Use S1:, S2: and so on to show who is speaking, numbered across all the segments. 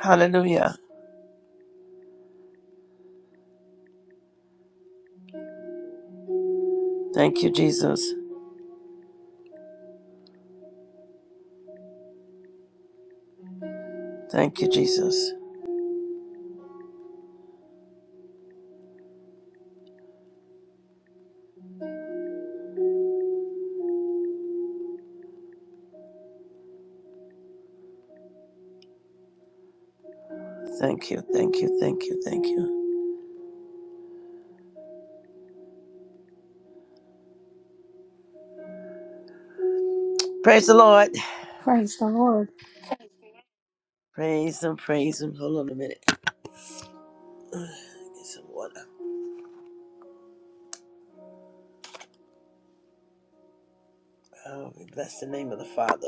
S1: Hallelujah. Thank you, Jesus. Thank you, Jesus. Thank you, thank you, thank you, thank you. Praise the Lord.
S2: Praise the Lord.
S1: Praise Him, praise Him. Hold on a minute. Let me Get some water. Oh, we bless the name of the Father.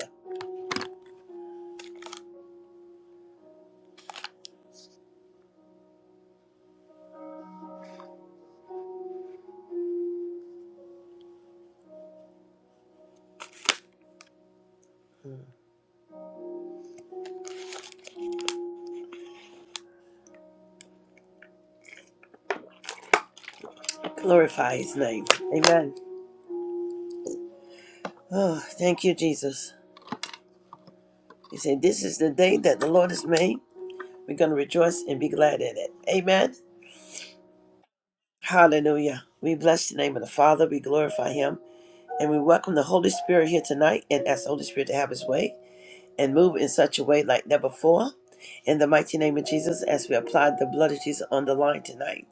S1: Glorify His name. Amen. Oh, thank you, Jesus. He said, This is the day that the Lord has made. We're going to rejoice and be glad in it. Amen. Hallelujah. We bless the name of the Father. We glorify Him. And we welcome the Holy Spirit here tonight and ask the Holy Spirit to have His way. and move in such a way like never before. In the mighty name of Jesus, as we apply the blood of Jesus on the line tonight,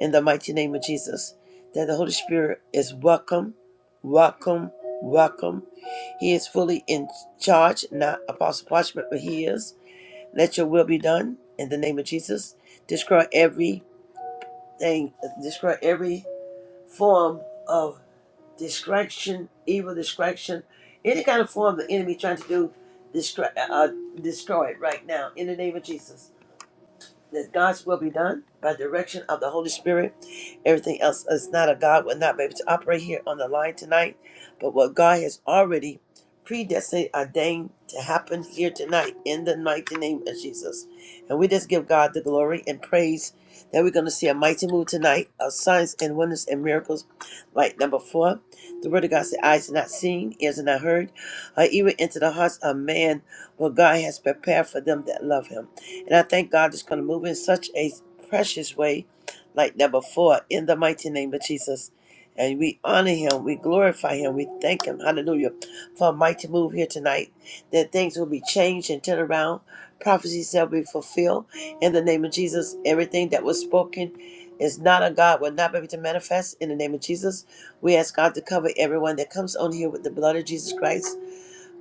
S1: in the mighty name of Jesus, that the Holy Spirit is welcome, welcome, welcome. He is fully in charge, not Apostle Parchment, but He is. Let your will be done in the name of Jesus. Destroy everything, destroy every form of distraction, evil distraction, any kind of form the enemy trying to do, destroy, uh, destroy it right now in the name of Jesus that God's will be done by direction of the Holy Spirit. Everything else is not a God will not be able to operate here on the line tonight. But what God has already predestined, ordained to happen here tonight in the mighty name of Jesus. And we just give God the glory and praise that we're going to see a mighty move tonight of signs and wonders and miracles. Like number four, the word of God said, eyes are not seen, ears are not heard, or even into the hearts of man what God has prepared for them that love him. And I thank God is going to move in such a precious way like never before in the mighty name of Jesus. And we honor him, we glorify him, we thank him, hallelujah, for a mighty move here tonight, that things will be changed and turned around. Prophecies shall be fulfilled in the name of Jesus. Everything that was spoken is not of God, will not be able to manifest in the name of Jesus. We ask God to cover everyone that comes on here with the blood of Jesus Christ.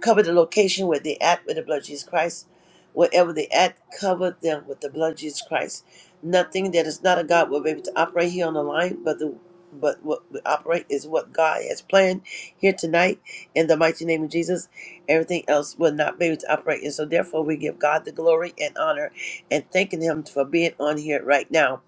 S1: Cover the location where they at with the blood of Jesus Christ. Wherever they at, cover them with the blood of Jesus Christ. Nothing that is not of God will be able to operate here on the line, but the but what we operate is what God has planned here tonight in the mighty name of Jesus. Everything else will not be able to operate. And so therefore we give God the glory and honor and thanking him for being on here right now.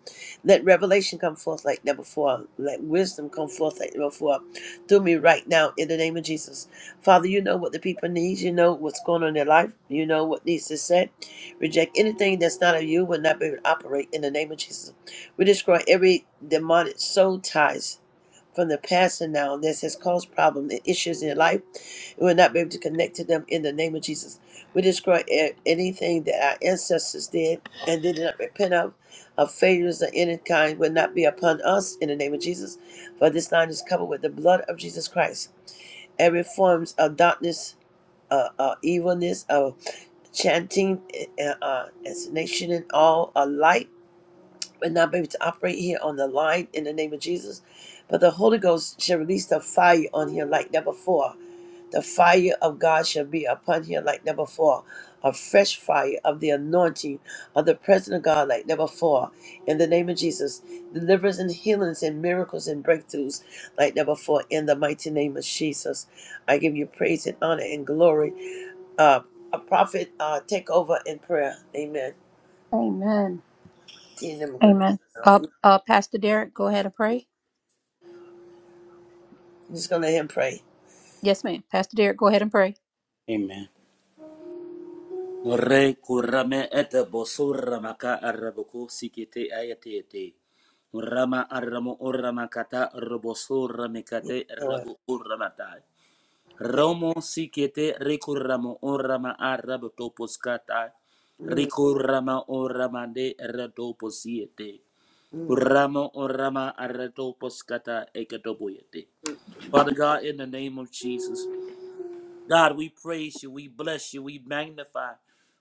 S1: Let revelation come forth like never before. Let wisdom come forth like never before through me right now in the name of Jesus. Father, you know what the people needs. You know what's going on in their life. You know what needs to set. Reject anything that's not of you will not be able to operate in the name of Jesus. We destroy every demonic soul ties from the past and now that has caused problems and issues in your life. We will not be able to connect to them in the name of Jesus. We destroy a- anything that our ancestors did and did not repent of. Of failures of any kind will not be upon us in the name of Jesus. For this line is covered with the blood of Jesus Christ every forms of darkness uh, uh, evilness of chanting uh, uh, assassination and all alike but not be able to operate here on the line in the name of Jesus. But the Holy Ghost shall release the fire on here like never before. The fire of God shall be upon here like never before. A fresh fire of the anointing of the presence of God like never before. In the name of Jesus, deliverance and healings and miracles and breakthroughs like never before. In the mighty name of Jesus, I give you praise and honor and glory uh, a prophet uh, take over in prayer. Amen.
S2: Amen.
S1: He never gonna
S2: Amen. Uh,
S1: do it.
S2: uh, Pastor Derek, go ahead and pray.
S1: I'm just gonna let him pray.
S2: Yes, ma'am. Pastor Derek, go ahead and pray.
S3: Amen. Re kurame et bosura maka arabuku sikite ayatete. Rama aramu uramakata robosura
S1: Yes,
S3: mekate
S1: Lord.
S3: rabu uramata.
S1: Thank-
S3: Romo sikete rikuramo urama arabu topuskata.
S1: Mm,
S3: Rikurama uramande ratoposiete.
S1: mm,
S3: Ramo urama aratoposkata ekatobuyete. Father God, in the name of Jesus. God, we praise you, we bless you, we magnify,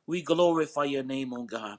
S3: we glorify your name, oh God.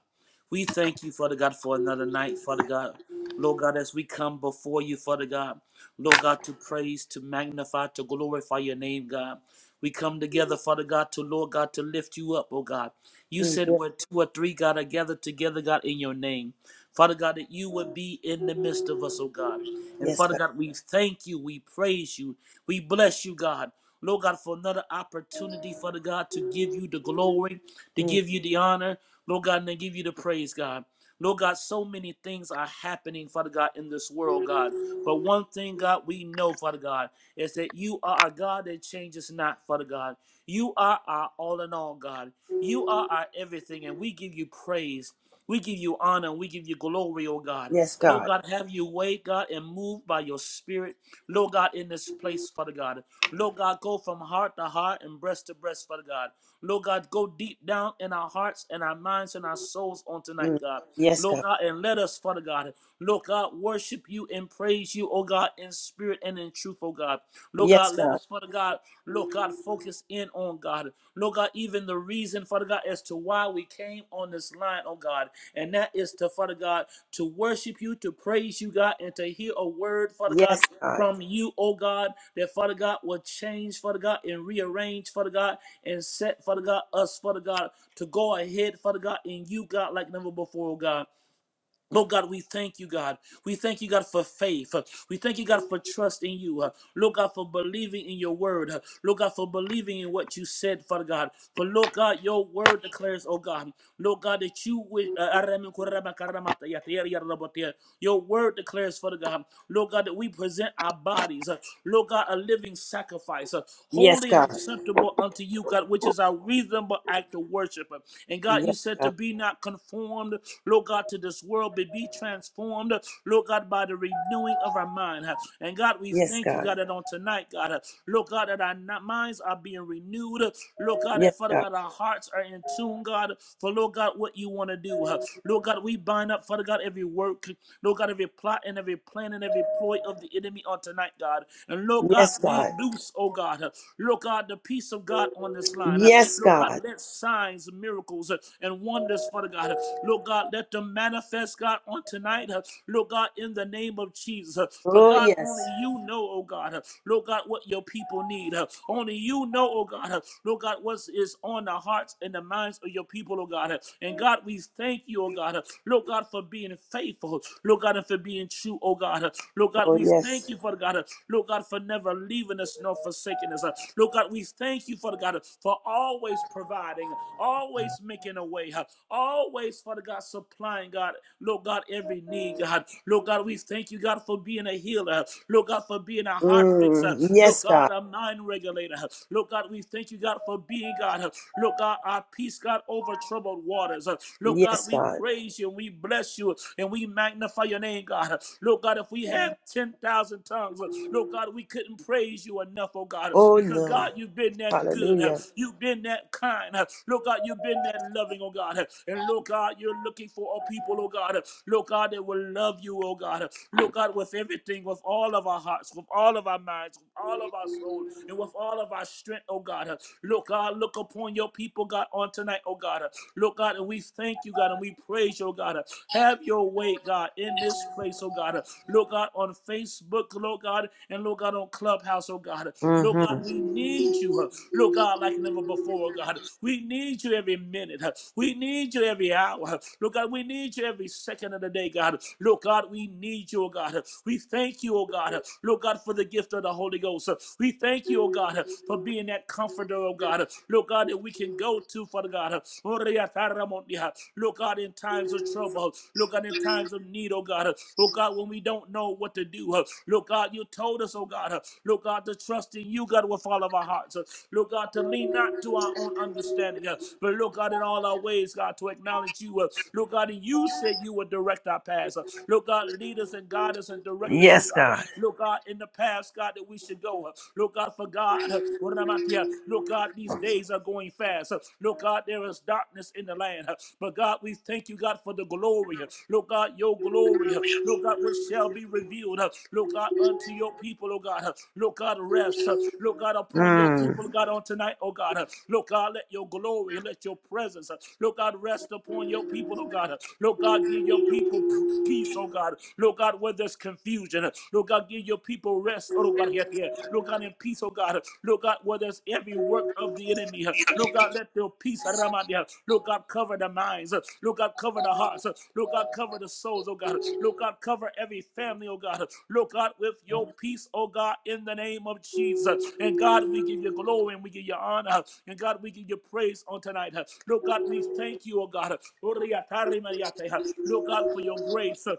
S3: We thank you, Father God, for another night, Father God. Lord God, as we come before you, Father God, Lord God, to praise, to magnify, to glorify your name, God. We come together, Father God, to Lord God, to lift you up, oh God. You
S1: mm.
S3: said
S1: yeah.
S3: where two or three, God, are gathered together, God, in your name. Father God, that you would be in the midst of us, oh God. And
S1: Yes,
S3: Father
S1: God.
S3: God, we thank you, we praise you, we bless you, God. Lord God, for another opportunity, Father God, to give you the glory, to
S1: Mm,
S3: give you the honor, Lord God, and to give you the praise, God. Lord God, so many things are happening, Father God, in this world, God. But one thing, God, we know, Father God, is that you are our God that changes not, Father God. You are our all in all, God. You are our everything, and we give you praise. We give you honor. We give you glory, oh God.
S1: yes,
S3: Lord
S1: God.
S3: God, have your way, God, and move by your spirit. Lord God, in this place, Father God. Lord God, go from heart to heart and breast to breast, Father God. Lord God, go deep down in our hearts and our minds and our souls on tonight,
S1: Mm,
S3: God.
S1: yes,
S3: Lord
S1: God.
S3: God, and let us, Father God, Lord God, worship you and praise you, oh God, in spirit and in truth, oh God. Lord
S1: Yes,
S3: God, let
S1: God.
S3: us, Father God, Lord God, focus in on God. Lord God, even the reason, Father God, as to why we came on this line, oh God, and that is to, Father God, to worship you, to praise you, God, and to hear a word, Father God,
S1: Yes, God.
S3: from you, oh God, that Father God will change, Father God, and rearrange, Father God, and set, Father God, us, Father God, to go ahead, Father God, in you, God, like never before, oh God. Lord God, we thank you, God. We thank you, God, for faith. Uh, We thank you, God, for trust in you. Uh, Lord God, for believing in your word. Uh, Lord God, for believing in what you said, Father God. For Lord God, your word declares, oh God, Lord God, that you wi- uh, Your word declares, Father God, Lord God, that we present our bodies, uh, Lord God, a living sacrifice, uh,
S1: Yes,
S3: holy and
S1: God.
S3: acceptable unto you, God, which is our reasonable act of worship. Uh, And God, God, you
S1: Yes,
S3: said to
S1: God.
S3: be not conformed, Lord God, to this world, but be transformed, Lord God, by the renewing of our mind. And God, we
S1: Yes,
S3: thank you,
S1: God.
S3: God, that on tonight, God, Lord God, that our minds are being renewed. Lord God,
S1: Yes,
S3: that Father
S1: God.
S3: God, our hearts are in tune, God, for Lord God, what you want to do. Lord God, we bind up, Father God, every work, Lord God, every plot and every plan and every ploy of the enemy on tonight, God. And Lord God,
S1: Yes,
S3: we
S1: God.
S3: loose, oh God, Lord God, the peace of God. God, on this line. Uh,
S1: Yes,
S3: Lord God,
S1: God.
S3: let signs, miracles, uh, and wonders, Father God. uh, Lord God, let them manifest, God, on tonight. uh, Lord God, in the name of Jesus. uh, For
S1: Oh
S3: God,
S1: yes.
S3: only you know, oh God, uh, Lord God, what your people need. uh, Only you know, oh God, uh, Lord God, what is on the hearts and the minds of your people, oh God. uh, And God, we thank you, oh God, uh, Lord God, for being faithful. Lord God, and for being true, oh God. uh, Lord God,
S1: Oh
S3: we thank
S1: yes.
S3: you, Father God. uh, Lord God, for never never leaving us nor forsaking us. Uh, Lord God, we thank you, Father God, for always providing, always making a way, uh, always, Father God, supplying, God, Lord God, every need, God. Lord God, we thank you, God, for being a healer. uh, Lord God, for being a heart fixer.
S1: Mm,
S3: Lord
S1: yes, God.
S3: God, a mind regulator. uh, Lord God, we thank you, God, for being, God. uh, Lord God, our peace, God, over troubled waters. uh, Lord God,
S1: Yes,
S3: we
S1: God.
S3: praise you and we bless you and we magnify your name, God. uh, Lord God, if we had 10,000 tongues, Lord God, we couldn't praise you enough, oh God,
S1: Oh
S3: because
S1: no.
S3: God, you've been that good.
S1: Hallelujah.
S3: You've been that kind. Lord God, you've been that loving, oh God. And Lord God, you're looking for a people, oh God. Lord God, that will love you, oh God. Lord God, with everything, with all of our hearts, with all of our minds, with all of our soul, and with all of our strength, oh God. Lord God, look upon your people, God, on tonight, oh God. Lord God, and we thank you, God, and we praise you place, oh God. Have your way, God, in this place, oh God. Lord God, on Facebook, Lord God, and Lord God, on Clubhouse, oh God. Lord God,
S1: Mm-hmm.
S3: we need you, huh? Lord God, like never before, oh God. We need you every minute. huh? We need you every hour. huh? Lord God, we need you every second of the day, God. Lord God, we need you, oh God. We thank you, oh God. Lord God, for the gift of the Holy Ghost. huh? We thank you, oh God, for being that comforter, oh God. Lord God, that we can go to Father God. Oh, Reataramondia. Look out in times of trouble. Look God in times of need, oh God. Look God when we don't know what to do. Look God, you told us, oh God. Look God to trust in you, God, with all of our hearts. Look God to lean not to our own understanding, but look God in all our ways, God, to acknowledge you. Look God, and you said you would direct our paths. Look God, lead us and guide us and direct us, oh
S1: Yes,
S3: God.
S1: God.
S3: Look God in the paths, God, that we should go. Look God for God. Ramatiah. Lord God, these days are going fast. Lord God, there is darkness in the land. But God, we thank you, God, for the glory. Lord God, your glory. Lord God, which shall be revealed. Lord God, unto your people, oh God. Lord God, rest. Lord God, upon your
S1: Mm.
S3: people, oh God, on tonight, oh God. Lord God, let your glory, let your presence, Lord God, rest upon your people, oh God. Lord God, give your people peace, oh God. Lord God, where there's confusion, Lord God, give your people people rest, oh God, yet there. Lord God, in peace, oh God. Lord God, where there's every work of the enemy. Lord God, let their peace, Ramandia. Lord God, cover the minds. Lord God, cover the hearts. Lord God, cover the souls, oh God. Lord God, cover every family, oh God. Lord God, with your peace, oh God, in the name of Jesus. And God, we give you glory and we give you honor. And God, we give you praise on tonight. Lord God, we thank you, oh God. Lord God, for your grace.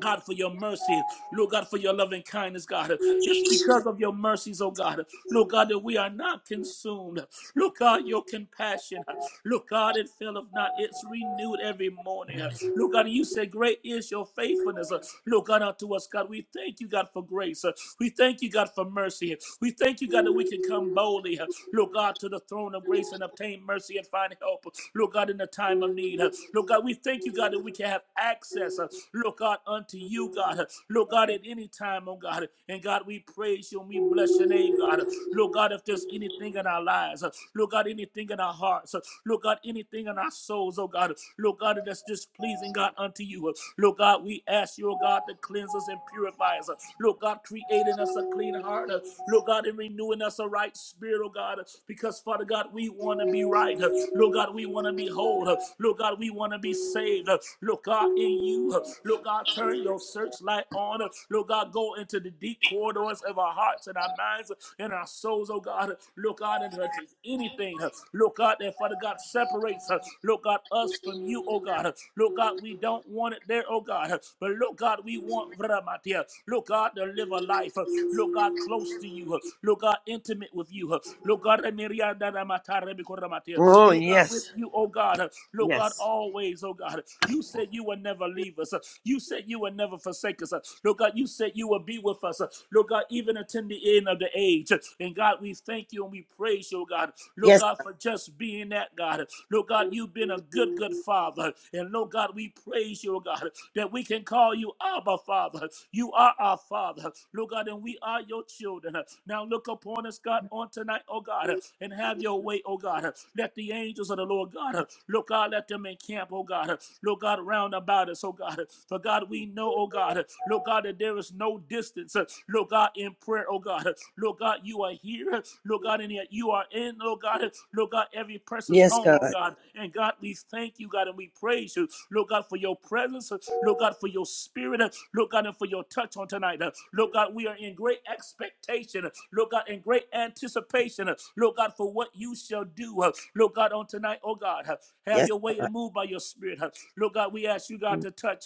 S3: God, for your mercy. Lord God, for your loving kindness, God. It's because of your mercies, oh God. Lord God, that we are not consumed. Lord God, your compassion. Lord God, it faileth not. It's renewed every morning. Lord God, you say, Great is your faithfulness. Uh, Lord God, unto us, God, we thank you, God, for grace. Uh, We thank you, God, for mercy. We thank you, God, that we can come boldly, uh, Lord God, to the throne of grace and obtain mercy and find help, uh, Lord God, in the time of need. uh, Lord God, we thank you, God, that we can have access, uh, Lord God, unto you, God. uh, Lord God, at any time, oh God. And God, we praise you and we bless your name, God. uh, Lord God, if there's anything in our lives, uh, Lord God, anything in our hearts, uh, Lord God, anything in our souls, oh God, Lord God, that's just pleasing, God, unto you. Lord God, we ask you, oh God, to cleanse us and purify us. Lord God, creating us a clean heart. Lord God, and renewing us a right spirit, oh God, because Father God, we want to be right. Lord God, we want to be whole. Lord God, we want to be saved. Lord God, in you. Lord God, turn your searchlight on. Lord God, go into the deep corridors of our hearts and our minds and our souls, oh God. Lord God, and if there's anything, Lord God, that Father God separates, Lord God, us from you, oh God. Lord God, we don't want it there, oh God. But Lord God, we want Ramatia. Lord God, to live a life, Lord God, close to you. Lord God, intimate with you. Lord God, Ramiria da Ramata Rebiko Ramatia.
S1: Oh,
S3: Lord God, with
S1: yes.
S3: you, oh God. Lord God,
S1: Yes.
S3: always, oh God. You said you would never leave us. uh, You said you would never forsake us. Lord God, you said you would be with us. Lord God, even until the end of the age. And God, we thank you and we praise you, oh God. Lord
S1: Yes.
S3: God, for just being that God. Lord God, you've been a good, good father. And Lord God, we praise you, oh God, that we can call you Abba, Father. You are our Father, Lord God, and we are your children. Now look upon us, God, on tonight, oh God, and have your way, oh God. Let the angels of the Lord God, Lord God, let them encamp, oh God, Lord God, round about us, oh God. For God, we know, oh God, Lord God, that there is no distance, Lord God, in prayer, oh God. Lord God, you are here, Lord God, and yet you are in, Lord God, Lord God, every person's
S1: Yes,
S3: home, oh
S1: God.
S3: God. And God, we thank you, God, and we pray praise you, Lord God, for your presence, Lord God, for your spirit, Lord God, and for your touch on tonight. Lord God, we are in great expectation, Lord God, in great anticipation, Lord God, for what you shall do, Lord God, on tonight, oh God. Have
S1: Yes,
S3: your way
S1: God.
S3: and move by your spirit. Lord God, we ask you, God, to touch.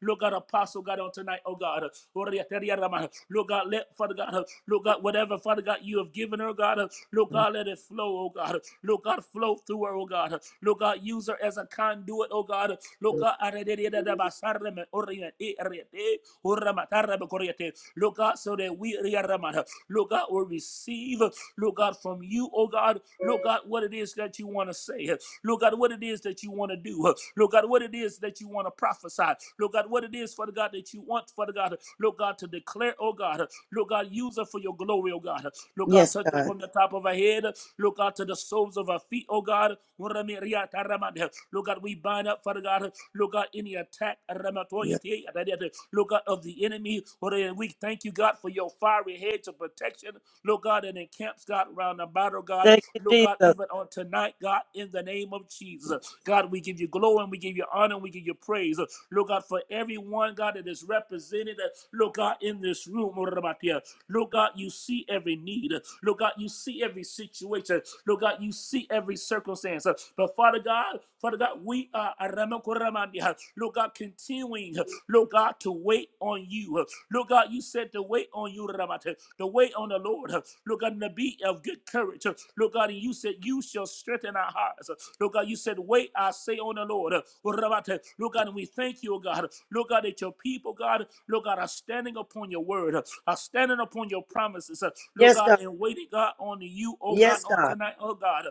S3: Lord God, apostle, God, on tonight, oh God. Lord God, let, Father God, Lord God, whatever, Father God, you have given her, God, Lord God, let it flow, oh God. Lord God, flow through her, oh God. Lord God, use her as a conduit, oh God. Lord God, arerererabasarame, orient, eh, orient, eh, oramatarame, corriente. Lord God, so that we, riaramata, Lord God, will receive, Lord God, from you, oh God, Lord God, what it is that you want to say, Lord God, what it is that you want to do, Lord God, what it is that you want to prophesy, Lord God, what it is, Father God, that you want, Father God, Lord God, to declare, oh God, Lord God, use her for your glory, oh God. Lord God,
S1: Yes,
S3: touch her
S1: God.
S3: from the top of her head. Lord God, to the soles of her feet, oh God. Lord God, we bind up, Father God. Lord God, any attack.
S1: Yes.
S3: Lord God, of the enemy. Lord, We thank you, God, for your fiery hedge of protection. Lord God, and encamps, God, round about, oh God.
S1: Thank you,
S3: Lord God,
S1: Jesus.
S3: even on tonight, God, in the name of Jesus. God, we give you glory and we give you honor and we give you praise. Uh, Lord God, for everyone, God, that is represented, uh, Lord God, in this room, Lord God, yeah. you see every need. Uh, Lord God, you see every situation. Lord God, you see every circumstance. Uh, But Father God, Father God, we are, Lord God, continuing, uh, Lord God, to wait on you. Lord God, you said to wait on you, Rabate, to wait on the Lord. Lord God, to be of good courage. Lord God, and you said, You shall strengthen our hearts. Lord God, you said, Wait, I say on the Lord. Rabate. Lord God, and we thank you, oh God. Lord God, that your people, God, Lord God, are standing upon your word, are standing upon your promises, uh, Lord
S1: Yes,
S3: God,
S1: God.
S3: and waiting, God, on you, oh God,
S1: Yes,
S3: on
S1: God.
S3: tonight, oh God.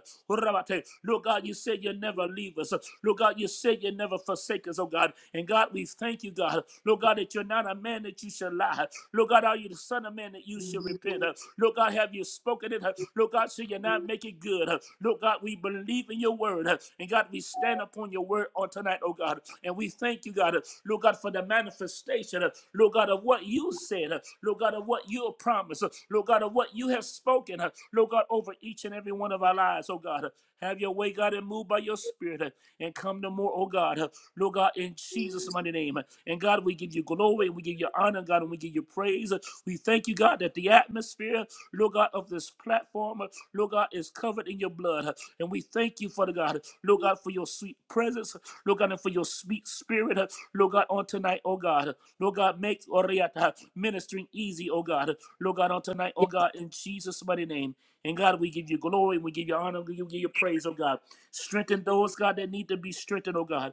S3: Lord God, you said you never leave us. Lord God, you said you never forsake us, oh God. And God, we thank you, God. Lord God, that you're not a man that you should lie. Lord God, are you the son of man that you should repent? Lord God, have you spoken it? Lord God, so you are not make it good. Lord God, we believe in your word. And God, we stand upon your word on tonight, oh God. And we thank you, God, uh, Lord God, for the manifestation, uh, Lord God, of what you said, uh, Lord God, of what you promised, uh, Lord God, of what you have spoken, uh, Lord God, over each and every one of our lives, oh God. Uh, Have your way, God, and move by your spirit uh, and come no more, oh God. Uh, Lord God, in Jesus' mighty name. Uh, And God, we give you glory, we give you honor, God, and we give you praise. Uh, We thank you, God, that the atmosphere, Lord God, of this platform, uh, Lord God, is covered in your blood. Uh, And we thank you, Father God, Lord God, for your sweet presence. Lord God, and for your sweet spirit, uh, Lord God, on tonight, oh God. Lord God, make Oriata uh, ministering easy, oh God. Lord God, on tonight, oh
S1: Yes.
S3: God, in Jesus' mighty name. And God, we give you glory, we give you honor, we give you praise, oh God. Strengthen those, God, that need to be strengthened, oh God.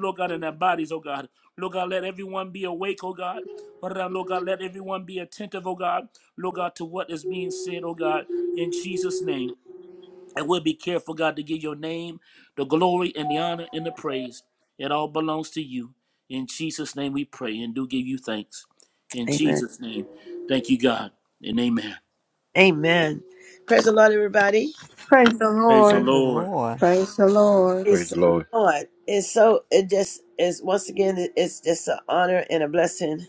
S3: Lord God, in their bodies, oh God. Lord God, let everyone be awake, oh God. Lord God, let everyone be attentive, oh God. Lord God, to what is being said, oh God, in Jesus' name. And we'll be careful, God, to give your name the glory and the honor and the praise. It all belongs to you. In Jesus' name we pray and do give you thanks. In
S1: Amen.
S3: Jesus' name. Thank you, God. And amen.
S1: Amen. Praise the Lord, everybody.
S2: Praise the
S3: Praise the
S2: Lord.
S3: Lord.
S4: Praise the Lord.
S1: Praise
S5: Praise the
S1: the
S5: Lord.
S1: Lord. It's so, it just is, once again, it- it's just an honor and a blessing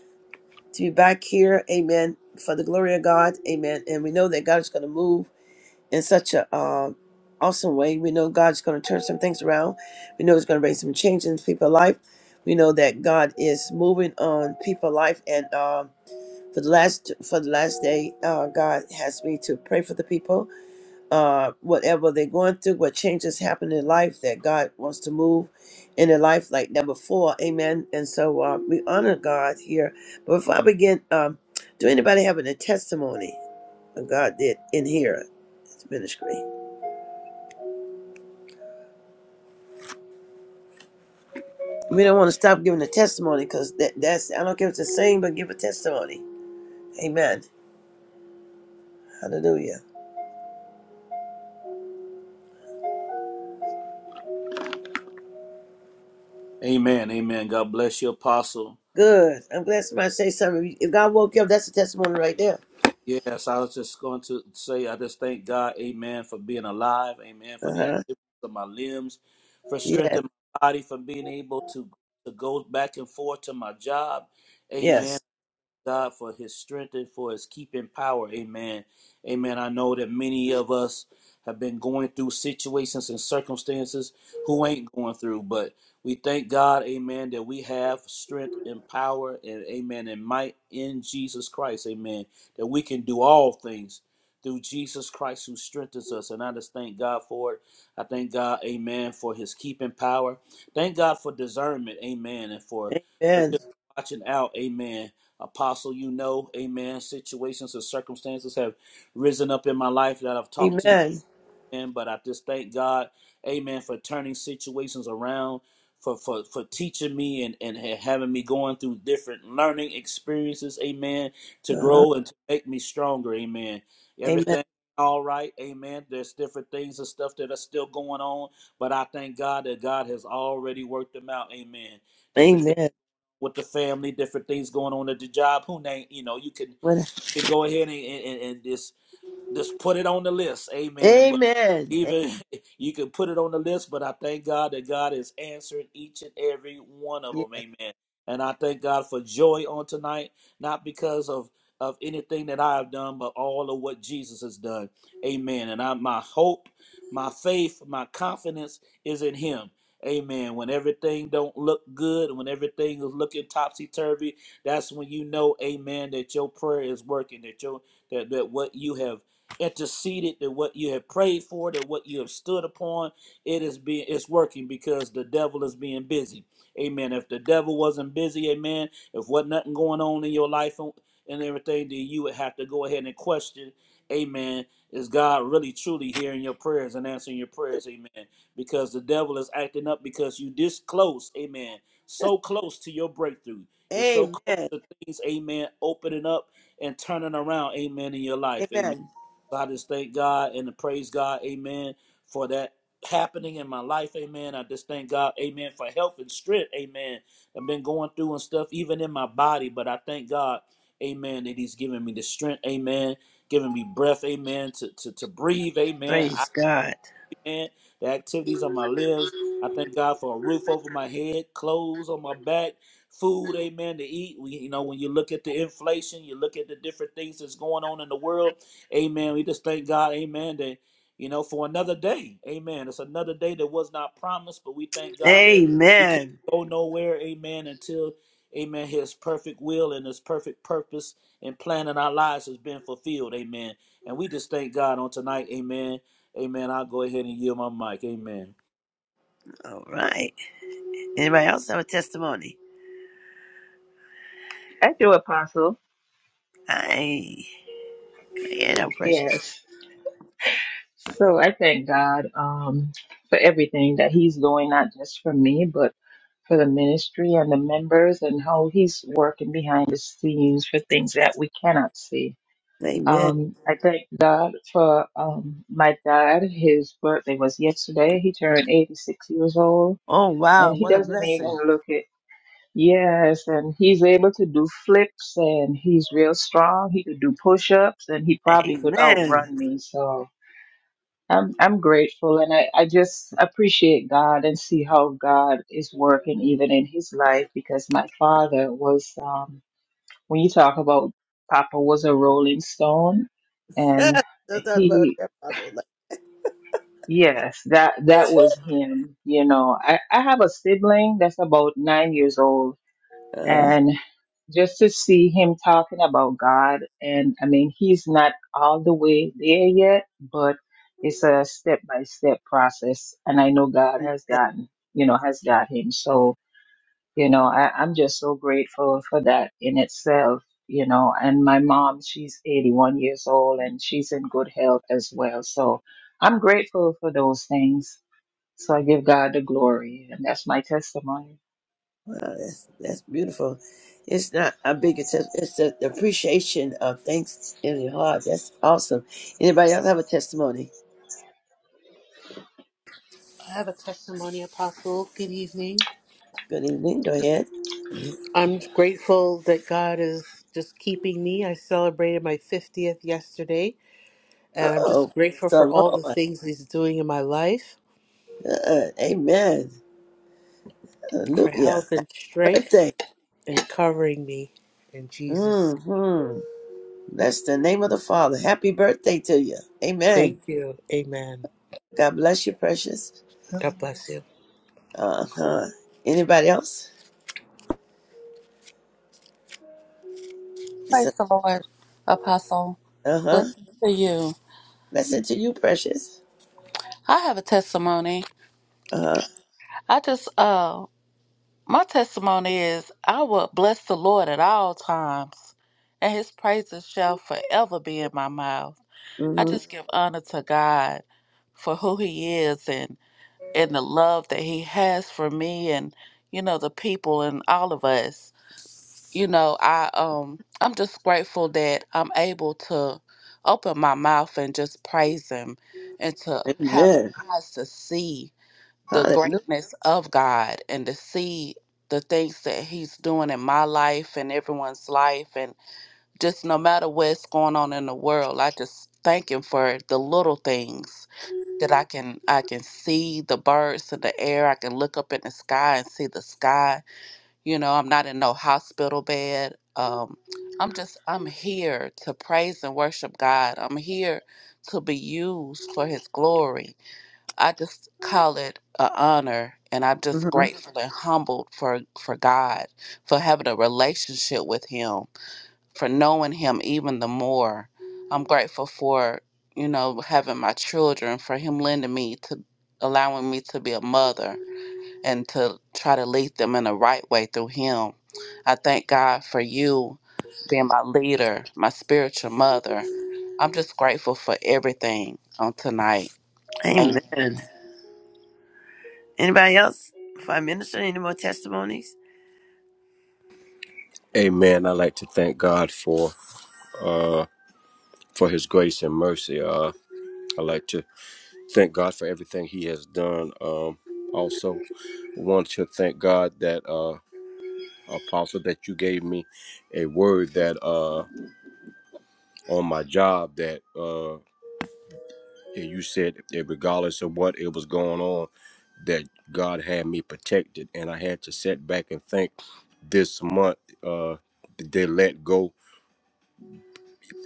S1: to be back here. Amen. For the glory of God. Amen. And we know that God is going to move. in such a um, awesome way. We know God's going to turn some things around. We know He's going to bring some change in people's life. We know that God is moving on people's life, and um, for the last for the last day, uh, God has me to pray for the people, uh, whatever they're going through, what changes happen in life that God wants to move in their life like never before. Amen. And so uh, we honor God here. But before I begin, um, do anybody have a testimony of God did in here? It's ministry. We don't want to stop giving a testimony because that, that's, I don't care what you're saying, but give a testimony. Amen. Hallelujah.
S3: Amen. Amen. God bless you, Apostle.
S1: Good. I'm glad somebody say something. If you- if God woke you up, that's a testimony right there.
S3: Yes, I was just going to say, I just thank God, amen, for being alive. Amen. For
S1: Uh
S3: the
S1: huh.
S3: activities of my limbs, for strength
S1: Yes.
S3: in my body, for being able to, to go back and forth to my job. Amen.
S1: Yes.
S3: God for his strength and for his keeping power. Amen. Amen. I know that many of us have been going through situations and circumstances who ain't going through, but we thank God, amen, that we have strength and power and amen and might in Jesus Christ. Amen. That we can do all things through Jesus Christ who strengthens us. And I just thank God for it. I thank God, amen, for his keeping power. Thank God for discernment, amen, and for, for
S1: Amen.
S3: just watching out, amen Apostle, you know, amen. Situations and circumstances have risen up in my life that I've talked to you
S1: Amen.
S3: in, but I just thank God, amen, for turning situations around, for for, for teaching me and, and having me going through different learning experiences, amen, to
S1: Uh huh.
S3: grow and to make me stronger, amen.
S1: Amen.
S3: Everything all right, amen. There's different things and stuff that are still going on, but I thank God that God has already worked them out, amen. Different things
S1: Amen.
S3: with the family, different things going on at the job. Who name you know, you can
S1: What-
S3: you can go ahead and, and, and just just put it on the list. Amen. But
S1: Amen.
S3: even you can put it on the list, but I thank God that God is answering each and every one of
S1: Amen.
S3: them. Amen. And I thank God for joy on tonight, not because of of anything that I have done, but all of what Jesus has done. Amen. And I, my hope, my faith, my confidence is in Him. Amen. When everything don't look good, when everything is looking topsy turvy, that's when you know, Amen, that your prayer is working, that your that, that what you have interceded that what you have prayed for, that what you have stood upon, it is being it's working because the devil is being busy. Amen. If the devil wasn't busy, amen. If wasn't nothing going on in your life and, everything, then you would have to go ahead and question, Amen. Is God really truly hearing your prayers and answering your prayers? Amen. Because the devil is acting up because you this close, amen. So close to your breakthrough. You're so close
S1: Amen.
S3: to things, amen, opening up and turning around, amen, in your life. amen.
S1: Amen.
S3: So I just thank God and praise God, amen, for that happening in my life, amen. I just thank God, amen, for health and strength, amen. I've been going through and stuff, even in my body, but I thank God, amen, that He's giving me the strength, amen, giving me breath, amen, to, to, to breathe, amen
S1: Praise God.
S3: hand, the activities on my limbs. I thank God for a roof over my head, clothes on my back, food, amen, to eat. We, you know, when you look at the inflation, you look at the different things that's going on in the world, amen. We just thank God, amen, that, you know, for another day, amen. It's another day that was not promised, but we thank God that we can't
S1: Amen.
S3: go nowhere, amen, until, amen, His perfect will and His perfect purpose and plan in our lives has been fulfilled, amen. And we just thank God on tonight, amen. Amen. I'll go ahead and yield my mic. Amen.
S1: All right. Anybody else have a testimony?
S6: I do, Apostle.
S1: I ain't no precious.
S6: Yes. So I thank God um, for everything that He's doing, not just for me, but for the ministry and the members and how He's working behind the scenes for things that we cannot see.
S1: Amen.
S6: Um, I thank God for um, my dad. His birthday was yesterday. He turned 86 years old,
S1: Oh,
S6: and
S1: wow.
S6: he
S1: What a
S6: doesn't
S1: blessing.
S6: even look it. Yes, and he's able to do flips and he's real strong. He could do push-ups and he probably could
S1: Amen.
S6: outrun me. So I'm I'm grateful and I, I just appreciate God and see how God is working even in his life because my father was um when you talk about Papa was a rolling stone and
S1: Sometimes, Lord,
S6: he
S1: that Father was like,
S6: yes, that that was him, you know. I, I have a sibling that's about nine years old
S1: uh,
S6: and. just to see him talking about God. And I mean, he's not all the way there yet, but it's a step by step process. And I know God has gotten, you know, has got him. So, you know, I, I'm just so grateful for that in itself, you know. And my mom, she's 81 years old and she's in good health as well. So I'm grateful for those things. So I give God the glory. And that's my testimony.
S1: wow, that's, that's beautiful. It's not a big attempt. It's the appreciation of thanks in your heart. That's awesome. Anybody else have a testimony?
S7: I have a testimony, Apostle. Good evening.
S1: Good evening. Go ahead.
S7: I'm grateful that God is just keeping me. I celebrated my 50th yesterday, and I'm
S1: Oh,
S7: just
S1: praise
S7: grateful
S1: the
S7: for all the
S1: Lord.
S7: things He's doing in my life,
S1: Uh, amen.
S7: for
S1: Hallelujah.
S7: health and
S1: Happy
S7: strength,
S1: birthday.
S7: and covering me in Jesus.
S1: Mm-hmm. Bless the name of the Father. Happy birthday to you. Amen.
S7: Thank you. Amen.
S1: God bless you, precious.
S7: God bless you.
S1: Uh-huh. Anybody else? He
S8: Praise
S1: said,
S8: the Lord, Apostle.
S1: Uh huh.
S8: Blessings to you.
S1: Blessed to you, precious.
S8: I have a testimony.
S1: Uh huh.
S8: I just uh my testimony is I will bless the Lord at all times, and his praises shall forever be in my mouth. I
S1: Mm-hmm.
S8: just give honor to God for who he is and and the love that he has for me and you know the people and all of us. you know, I um I'm just grateful that I'm able to open my mouth and just praise him and to have
S1: Amen.
S8: eyes to see the
S1: Hallelujah.
S8: greatness of God and to see the things that he's doing in my life and everyone's life and just no matter what's going on in the world, I just thank him for the little things that I can I can see the birds in the air, I can look up in the sky and see the sky you know, I'm not in no hospital bed. Um, I'm just, I'm here to praise and worship God. I'm here to be used for His glory. I just call it an honor, and I'm just
S1: hmm
S8: grateful and humbled for for God, for having a relationship with Him, for knowing Him even the more. I'm grateful for you know having my children, for Him lending me to allowing me to be a mother and to try to lead them in the right way through Him. I thank God for you being my leader, my spiritual mother. I'm just grateful for everything on tonight. Amen.
S1: Amen. Anybody else? Before I minister, any more testimonies?
S5: Amen. I like to thank God for uh for his grace and mercy. Uh I like to thank God for everything he has done. Um also want to thank God that uh apostle that you gave me a word that uh on my job that uh and you said that regardless of what it was going on that God had me protected and I had to sit back and think this month uh they let go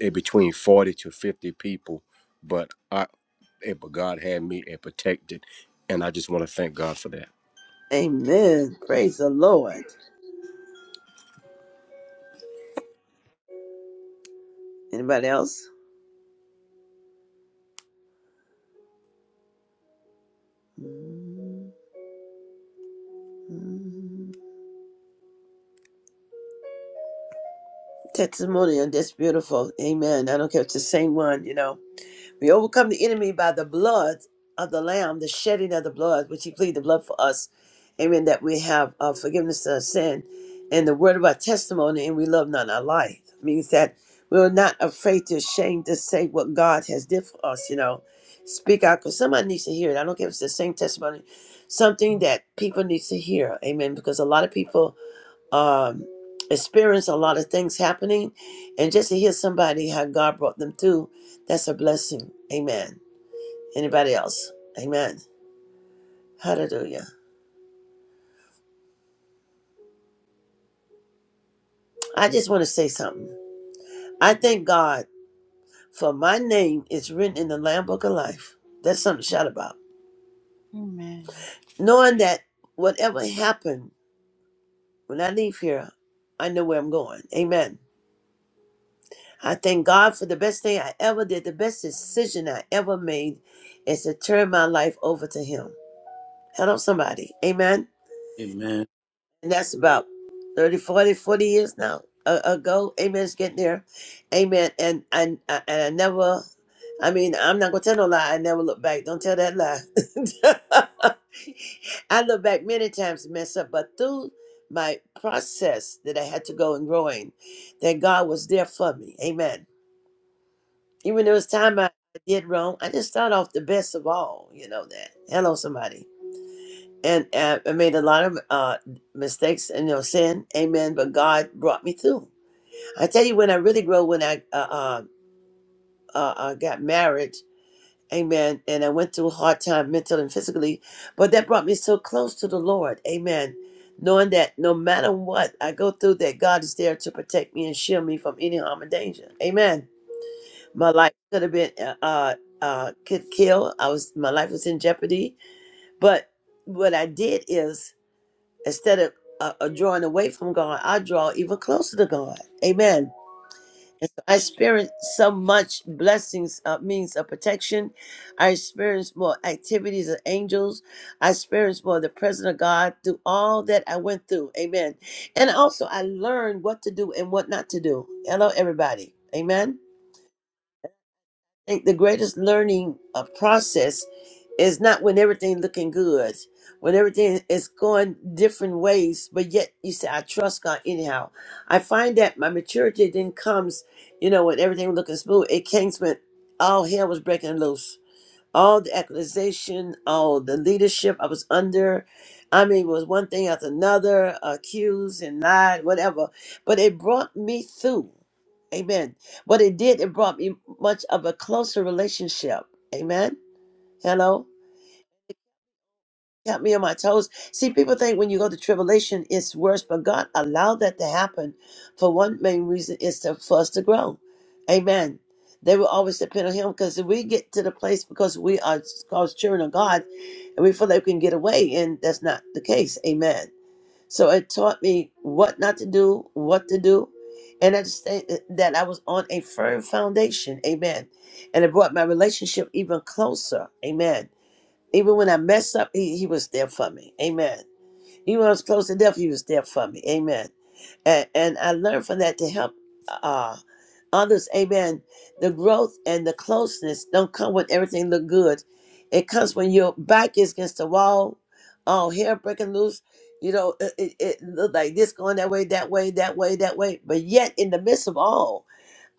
S5: it between 40 to 50 people but i it, but god had me and protected and i just want to thank god for that
S1: Amen. Praise the Lord. Anybody else? Mm-hmm. Testimony, and that's beautiful. Amen. I don't care if it's the same one, you know. We overcome the enemy by the blood of the Lamb, the shedding of the blood, which He pleaded the blood for us. Amen. That we have uh, forgiveness of sin and the word of our testimony, and we love not our life. Means that we are not afraid to shame to say what God has did for us, you know. Speak out because somebody needs to hear it. I don't care if it's the same testimony, something that people need to hear. Amen. Because a lot of people um, experience a lot of things happening. And just to hear somebody how God brought them through, that's a blessing. Amen. Anybody else? Amen. Hallelujah. I just want to say something. I thank God for my name is written in the Lamb Book of Life. That's something to shout about. Knowing that whatever happened when I leave here, I know where I'm going. Amen. I thank God for the best thing I ever did, the best decision I ever made is to turn my life over to Him. Help somebody. Amen.
S3: Amen.
S1: And that's about 30, 40, forty years now a- ago. Amen. It's getting there. Amen. And, and, and I never, I mean, I'm not going to tell no lie. I never look back. Don't tell that lie. I look back many times and mess up, but through my process that I had to go and growing, that God was there for me. Amen. Even though it was time I did wrong, I just started off the best of all. You know that. Hello, somebody. and uh, I made a lot of uh, mistakes and you know sin, amen. But God brought me through. I tell you, when I really grew, when I uh, uh, uh, uh, got married, amen, and I went through a hard time, mentally and physically, but that brought me so close to the Lord, amen. Knowing that no matter what I go through, that God is there to protect me and shield me from any harm and danger, amen. My life could have been uh, uh, uh, could kill. I was my life was in jeopardy, but what I did is. Instead of uh, uh, drawing away from God, I draw even closer to God. Amen. And so I experience so much blessings, uh, means of protection. I experience more activities of angels. I experience more of the presence of God through all that I went through. Amen. And also, I learned what to do and what not to do. Hello, everybody. Amen. I think the greatest learning uh, process is not when everything looking good, when everything is going different ways, but yet you say, I trust God anyhow. I find that my maturity then comes, you know, when everything was looking smooth, it came when all hell was breaking loose all the accusation, all the leadership I was under. I mean, it was one thing after another, accused and lied, whatever. But it brought me through. Amen. What it did, it brought me much of a closer relationship. Amen. Hello. Got me on my toes. See, people think when you go to tribulation, it's worse, but God allowed that to happen for one main reason is to, for us to grow. Amen. They will always depend on Him because if we get to the place because we are called children of God and we feel like we can get away, and that's not the case. Amen. So it taught me what not to do, what to do, and I just think that I was on a firm foundation. Amen. And it brought my relationship even closer. Amen even when I messed up, he, he was there for me. Amen. Even when I was close to death, he was there for me. Amen. And, and I learned from that to help uh, others. Amen. The growth and the closeness don't come when everything look good. It comes when your back is against the wall, all hair breaking loose. You know, it, it, it look like this going that way, that way, that way, that way. But yet, in the midst of all,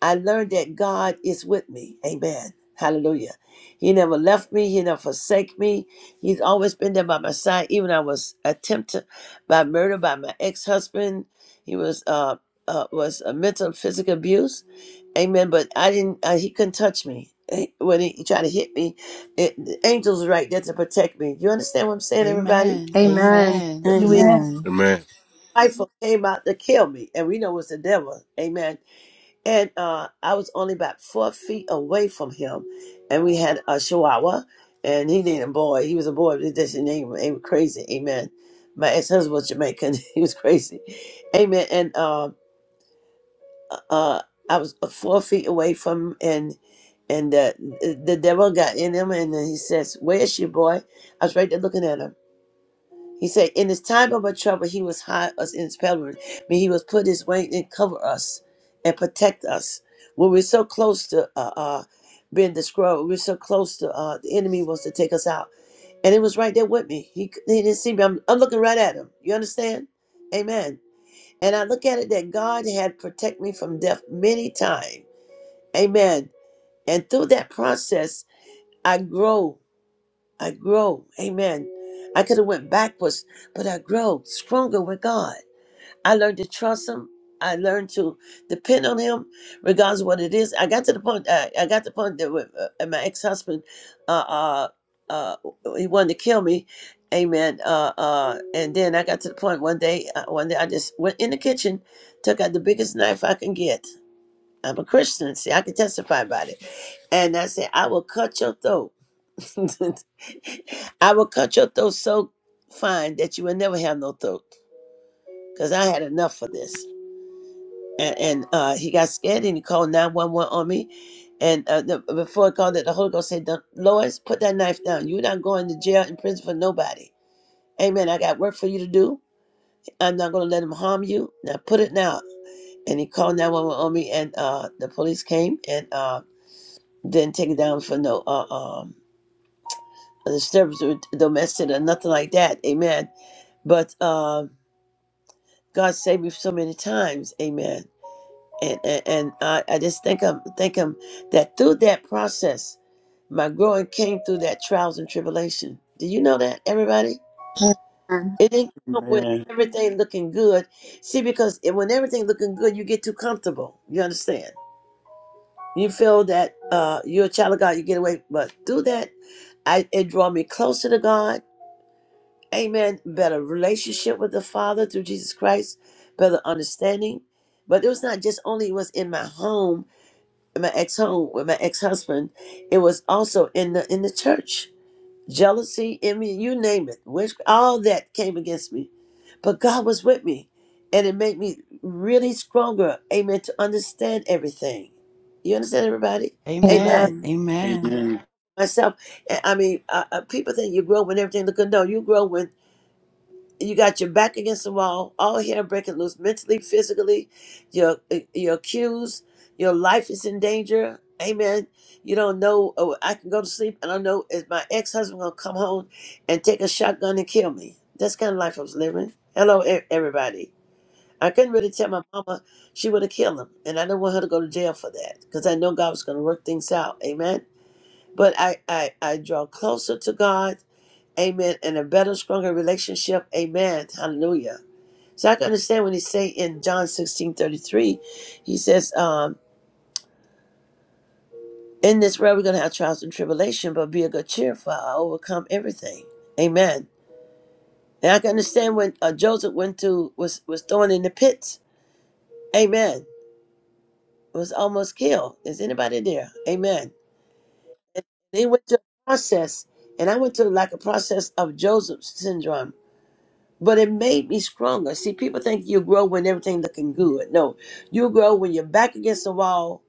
S1: I learned that God is with me. Amen. Hallelujah. He never left me. He never forsake me. He's always been there by my side. Even I was attempted by murder by my ex-husband. He was uh, uh was a mental and physical abuse. Amen. But I didn't. Uh, he couldn't touch me Eh, when he, he tried to hit me. It, the angels were right there to protect me. You understand what I'm saying, everybody?
S8: Amen.
S2: Amen.
S8: Amen.
S1: When when his
S2: Amen.
S4: Amen.
S5: amen
S1: rifle came out to kill me, and we know it's the devil. Amen and uh, I was only about four feet away from him, and we had a Chihuahua, and he needed a boy. He was a boy, but he just name him crazy. Amen. My ex husband was Jamaican. He was crazy. Amen. And um, uh, uh, I was four feet away from him, and and the the devil got in him, and then he says, "Where's your boy?" I was right there looking at him. He said, In his time of our trouble, he was high us in his pavilion. Mean he was put his wing and cover us and protect us. When we're so close to uh, uh, being destroyed, we we're so close to uh, the enemy wants to take us out. And it was right there with me. He, c- he didn't see me. I'm, I'm looking right at him. You understand? Amen. And I look at it that God had protect me from death many times. Amen. And through that process, I grow I grow. Amen. I could have went backwards, but I grow stronger with God. I learned to trust Him. I learned to depend on Him, regardless of what it is. I got to the point. I, I got to the point that with, uh, my ex husband, uh, uh, uh, he wanted to kill me. Amen. Uh, uh, and then I got to the point one day. Uh, one day I just went in the kitchen, took out the biggest knife I can get. I'm a Christian, see, I can testify about it. And I said, I will cut your throat. I will cut your throat so fine that you will never have no throat. Cause I had enough for this. And, and uh, he got scared and he called 911 on me. And uh, the, before I called it, the Holy Ghost said, do Lois, put that knife down. You're not going to jail and prison for nobody. Amen. I got work for you to do. I'm not going to let him harm you. Now put it down. And he called 911 on me and uh, the police came and uh, didn't take it down for no. Uh, um a disturbance or domestic or nothing like that. Amen. But uh, God saved me so many times. Amen. And and, and I, I just thank him, thank him that through that process, my growing came through that trials and tribulation. Do you know that, everybody?
S2: Amen.
S1: It didn't come with
S3: Amen.
S1: everything looking good. See, because it- when everything looking good, you get too comfortable. You understand? You feel that uh, you're a child of God, you get away. But through that, I, it draw me closer to God Amen. Better relationship with the Father through Jesus Christ, better understanding. But it was not just only it was in my home, in my ex home with my ex husband. It was also in the in the church. Jealousy, I mean, you name it. Which all that came against me. But God was with me. And it made me really stronger. Amen. To understand everything. You understand everybody?
S8: Amen.
S2: Amen.
S1: Amen.
S8: Amen.
S1: Myself, I I mean, uh, uh, people think you grow when everything look good. No, you grow when you got your back against the wall, all hell breaking loose, mentally, physically. Your eh, your cues, your life is in danger. Amen. You don't know. Oh, I can go to sleep and I know is my ex husband gonna come home and take a shotgun and kill me. That's kind of life I was living. Hello, e- everybody. I couldn't really tell my mama she would have killed him, and I didn't want her to go to jail for that because I know God was gonna work things out. Amen. But I I I draw closer to God Amen. And a better, stronger relationship. Amen. Hallelujah. So I can understand when he say in John 16 33, he says, um, in this world we're gonna have trials and tribulation, but be of good cheer, for I overcome everything. Amen. And I can understand when uh, Joseph went to was was thrown in the pits. Amen. Was almost killed. Is anybody there? Amen. And they went to a process, and I went to like a process of Joseph syndrome but it made me stronger. See, people think you grow when everything looking good. No, you grow when you're back against the wall,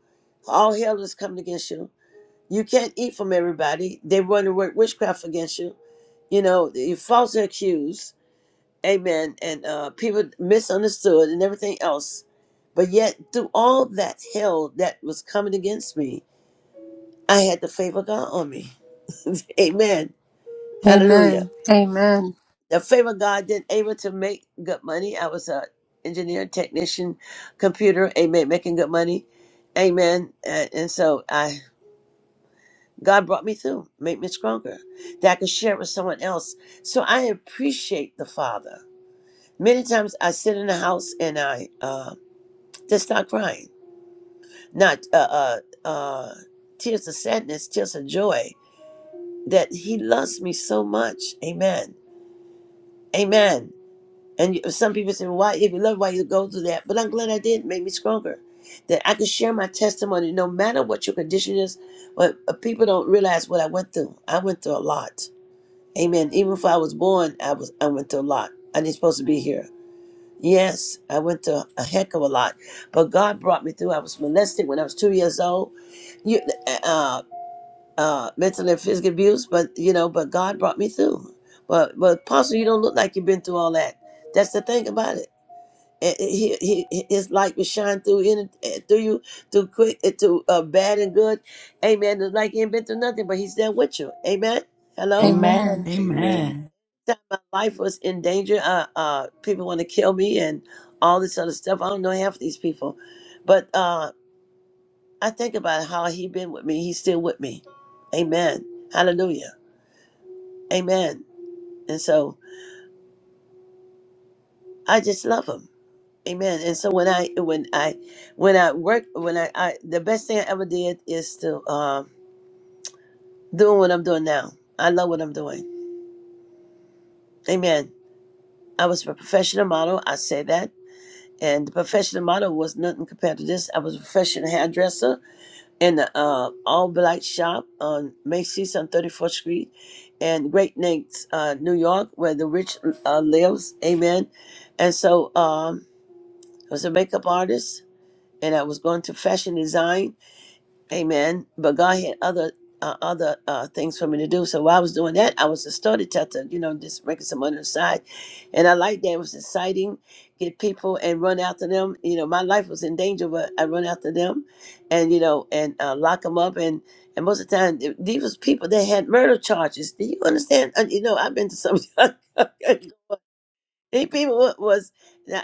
S1: all hell is coming against you. You can't eat from everybody. They run to work witchcraft against you. You know, you falsely accused. Amen. And uh, people misunderstood and everything else. But yet, through all that hell that was coming against me, I had the favor of God on me. Amen. Hallelujah.
S2: Amen. Amen.
S1: the favor of God did able to make good money. I was a engineer, technician, computer, amen, making good money, amen. And, and so I, God brought me through, made me stronger, that I could share with someone else. So I appreciate the Father. Many times I sit in the house and I uh, just start crying, not uh, uh, uh, tears of sadness, tears of joy, that He loves me so much, amen, amen. And you- some people say, "Well, "Why, if you love, why you go through that?" But I'm glad I did. It made me stronger. That I could share my testimony, no matter what your condition is. But uh, people don't realize what I went through. I went through a lot. Amen. Even before I was born, I was I went through a lot. I didn't supposed to be here. Yes, I went through a heck of a lot, but God brought me through. I was molested when I was two years old. You, uh, uh, uh, mental and physical abuse, but you know, but God brought me through. But but Apostle, you don't look like you've been through all that. That's the thing about it and he, he, his light will shine through in eh, through you through quick to uh, bad and good amen it's like he ain't been through nothing but he's there with you amen hello
S8: Amen.
S2: Amen.
S3: Amen.
S8: Amen.
S1: that my life was in danger uh, uh people want to kill me and all this other stuff i don't know half these people but uh i think about how he been with me he's still with me amen hallelujah amen and so i just love him Amen. And so when I when I when I work when I, I the best thing I ever did is to um doing what I'm doing now. I love what I'm doing. Amen. I was a professional model. I say that, and the professional model was nothing compared to this. I was a professional hairdresser in the uh, all black shop on Macy's on 34th Street, and Great Neck, uh, New York, where the rich uh, lives. Amen. And so um, I was a makeup artist, and I was going to fashion design Amen. But God had other uh, other uh, things for me to do. So while I was doing that, I was a storyteller. you know, just making some money on the side. And I liked that. It was exciting. Get people and run after them. You know, my life was in danger, but I run after them and, you know, and uh, lock them up. And, and most of the time, th- these was people that had murder charges. Do you understand? Uh, you know, I've been to some. These people wa- was,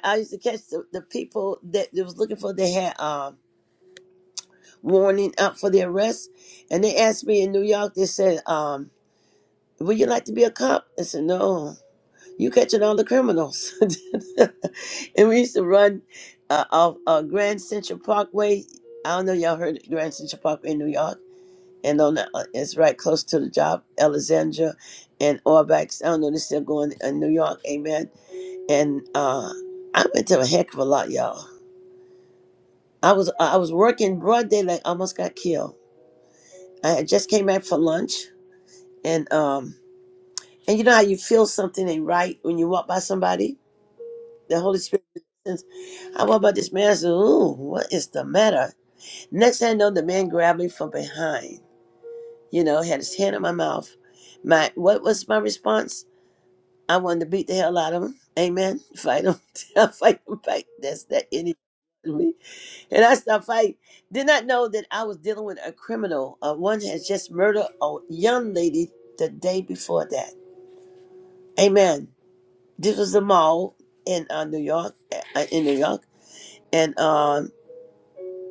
S1: I used to catch the, the people that, that was looking for, they had, um, warning up for their arrest. And they asked me in New York, they said, um, would you like to be a cop? I said, no, you catching all the criminals. and we used to run uh, off uh, Grand Central Parkway. I don't know y'all heard of Grand Central Parkway in New York. And on the, uh, it's right close to the job, Alexandria and Orbex. I don't know, they're still going in New York, amen. And uh, I went to a heck of a lot, y'all. I was I was working broad daylight, almost got killed. I had just came back for lunch and um and you know how you feel something ain't right when you walk by somebody the holy spirit says i walk by this man i said ooh what is the matter next thing i know the man grabbed me from behind you know had his hand in my mouth my what was my response i wanted to beat the hell out of him amen fight him I fight him fight that's that any me and i stopped fighting did not know that i was dealing with a criminal uh, one has just murdered a young lady the day before that amen this was the mall in uh, New York, uh, in New York, and um,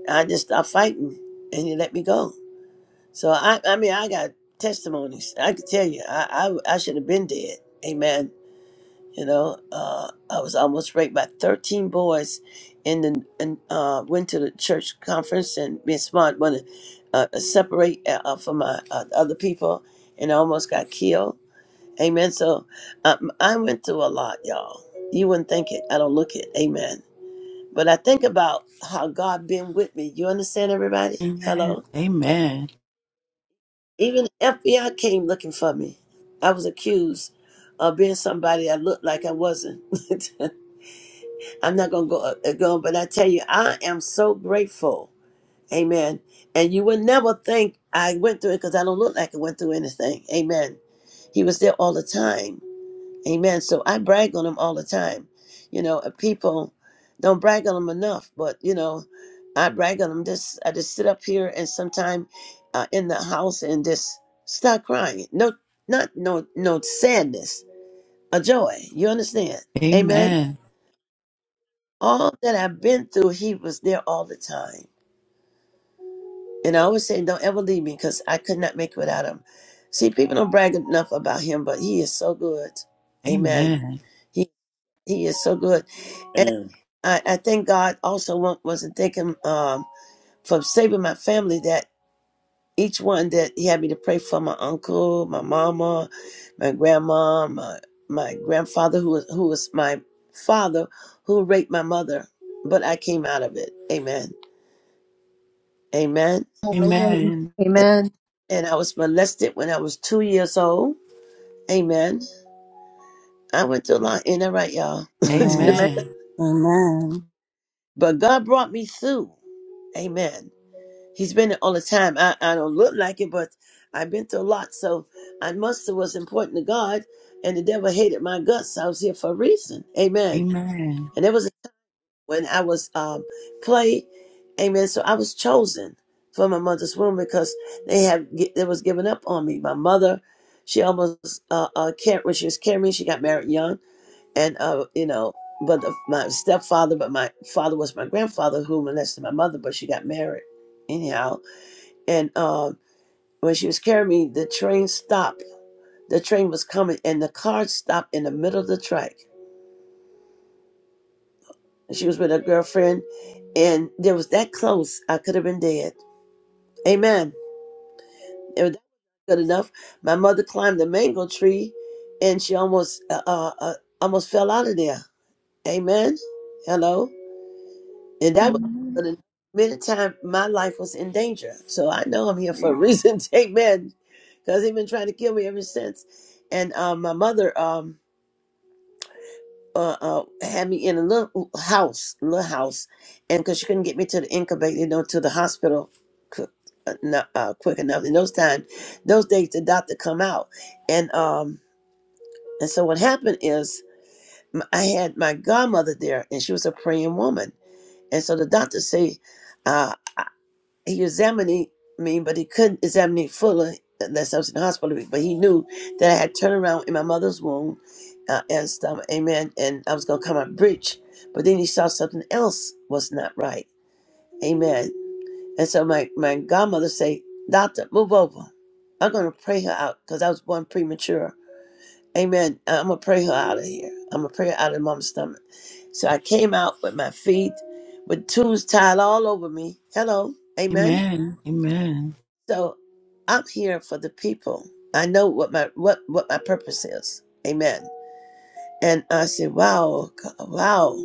S1: I just stopped fighting, and he let me go. So I, I mean, I got testimonies. I could tell you, I, I, I should have been dead. Amen. You know, uh, I was almost raped by thirteen boys, and then and uh, went to the church conference and being smart wanted to uh, separate uh, uh, from my uh, other people, and I almost got killed Amen. So um, I went through a lot, y'all. You wouldn't think it. I don't look it. Amen. But I think about how God been with me. You understand, everybody?
S8: Amen.
S1: Hello. Even the FBI came looking for me. I was accused of being somebody I looked like I wasn't. I'm not gonna go uh, go, but I tell you, I am so grateful. Amen. And you would never think I went through it because I don't look like I went through anything. Amen. He was there all the time Amen. So I brag on them all the time. You know, uh, people don't brag on them enough, but you know, I brag on them. Just I just sit up here and sometime uh, in the house and just start crying. No, not no no sadness, a joy. You understand? Amen.
S8: Amen.
S1: All that I've been through, He was there all the time. And I always say, don't ever leave me because I could not make it without Him. See, people don't brag enough about Him, but He is so good.
S8: Amen. Amen. Amen.
S1: Amen. He is so good. And
S3: Amen.
S1: I, I thank God also wa- wasn't thinking um, for saving my family that each one that he had me to pray for my uncle, my mama, my grandma, my, my grandfather, who was, who was my father, who raped my mother. But I came out of it. Amen. Amen.
S2: Amen.
S8: Amen.
S1: And, and I was molested when I was two years old. Amen. I went through a lot. Ain't that right, y'all?
S8: Amen. Amen.
S2: Amen.
S4: Amen. Amen.
S1: but God brought me through. Amen. He's been there all the time. I, I don't look like it, but I've been through a lot. So I must have was important to God, and the devil hated my guts. I was here for a reason. Amen.
S8: Amen.
S1: And that was when I was um, clay. Amen. So I was chosen from my mother's womb because they have they was giving up on me. My mother, she almost uh, uh car- when she was carrying me, she got married young, and uh you know. But the, my stepfather, but my father was my grandfather who molested my mother, but she got married anyhow and um, when she was carrying me, the train stopped. The train was coming, and the car stopped in the middle of the track. And she was with her girlfriend, and there was that close. I could have been dead. Amen. It was good enough. My mother climbed the mango tree, and she almost uh, uh, uh, almost fell out of there. Amen. Hello. And that was
S9: Amen.
S1: the many time my life was in danger. So I know I'm here for a reason. Amen. Because they've been trying to kill me ever since. And uh, my mother um, uh, uh, had me in a little house, little house, and because she couldn't get me to the incubator, you know, to the hospital quick, uh, no- uh, quick enough. In those time, those days, the doctor come out, and um, and so what happened is m- I had my godmother there, and she was a praying woman, and so the doctor say. uh, he examined me, but he couldn't examine me fully uh, unless I was in the hospital. But he knew that I had turned around in my mother's womb uh, and stomach, amen, and I was going to come out breech. But then he saw something else was not right, amen. And so my, my godmother say, doctor, move over. I'm going to pray her out because I was born premature. Amen. I'm going to pray her out of here. I'm going to pray her out of mom's stomach. So I came out with my feet, with tubes tied all over me. Hello. Amen so I'm here for the people. I know what my what what my purpose is. Amen. And I said, wow, God, wow.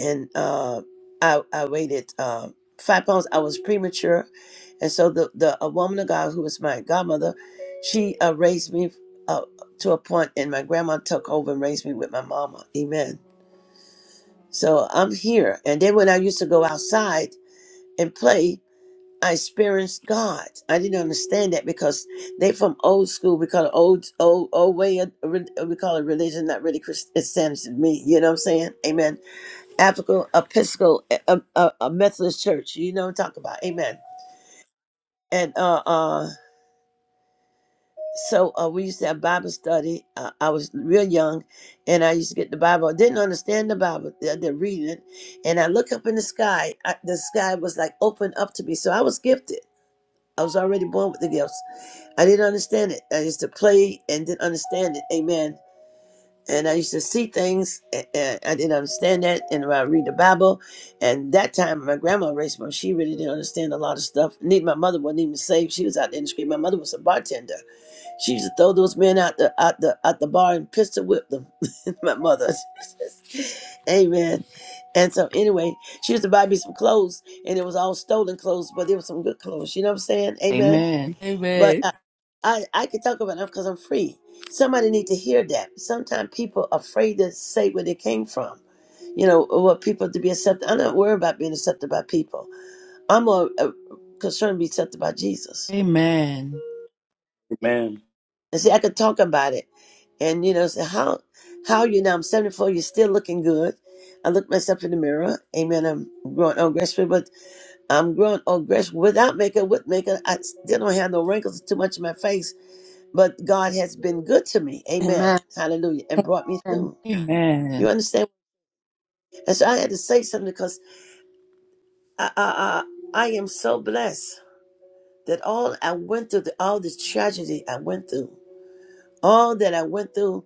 S1: And uh, I I waited uh, five pounds. I was premature, and so the the a woman of God who was my godmother, she uh, raised me uh, to a point, and my grandma took over and raised me with my mama. Amen. So I'm here. And then when I used to go outside and play, I experienced God. I didn't understand that because they from old school. We call it old, old, old way. Of, we call it religion, not really Christianity to me. You know what I'm saying? Amen. African Episcopal, a, a, a Methodist church. You know what I'm talking about? Amen. And uh, uh, so uh, we used to have Bible study. Uh, I was real young, and I used to get the Bible. I didn't understand the Bible. I didn't read it, and I look up in the sky. I, the sky was like open up to me. So I was gifted. I was already born with the gifts I didn't understand it. I used to play and didn't understand it. Amen. And I used to see things and I didn't understand that. And I read the Bible, and that time my grandma raised me. She really didn't understand a lot of stuff. Need my mother wasn't even saved. She was out in the street. My mother was a bartender. She used to throw those men out the out the out the bar and pistol whip them. my mother. Amen. And so anyway, she used to buy me some clothes, and it was all stolen clothes, but there was some good clothes. You know what I'm saying? Amen.
S8: Amen. Amen.
S1: But
S8: Amen.
S1: I, I, I can talk about it because I'm free. Somebody need to hear that. Sometimes people are afraid to say where they came from. You know, or what people to be accepted. I'm not worried about being accepted by people. I'm more uh, concerned to be accepted by Jesus.
S8: Amen.
S3: Amen.
S1: And see, I could talk about it, and you know, say how how are you now? I'm 74. You're still looking good. I look myself in the mirror. Amen. I'm growing old gracefully, but I'm growing old gracefully without makeup. With makeup, I still don't have no wrinkles too much in my face But God has been good to me.
S2: Amen. Amen.
S1: Amen. Hallelujah. And brought me
S2: Amen.
S1: through. You
S8: Amen.
S1: understand? And so I had to say something because I, I, I, I am so blessed that all I went through, the, all this tragedy I went through, all that I went through,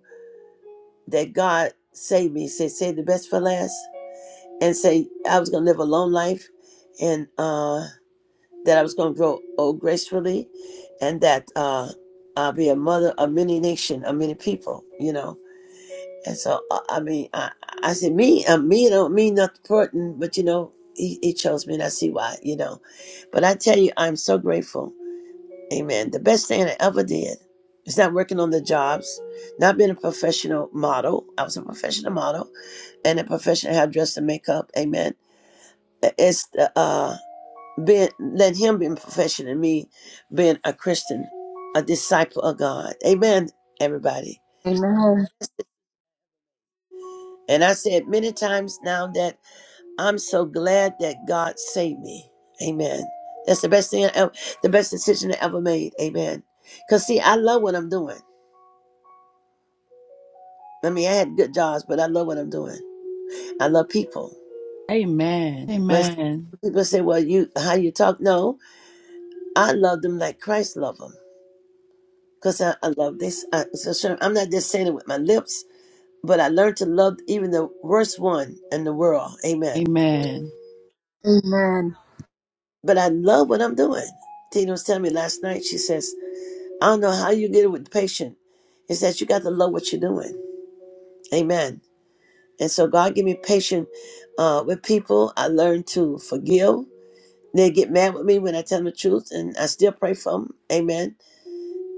S1: that God saved me, said, save the best for last, and say I was going to live a long life and uh, that I was going to grow old gracefully and that uh, I'll be a mother of many nation, of many people, you know And so, I I mean, I, I said, me, uh, me, don't mean nothing important, but you know, he, he chose me and I see why, you know. But I tell you, I'm so grateful. Amen. The best thing I ever did is not working on the jobs, not being a professional model. I was a professional model and a professional hairdresser and makeup. Amen. It's the, uh, being, let him be professional and me being a Christian, a disciple of God. Amen, everybody.
S2: Amen. Amen.
S1: And I said many times now that I'm so glad that God saved me. Amen. That's the best thing I ever, the best decision I ever made. Amen. Cause see, I love what I'm doing. I mean, I had good jobs, but I love what I'm doing. I love people.
S8: Amen.
S1: When s-
S8: Amen.
S1: people say, "Well, you how you talk?" No, I love them like Christ loved them. Cause I, I love this. I, so sure, I'm not just saying it with my lips, but I learned to love even the worst one in the world. Amen.
S8: Amen.
S2: Amen.
S1: But I love what I'm doing. Tina was telling me last night. She says. I don't know how you get it with the patient. It's that you got to love what you're doing. Amen. And so God give me patience uh, with people. I learn to forgive. They get mad with me when I tell them the truth, and I still pray for them. Amen.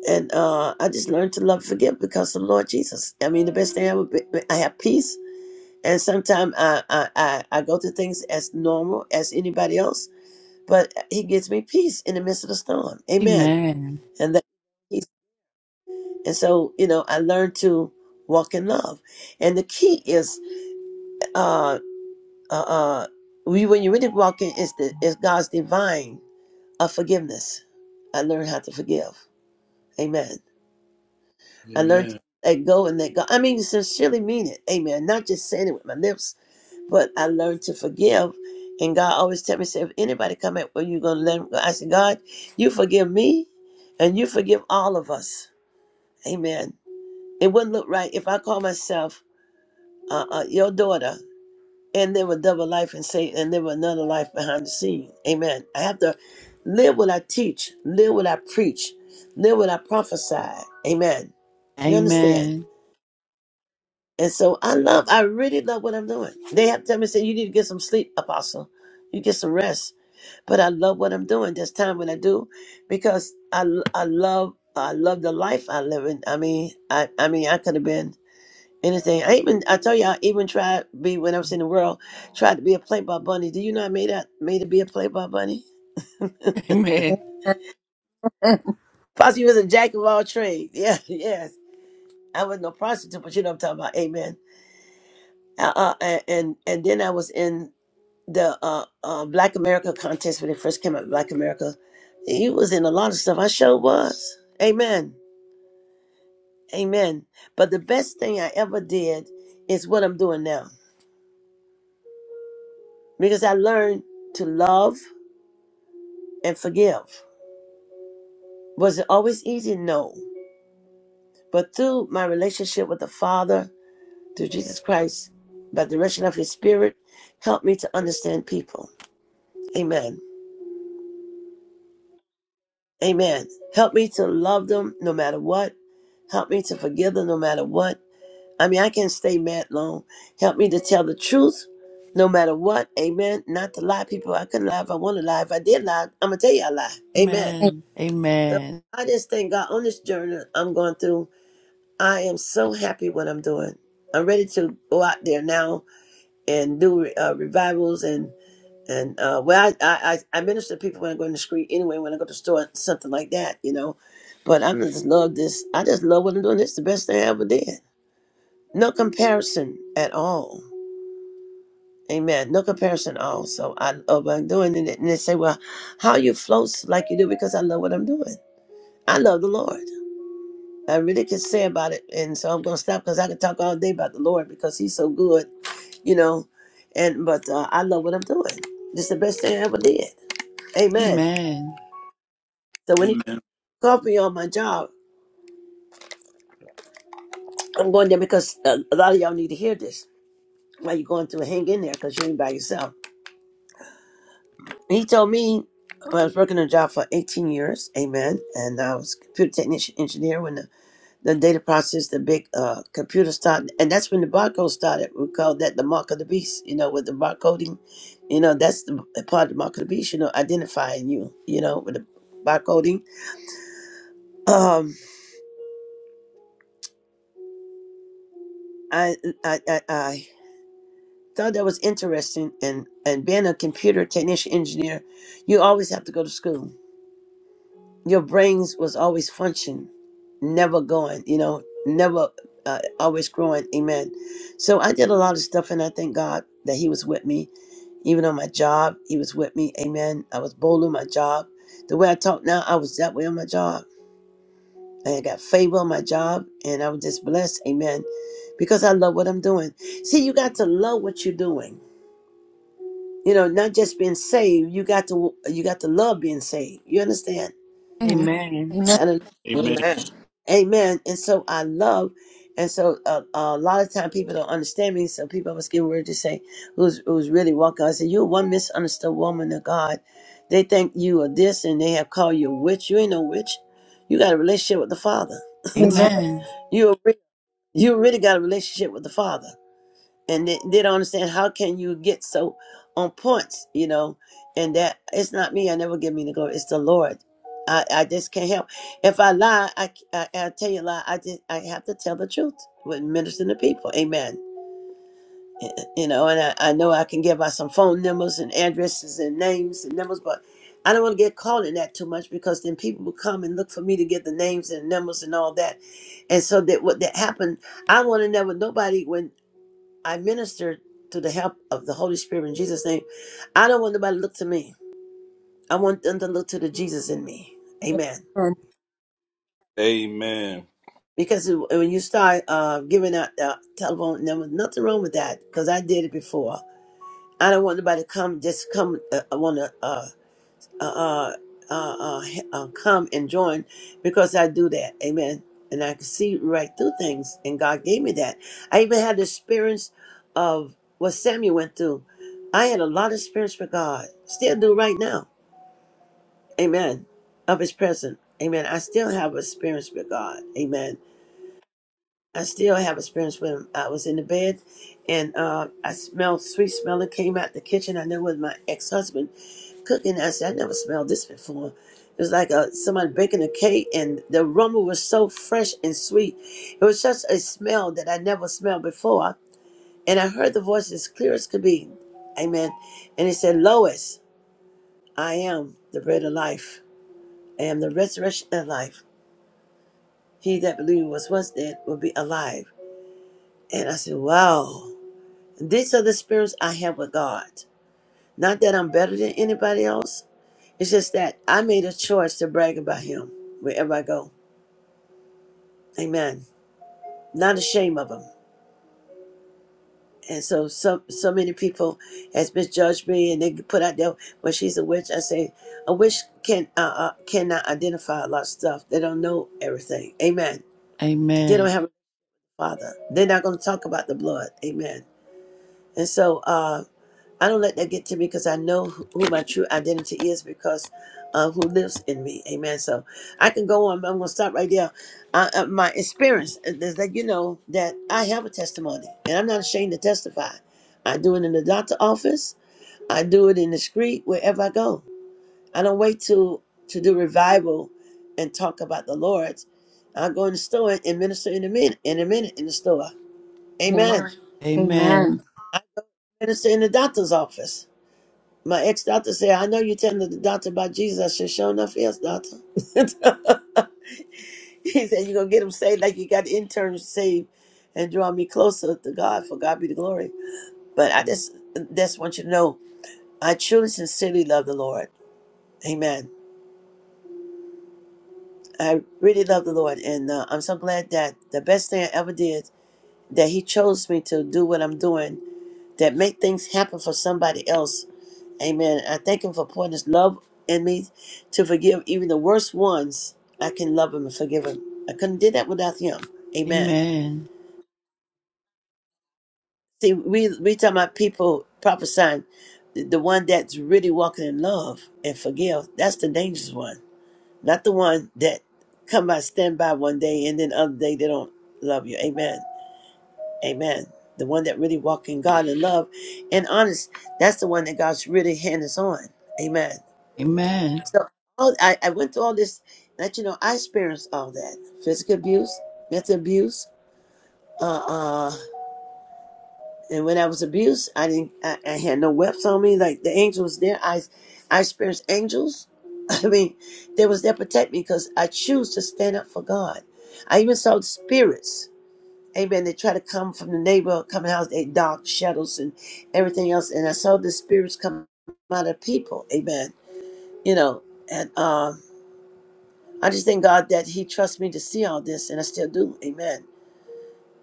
S1: And uh, I just learned to love and forgive because of the Lord Jesus. I mean, the best thing I would be, I have peace. And sometimes I, I, I, I go through things as normal as anybody else, but He gives me peace in the midst of the storm. Amen.
S8: Amen.
S1: And that. And so, you know, I learned to walk in love. And the key is, uh, uh, uh, we, when you really walk in, is, the, is God's divine of forgiveness. I learned how to forgive. Amen. I learned to
S3: Amen. Amen.
S1: let go and let God. I mean, sincerely mean it. Amen. Not just saying it with my lips, but I learned to forgive. And God always tell me, say, if anybody come at, well, you going to let them go. I said, God, you forgive me and you forgive all of us. Amen. It wouldn't look right if I call myself uh, uh, your daughter, and there were double life and Satan, and there were another life behind the scene. Amen. I have to live what I teach, live what I preach, live what I prophesy. Amen. You understand?
S8: Amen.
S1: And so I love, I really love what I'm doing. They have to tell me, say, you need to get some sleep, Apostle. You get some rest. But I love what I'm doing. There's time when I do, because I, I love, I love the life I live in. I mean, I, I mean, I could have been Anything. I even I tell you I even tried to be when I was in the world, tried to be a playboy bunny. Do you know I made that made to be a playboy bunny?
S8: Amen.
S2: Amen.
S1: Possibly was a jack of all trades. Yeah, yes. I was no prostitute, but you know what I'm talking about. Amen. Uh, uh, and and and then I was in the uh, uh, Black America contest when it first came out. Black America, you was in a lot of stuff. I sure was. Amen. Amen. But the best thing I ever did is what I'm doing now because I learned to love and forgive. Was it always easy? No. But through my relationship with the Father, through Jesus Christ, by the direction of His Spirit, help me to understand people. Amen. Amen. Help me to love them no matter what. Help me to forgive them no matter what. I mean, I can't stay mad long. Help me to tell the truth no matter what. Amen. Not to lie, people. I couldn't lie if I want to lie. If I did lie, I'm going to tell you I lie.
S8: Amen.
S1: Amen. So
S8: Amen.
S1: I just thank God on this journey I'm going through. I am so happy what I'm doing. I'm ready to go out there now and do uh, revivals and and uh, well, I, I I minister to people when I go in the street anyway. When I go to the store, something like that, you know. But I Mm. just love this. I just love what I'm doing. This is the best thing I ever did. No comparison at all. Amen. No comparison at all. So I love what I'm doing. And they and they say, well, how you float like you do because I love what I'm doing. I love the Lord. I really could say about it, and so I'm gonna stop because I could talk all day about the Lord because He's so good, you know. And but uh, I love what I'm doing. It's the best thing I ever did. Amen.
S8: Amen.
S1: So when He
S3: Amen.
S1: called me on my job, I'm going there because uh, a lot of y'all need to hear this. While you're going through, hang in there because you ain't by yourself. He told me I was working a job for 18 years. Amen. And I was a computer technician engineer when the the data process, the big uh, computer started, and that's when the barcode started. We call that the mark of the beast, you know, with the barcoding. You know, that's the the part of the mark of the beast, you know, identifying you, you know, with the barcoding. Um, I, I, I, I thought that was interesting, and and being a computer technician engineer, you always have to go to school your brains was always functioning, never going, you know, never uh, always growing. Amen. So I did a lot of stuff, and I thank God that He was with me. Even on my job, He was with me. Amen. I was bold on my job. The way I talk now, I was that way on my job. And I got favor on my job, and I was just blessed. Amen. Because I love what I'm doing. See, you got to love what you're doing. You know, not just being saved. You got to you got to love being saved. You understand?
S8: Amen.
S2: Amen.
S3: Amen.
S1: Amen. And so I love, and so uh, a lot of time people don't understand me. So people I was getting ready to say, who's who's really walking? I said, you're one misunderstood woman of God. They think you are this, and they have called you a witch. You ain't no witch. You got a relationship with the Father.
S8: Amen. Amen.
S1: you a re- you really got a relationship with the Father and they, they don't understand how can you get so on points you know and that it's not me i never give me the glory it's the lord i, I just can't help if i lie I I I tell you a lie i just i have to tell the truth with ministering to people amen you know and i, I know i can give out some phone numbers and addresses and names and numbers but I don't want to get caught in that too much because then people will come and look for me to get the names and numbers and all that. And so that what that happened, I want to know what nobody when I minister to the help of the Holy Spirit in Jesus' name. I don't want nobody to look to me. I want them to look to the Jesus in me. Amen.
S2: Amen.
S3: Amen.
S1: Because when you start uh, giving out the telephone number, nothing wrong with that because I did it before. I don't want nobody to come, just come, uh, I want to. uh, uh, uh, uh, uh, come and join because I do that. Amen. And I can see right through things, and God gave me that. I even had the experience of what Samuel went through. I had a lot of experience for God, still do right now. Amen. Of His presence. Amen. I still have experience with God. Amen. I still have experience with Him. I was in the bed, and uh, I smelled sweet smell that came out the kitchen. I knew it was my ex husband cooking. I said, I never smelled this before. It was like a, somebody baking a cake, and the aroma was so fresh and sweet. It was such a smell that I never smelled before. And I heard the voice as clear as could be. Amen. And he said, Lois, I am the bread of life. I am the resurrection of life. He that believeth was once dead will be alive. And I said, Wow. These are the spirits I have with God. Not that I'm better than anybody else It's just that I made a choice to brag about him wherever I go. Amen. Not ashamed of him. And so, so, so many people has misjudged me, and they put out there, "Well, she's a witch." I say, a witch can uh, uh, cannot identify a lot of stuff. They don't know everything. Amen. They
S8: Amen.
S1: don't have a father. They're not going to talk about the blood. Amen. And so, uh, I don't let that get to me because I know who who my true identity is because uh, who lives in me. Amen. So I can go on. but I'm going to stop right there. Uh, uh, my experience uh, is that you know that I have a testimony and I'm not ashamed to testify. I do it in the doctor's office. I do it in the street wherever I go. I don't wait to to do revival and talk about the Lord. I go in the store and minister in a minute. In a minute in the store. Amen.
S2: Amen.
S8: Amen.
S2: Amen.
S1: I minister in the doctor's office. My ex doctor said, I know you're telling the doctor about Jesus. I said, sure enough, yes, doctor. he said, You're going to get him saved like you got interns saved and draw me closer to God. For God be the glory. But I just, just want you to know, I truly, sincerely love the Lord. Amen. I really love the Lord. And uh, I'm so glad that the best thing I ever did, that He chose me to do what I'm doing, that make things happen for somebody else Amen. I thank him for pouring his love in me to forgive even the worst ones. I can love him and forgive him. I couldn't do that without him.
S8: Amen.
S1: Amen.
S8: Amen.
S1: See, we we talk about people prophesying the the one that's really walking in love and forgive. That's the dangerous one, not the one that come by stand by one day and then other day they don't love you. Amen. Amen. The one that really walk in God and love and honest, that's the one that God's really hand is on. Amen. So all, I, I went through all this. Let you know, I experienced all that physical abuse, mental abuse. Uh, uh, and when I was abused, I didn't. I, I had no weapons on me. Like the angel was there. I, I experienced angels. I mean, they was there to protect me because I choose to stand up for God. I even saw the spirits. Amen. They try to come from the neighbor, coming out, they dark shadows and everything else. And I saw the spirits come out of people. Amen. You know, and um. I just thank God that He trusts me to see all this, and I still do. Amen.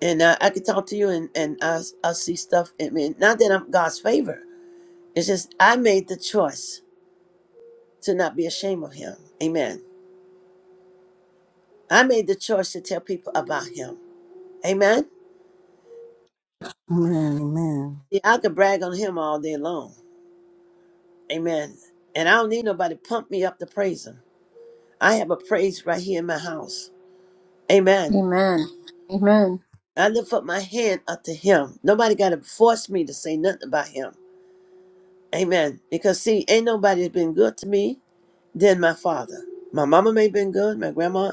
S1: And uh, I could talk to you, and and I I see stuff. I mean, not that I'm God's favor. It's just I made the choice to not be ashamed of Him. Amen. I made the choice to tell people about Him. Amen.
S4: Amen. Amen.
S1: See, I could brag on Him all day long. Amen. And I don't need nobody to pump me up to praise Him. I have a praise right here in my house. Amen.
S2: Amen. Amen.
S1: I lift up my hand up to Him. Nobody got to force me to say nothing about Him. Amen. Because see, ain't nobody has been good to me than my father. My mama may have been good, my grandma,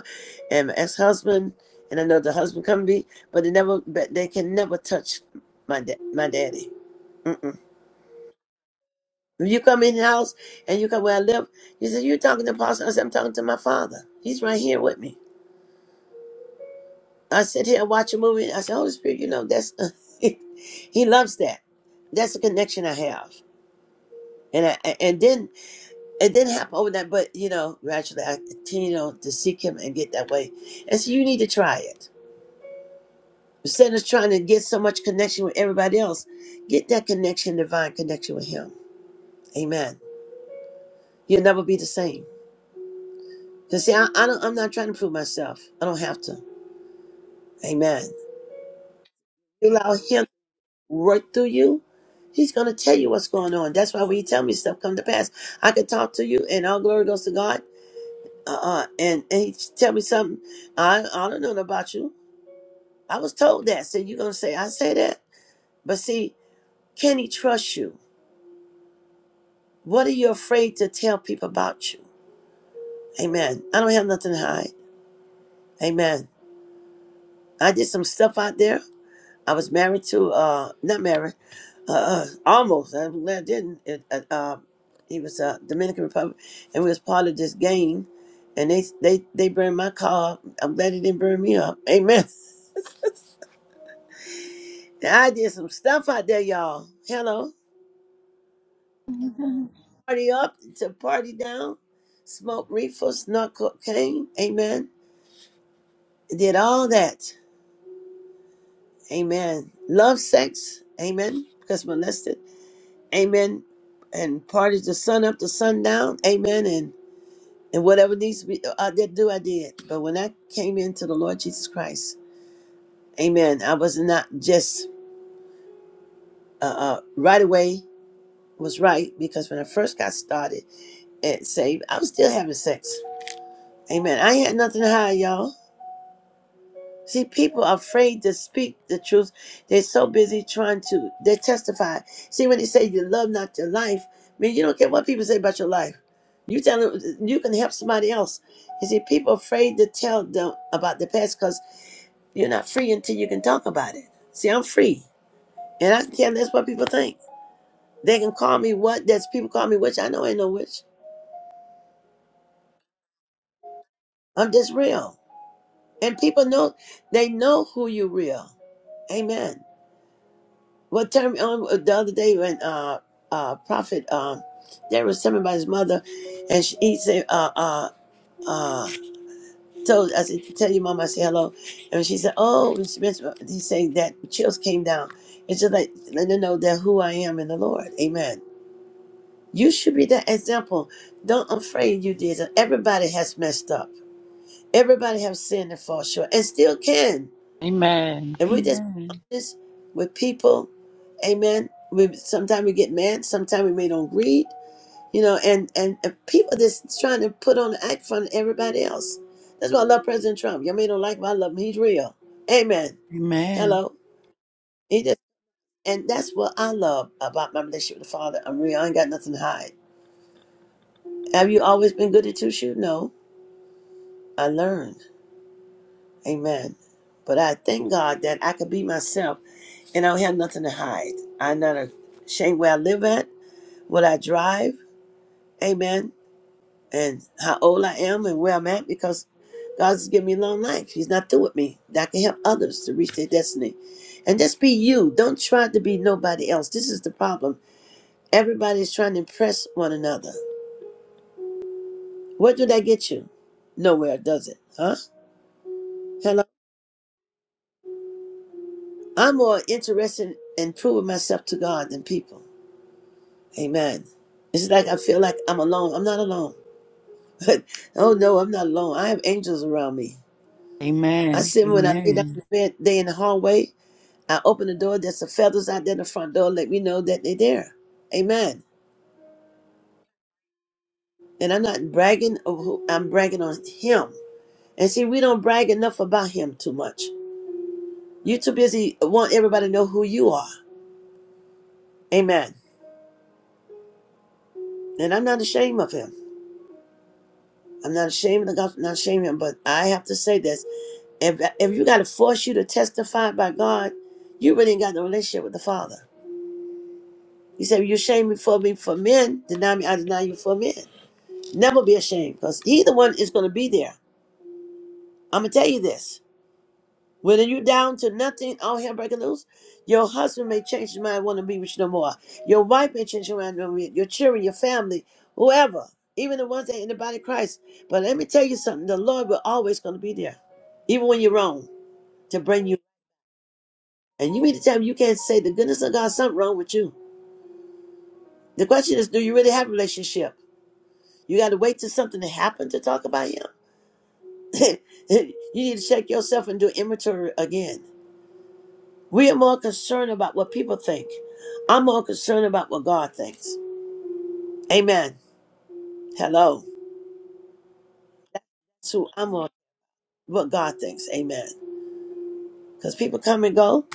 S1: and my ex-husband, and I know the husband come to be, but they never, but they can never touch my da- my daddy. Mm-mm. When you come in the house and you come where I live, you said you talking to Pastor. I said I'm talking to my father. He's right here with me. I sit here and watch a movie. I said Holy Spirit, you know that's he loves that. That's the connection I have, and I and then it didn't happen overnight, but you know, gradually I continue to seek him and get that way. And so you need to try it. Instead of trying to get so much connection with everybody else, get that connection, divine connection with him. Amen. You'll never be the same. Because see, I, I don't, I'm not trying to prove myself. I don't have to. Amen. You allow him to work through you. He's going to tell you what's going on. That's why when He tell me stuff come to pass, I can talk to you and all glory goes to God. Uh-uh. And, and he tell me something. I, I don't know about you. I was told that. So you're gonna say I say that? But see, can he trust you? What are you afraid to tell people about you? Amen. I don't have nothing to hide. Amen. I did some stuff out there. I was married to uh not married, uh, uh almost. I'm glad I didn't. It, uh, uh, he was uh Dominican Republic, and we was part of this gang. And they they they burned my car. up. I'm glad they didn't burn me up. Amen. I did some stuff out there, y'all. Hello.
S9: Amen.
S1: party up to party down, smoked reefer, snuck cocaine, amen. Did all that, amen. Love sex, amen, because molested, amen. And parties the sun up to sundown, amen. And and whatever needs to be, uh, I did do, I did. But when I came into the Lord Jesus Christ, amen, I was not just uh, uh, right away was right because when I first got started and saved, I was still having sex. Amen. I ain't had nothing to hide, y'all. See, people are afraid to speak the truth. They're so busy trying to they testify. See, when they say you love not your life, I mean you don't care what people say about your life. You tell them you can help somebody else. You see, people are afraid to tell them about the past because you're not free until you can talk about it. See, I'm free, and I can care less what people think. They can call me what. That's people call me witch. I know I ain't no witch. I'm just real, and people know they know who you real. Amen. What turned me on uh, the other day when uh, uh, Prophet uh, there was something about his mother, and she, he said, uh, uh, uh, so I said, tell your mom I say hello, and she said, oh, and she mentioned, he said that chills came down. It's just like let them know that who I am in the Lord, Amen. You should be that example. Don't afraid you did. Everybody has messed up. Everybody have sinned and fall short, and still can.
S8: Amen. Amen. Amen.
S1: If we just
S8: Amen.
S1: be honest with people, amen. We sometimes we get mad, sometimes we may don't read, you know, and and if people just trying to put on the act in front of everybody else. That's why I love President Trump. Y'all may don't like him, I love him. He's real. Amen.
S8: Amen.
S1: Hello. He just and that's what I love about my relationship with the Father. I'm real. I ain't got nothing to hide. Have you always been good at two shoes? No. I learned. Amen. But I thank God that I could be myself and I don't have nothing to hide. I'm not ashamed where I live at. what I drive, amen, and how old I am and where I'm at because God's given me a long life. He's not through with me. That can help others to reach their destiny. And just be you. Don't try to be nobody else. This is the problem. Everybody's trying to impress one another. What did I get you? Nowhere, does it? Huh? Hello? I'm more interested in proving myself to God than people. Amen. It's like I feel like I'm alone. I'm not alone. oh no, I'm not alone. I have angels around me. I said when I lay down in the bed, they in the hallway. I open the door. There's some feathers out there in the front door. Let me know that they're there. Amen. And I'm not bragging of who I'm bragging on him. And see, we don't brag enough about him too much. you too busy want everybody to know who you are. Amen. And I'm not ashamed of him. I'm not ashamed of the gospel, not ashamed of him, but I have to say this. If if you gotta force you to testify by God, you really ain't got no relationship with the Father. He said, You shame me for me for men, deny me, I deny you for men. Never be ashamed because either one is going to be there. I'm going to tell you this. Whether you're down to nothing, all hell breaking loose, your husband may change his mind, and want to be with you no more. Your wife may change her mind, wanna be- your children, your family, whoever, even the ones that are in the body of Christ. But let me tell you something the Lord will always going to be there, even when you're wrong, to bring you. And you mean to tell me you can't say the goodness of God, something wrong with you. The question is, do you really have a relationship? You got to wait till something to happen to talk about him? you need to check yourself and do inventory again. We are more concerned about what people think. I'm more concerned about what God thinks. Amen. Hello. That's who I'm on what God thinks. Amen. Because people come and go,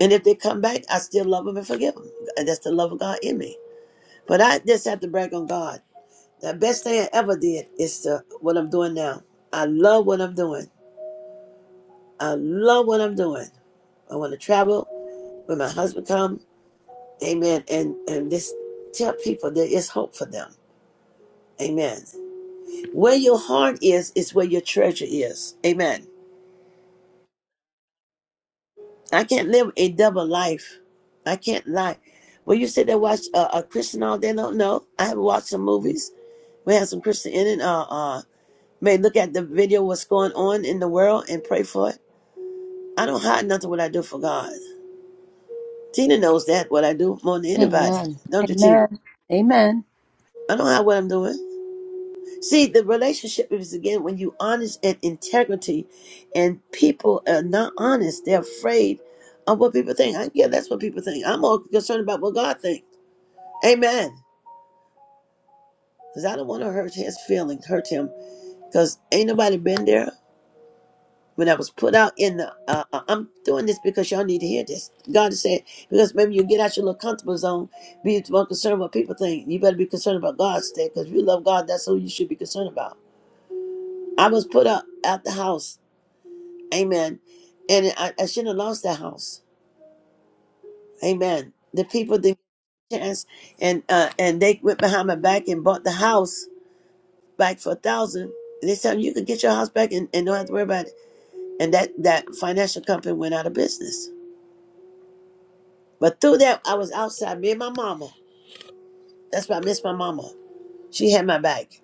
S1: and if they come back, I still love them and forgive them. And that's the love of God in me. But I just have to brag on God. The best thing I ever did is to, what I'm doing now. I love what I'm doing. I love what I'm doing. I want to travel when my husband comes. Amen. And and this tell people there is hope for them. Amen. Where your heart is is where your treasure is. Amen. I can't live a double life. I can't lie. Well, you sit there watch uh, a Christian all day long. No, I have watched some movies. We had some Christian in it. Uh, uh, may look at the video what's going on in the world and pray for it. I don't hide nothing what I do for God. Tina knows that what I do more than anybody.
S2: Amen.
S1: Don't you, Tina?
S2: Amen. Amen.
S1: I don't hide what I'm doing. See, the relationship is again when you honest and integrity, and people are not honest. They're afraid of what people think. I, yeah, that's what people think. I'm all concerned about what God thinks. Amen. Because I don't want to hurt his feelings, hurt him. Because ain't nobody been there. When I was put out in the, uh, uh, I'm doing this because y'all need to hear this. God is saying, because maybe you get out your little comfortable zone, be more concerned what people think. You better be concerned about God's thing. Because if you love God, that's who you should be concerned about. I was put up at the house Amen. And I, I should have lost that house. Amen. The people didn't get a chance, and uh, and they went behind my back and bought the house back for a thousand. They said you could get your house back and, and don't have to worry about it. And that that financial company went out of business. But through that, I was outside. Me and my mama. That's why I miss my mama. She had my back.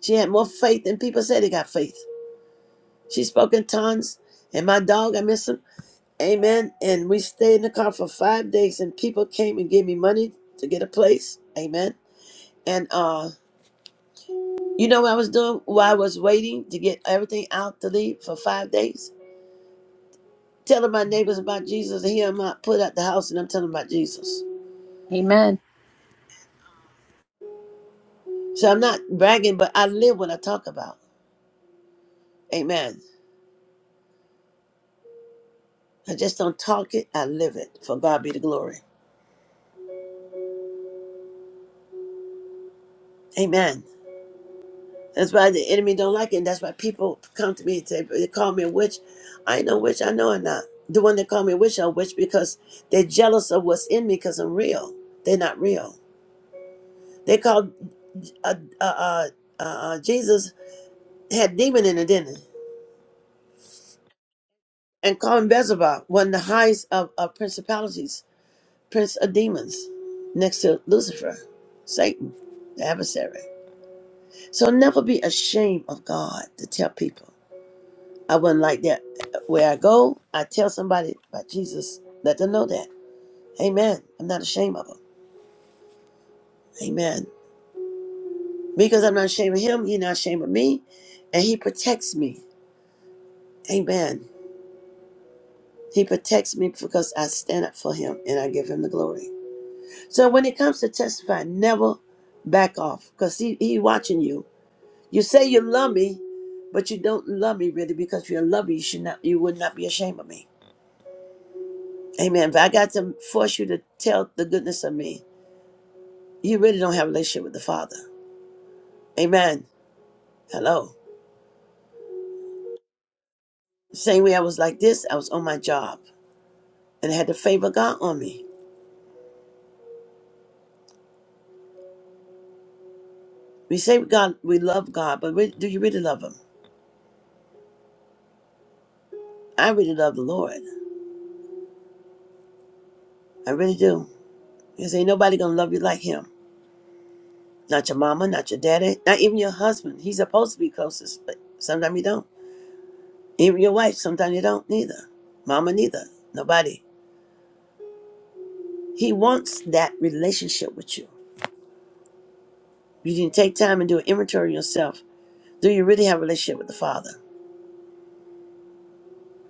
S1: She had more faith than people said they got faith. She spoke in tongues. And my dog, I miss him. Amen. And we stayed in the car for five days, and people came and gave me money to get a place. Amen. And uh, you know what I was doing while I was waiting to get everything out to leave for five days? Telling my neighbors about Jesus. Here I'm out, put out the house, and I'm telling about Jesus.
S2: Amen.
S1: So I'm not bragging, but I live what I talk about. Amen. I just don't talk it, I live it. For God be the glory. Amen. That's why the enemy don't like it. And that's why people come to me and say, they call me a witch. I ain't no witch. I know I'm not. The one that call me a witch are a witch because they're jealous of what's in me because I'm real. They're not real. They called uh, uh, uh, uh, uh, Jesus had demon in it, didn't he? And called him Beelzebub, one of the highest of, of principalities, prince of demons, next to Lucifer, Satan, the adversary. So never be ashamed of God to tell people. I wasn't like that. uh, Where I go, I tell somebody about Jesus. Let them know that. Amen. I'm not ashamed of him. Amen. Because I'm not ashamed of him, he's not ashamed of me. And he protects me. Amen. He protects me because I stand up for him and I give him the glory. So when it comes to testify, never back off because he, he watching you. You say you love me, but you don't love me really because if you love me, you should not you would not be ashamed of me. Amen. If I got to force you to tell the goodness of me, you really don't have a relationship with the Father. Amen. Hello. The Same way I was like this, I was on my job and I had the favor of God on me. We say God, we love God, but re- do you really love Him? I really love the Lord. I really do. Because ain't nobody gonna love you like Him. Not your mama, not your daddy, not even your husband. He's supposed to be closest, but sometimes you don't. Even your wife, sometimes you don't. Neither. Mama, neither. Nobody. He wants that relationship with you. You can take time and do an inventory of yourself. Do you really have a relationship with the Father?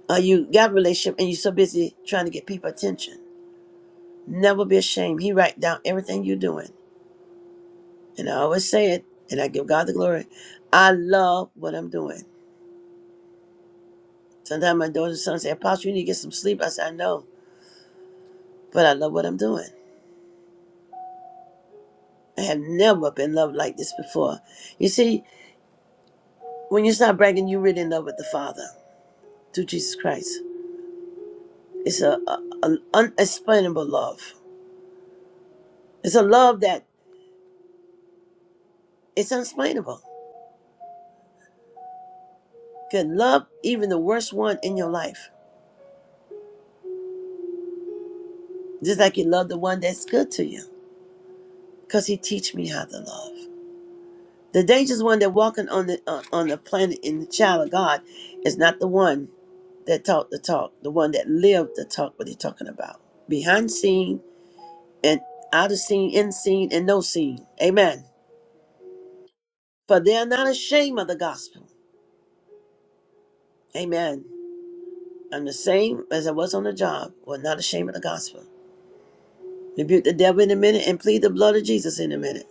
S1: Uh, you got a relationship and you're so busy trying to get people attention. Never be ashamed. He write down everything you're doing. And I always say it, and I give God the glory. I love what I'm doing. Sometimes my daughters and sons say, Apostle, you need to get some sleep. I say, I know, but I love what I'm doing. I have never been loved like this before. You see, when you start bragging, you're really in love with the Father through Jesus Christ. It's a, a, a unexplainable love. It's a love that it's unexplainable. Can love even the worst one in your life just like you love the one that's good to you because he teach me how to love the dangerous one that walking on the uh, on the planet in the child of god is not the one that talked the talk the one that lived the talk what he's talking about behind scene and out of scene in scene and no scene amen for they are not ashamed of the gospel amen i'm the same as i was on the job we're not ashamed of the gospel rebuke the devil in a minute and plead the blood of jesus in a minute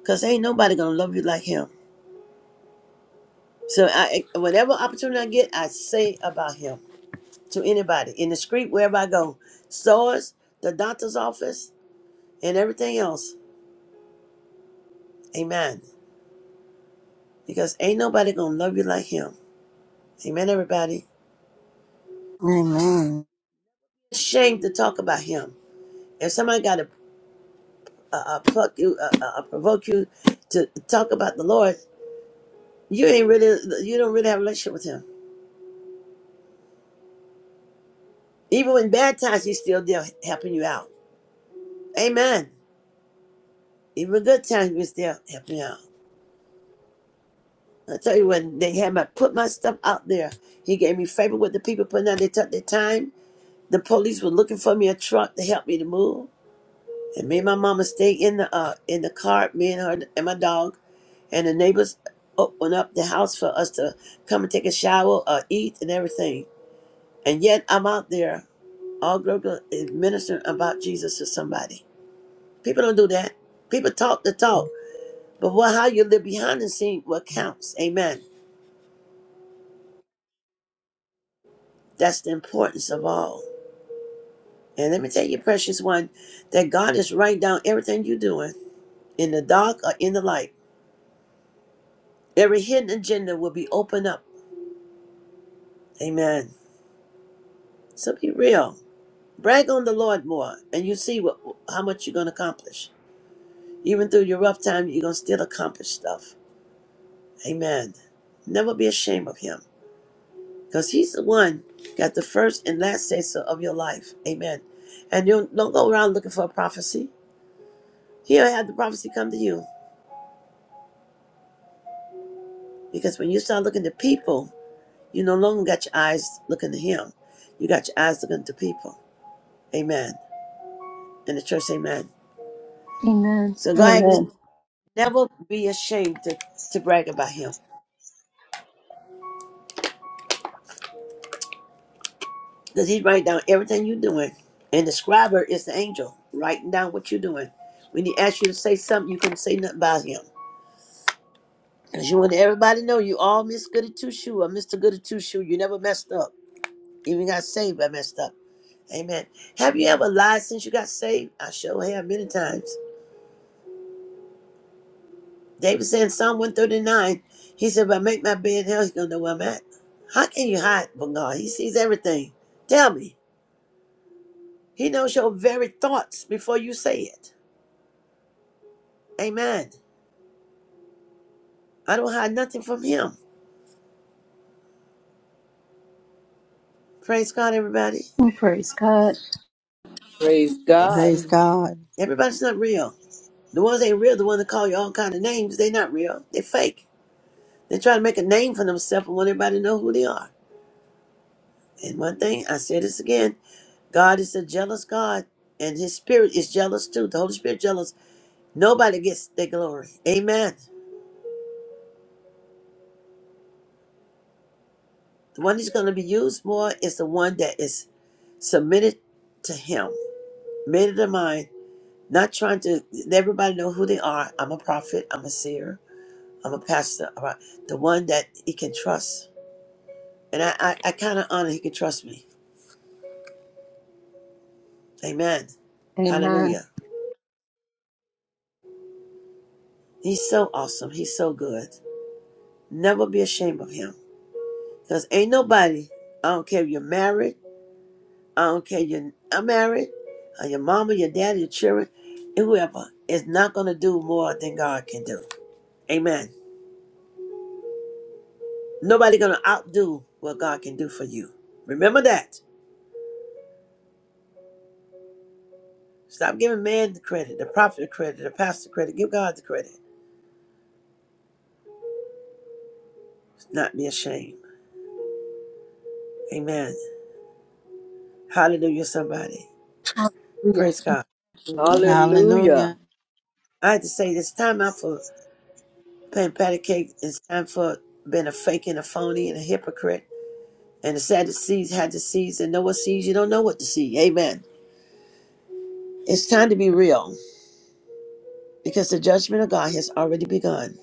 S1: because ain't nobody gonna love you like him So I, whatever opportunity I get, I say about him to anybody in the street, wherever I go, stores, the doctor's office, and everything else. Amen. Because ain't nobody gonna love you like him. Amen. Everybody,
S4: Amen.
S1: it's a shame to talk about him. If somebody got to uh, uh, pluck you, uh, uh, uh, provoke you to talk about the Lord, you ain't really, you don't really have a relationship with him. Even when bad times, he's still there helping you out. Amen. Even good times, he's still helping you out. I tell you when they had me put my stuff out there, he gave me favor with the people putting out. They took their time. The police were looking for me a truck to help me to move, and me and my mama stayed in the uh in the car, me and her and my dog, and the neighbors opened up the house for us to come and take a shower, or eat, and everything. And yet I'm out there all global is ministering about Jesus to somebody. People don't do that. People talk the talk, but what how you live behind the scene what counts. Amen. That's the importance of all. And let me tell you, precious one, that God is writing down everything you're doing in the dark or in the light. Every hidden agenda will be opened up. Amen. So be real. Brag on the Lord more, and you see what how much you're going to accomplish. Even through your rough time, you're going to still accomplish stuff. Amen. Never be ashamed of Him, because He's the one got the first and last say so of your life. Amen. And you don't go around looking for a prophecy. He'll have the prophecy come to you, because when you start looking to people You no longer got your eyes looking to him. You got your eyes looking to people. Amen. And the church, amen.
S2: Amen.
S1: So go ahead, and just
S2: Amen.
S1: never be ashamed to, to brag about him. Because he's writing down everything you're doing. And the scriber is the angel writing down what you're doing. When he asks you to say something, you can say nothing about him. Because you want everybody to know you all Miss Goody Two Shoe or Mr. Goody Two Shoe. You never messed up. Even got saved, I messed up. Amen. Have you ever lied since you got saved? I sure have many times. David said in Psalm 139, he said, If I make my bed in hell, he's going to know where I'm at. How can you hide from God? He sees everything. Tell me. He knows your very thoughts before you say it. Amen. I don't hide nothing from him. Praise God, everybody.
S2: Oh, Praise God.
S10: Praise God.
S4: Praise
S6: Amen.
S4: God.
S1: Everybody's not real. The ones that ain't real, the ones that call you all kind of names, they not real. They're fake. They try to make a name for themselves and want everybody to know who they are. And one thing, I say this again, God is a jealous God, and his spirit is jealous too. The Holy Spirit is jealous Nobody gets the glory. Amen. The one that's going to be used more is the one that is submitted to him, made it a mind, not trying to let everybody know who they are. I'm a prophet, I'm a seer, I'm a pastor. all right. The one that he can trust. And I, I, I kind of honor he can trust me. Amen.
S2: Amen.
S1: Hallelujah. He's so awesome. He's so good. Never be ashamed of him. Because ain't nobody, I don't care if you're married, I don't care you're married, or your mama, your daddy, your children, and whoever is not gonna do more than God can do. Amen. Nobody gonna outdo what God can do for you. Remember that. Stop giving man the credit, the prophet the credit, the pastor the credit. Give God the credit. Not be ashamed. Amen. Hallelujah, somebody.
S2: Hallelujah.
S1: Praise God.
S10: Hallelujah.
S4: Hallelujah.
S1: I had to say this time out for paying patty cake. It's time for being a fake and a phony and a hypocrite. And the Sadducees had to seeds and know what sees. you don't know what to see. Amen. It's time to be real because the judgment of God has already begun.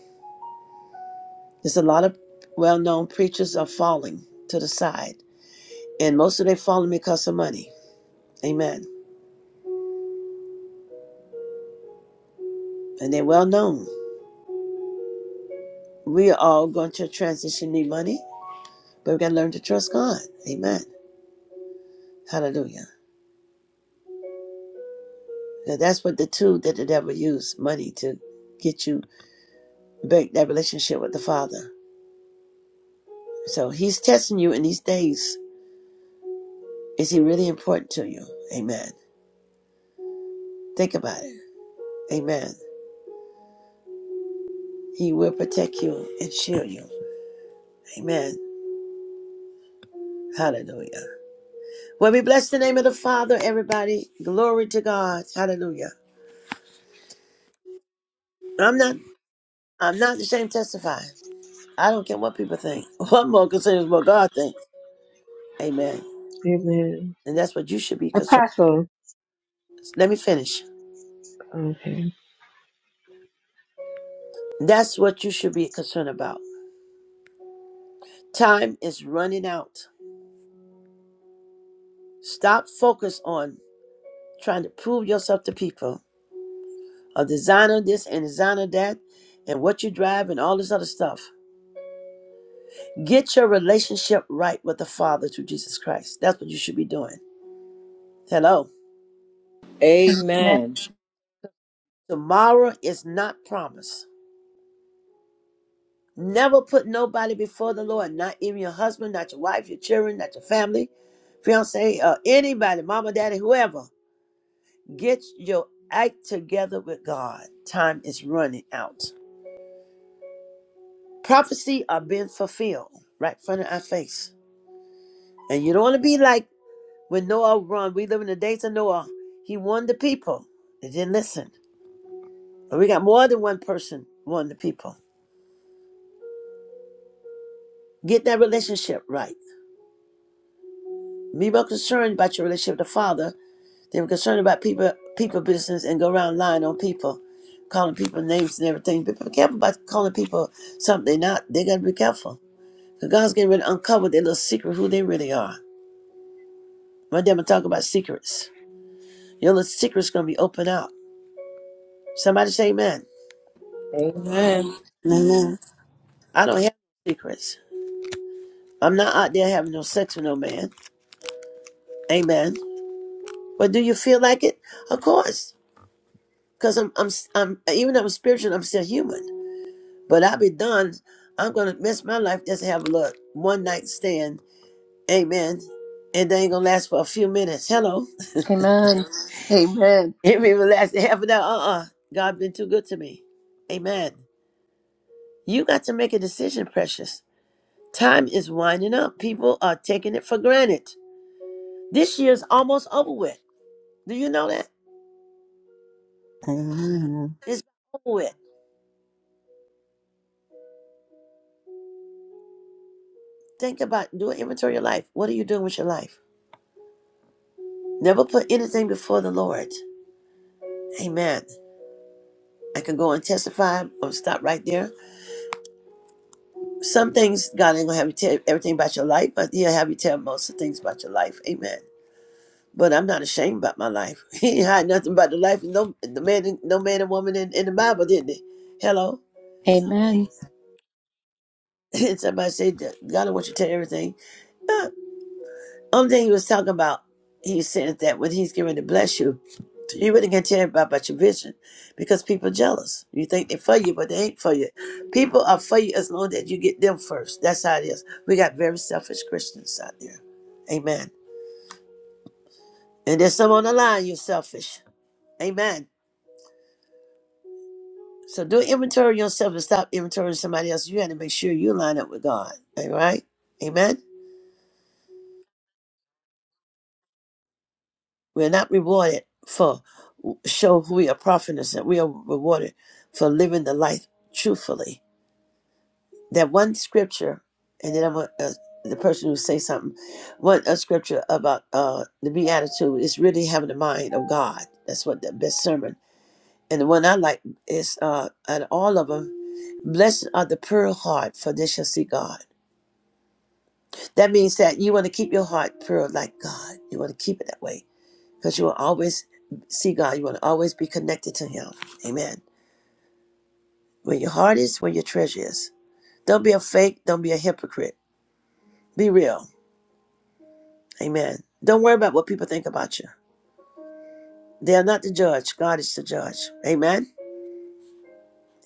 S1: There's a lot of well known preachers are falling to the side, and most of them falling because of money. Amen. And they're well known. We are all going to transition need money, but we gotta learn to trust God. Amen. Hallelujah. Now that's what the tool that the devil used, money, to get you break that relationship with the Father. So he's testing you in these days. Is he really important to you? Amen. Think about it. Amen. He will protect you and shield you. Amen. Hallelujah. Well, we bless the name of the Father, everybody. Glory to God. Hallelujah. I'm not I'm not ashamed to testify. I don't care what people think. What more concerned is what God thinks. Amen.
S6: Amen.
S1: And that's what you should be concerned.
S6: Apostle,
S1: Let me finish.
S6: okay.
S1: That's what you should be concerned about. Time is running out. Stop focus on trying to prove yourself to people. A designer this and designer that and what you drive and all this other stuff. Get your relationship right with the Father through Jesus Christ. That's what you should be doing. Hello.
S10: Amen.
S1: Tomorrow is not promised. Never put nobody before the Lord, not even your husband, not your wife, your children, not your family, fiance, uh, anybody, mama, daddy, whoever. Get your act together with God. Time is running out. Prophecy are being fulfilled right in front of our face. And you don't want to be like when Noah run. We live in the days of Noah. He warned the people. They didn't listen. We got more than one person, one of the people. Get that relationship right. Be more concerned about your relationship with the Father than concerned about people people business and go around lying on people, calling people names and everything. Be be careful about calling people something they're not. They gotta be careful. Because God's getting ready to uncover their little secret who they really are. My dad I'm talking about secrets. Your little secret's gonna be opened out. Somebody say amen.
S10: Amen.
S4: Amen.
S1: I don't have no secrets. I'm not out there having no sex with no man. Amen. But do you feel like it? Of course. Cause I'm, I'm, I'm, even though I'm spiritual, I'm still human. But I'll be done. I'm gonna miss my life just to have a little One night stand, amen. And they ain't gonna last for a few minutes. Hello,
S2: Amen. Amen.
S1: it ain't even last half an hour. Uh, uh God been too good to me, amen. You got to make a decision, precious. Time is winding up. People are taking it for granted. This year's almost over with. Do you know that?
S4: Amen.
S1: It's over with. Think about do an inventory of your life. What are you doing with your life? Never put anything before the Lord. Amen. I can go and testify I'm gonna stop right there. Some things God ain't gonna have you tell everything about your life, but He'll have you tell most of the things about your life. Amen. But I'm not ashamed about my life. He ain't hide nothing about the life no the man, no man and woman in, in the Bible, didn't he? Hello.
S2: Amen.
S1: And Somebody said that God don't want you to tell everything. Uh, only thing He was talking about, He said that when He's going to bless you. You wouldn't get to everybody about your vision because people are jealous. You think they're for you, but they ain't for you. People are for you as long as you get them first. That's how it is. We got very selfish Christians out there. Amen. And there's some on the line, you're selfish. Amen. So do inventory yourself and stop inventorying somebody else. You got to make sure you line up with God. All right? Amen. We're not rewarded for show who we are profiting. We are rewarded for living the life truthfully that one scripture, and then I'm uh the person who say something. One a scripture about uh, the beatitude is really having the mind of God. That's what the best sermon. And the one I like is uh, and all of them. Blessed are the pure heart, for they shall see God. That means that you want to keep your heart pure like God. You want to keep it that way because you will always see God. You want to always be connected to Him. Amen. Where your heart is, where your treasure is. Don't be a fake. Don't be a hypocrite. Be real Amen. Don't worry about what people think about you. They are not the judge. God is the judge. Amen.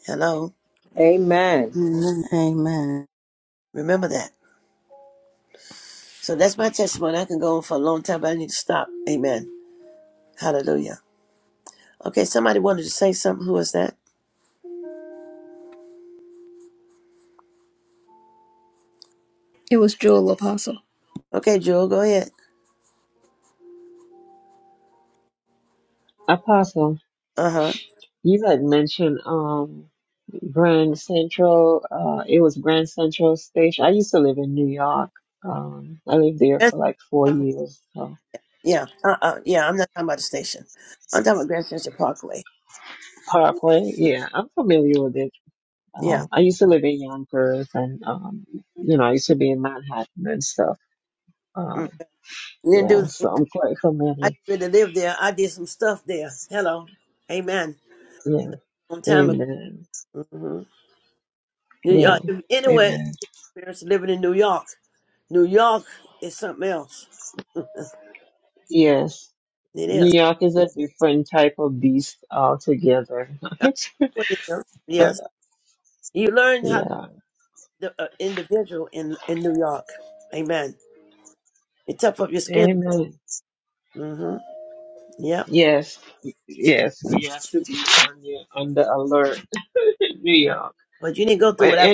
S1: Hello.
S10: Amen.
S4: Amen. Amen.
S1: Remember that. So that's my testimony. I can go on for a long time, but I need to stop. Amen. Hallelujah. Okay, somebody wanted to say something. Who was that?
S2: It was Jewel Apostle.
S1: Okay, Jewel, go ahead.
S6: Apostle,
S1: Uh
S6: you had mentioned um Grand Central. Uh, it was Grand Central Station. I used to live in New York. Um, I lived there
S1: huh.
S6: for like four years. So
S1: Yeah. Uh uh Yeah, I'm not talking about the station. I'm talking about Grand Central Parkway.
S6: Parkway, yeah, I'm familiar with it.
S1: Yeah.
S6: Um, I used to live in Yonkers, and um, you know, I used to be in Manhattan and stuff. Um,
S1: Mm. Didn't do
S6: yeah,
S1: the things.
S6: so I'm quite
S1: I
S6: familiar.
S1: didn't really live there. I did some stuff there. Hello. Amen.
S6: Yeah,
S1: Long time
S6: amen.
S1: ago.
S6: Yeah,
S1: Mm-hmm. Anyway,
S6: amen.
S1: parents living in New York. New York is something else.
S6: Yes.
S1: It
S6: New
S1: is.
S6: York is a different type of beast altogether.
S1: I- What it is.
S6: but
S1: Yes. You learn how
S6: yeah,
S1: the uh, individual in in New York. Amen. It tough up your skin.
S6: amen.
S1: Mm-hmm. Yep.
S6: Yes, yes, we have to be on the, on the alert. New York.
S1: But you didn't go through what I.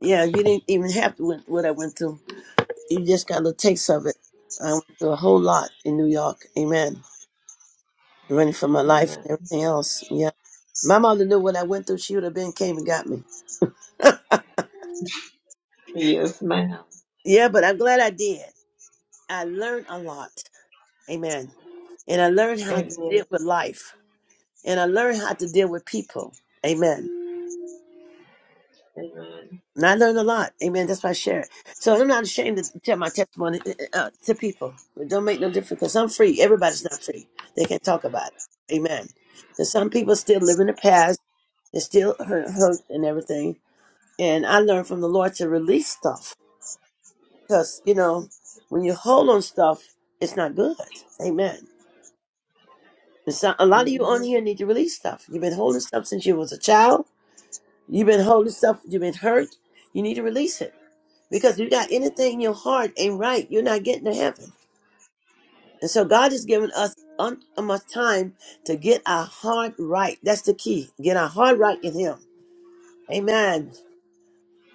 S1: Yeah, you didn't even have to went, what I went through. You just got a little taste of it. I went through a whole lot in New York. Amen. Running for my life and everything else. Yeah. My mother knew what I went through. She would have been came and got me. Yeah, but I'm glad I did. I learned a lot. Amen. And I learned how to deal with life. And I learned how to deal with people. Amen. And I learned a lot. Amen. That's why I share it. So I'm not ashamed to tell my testimony uh, uh, uh, to people. It don't make no difference because I'm free. Everybody's not free. They can talk about it. Amen. Because some people still live in the past. It still hurt, hurts and everything. And I learned from the Lord to release stuff. Because, you know, when you hold on stuff, it's not good. Amen. So a lot of you on here need to release stuff. You've been holding stuff since you was a child. You've been holding stuff. You've been hurt. You need to release it because you got anything in your heart ain't right. You're not getting to heaven. And so God has given us un- enough time to get our heart right. That's the key. Get our heart right in Him. Amen.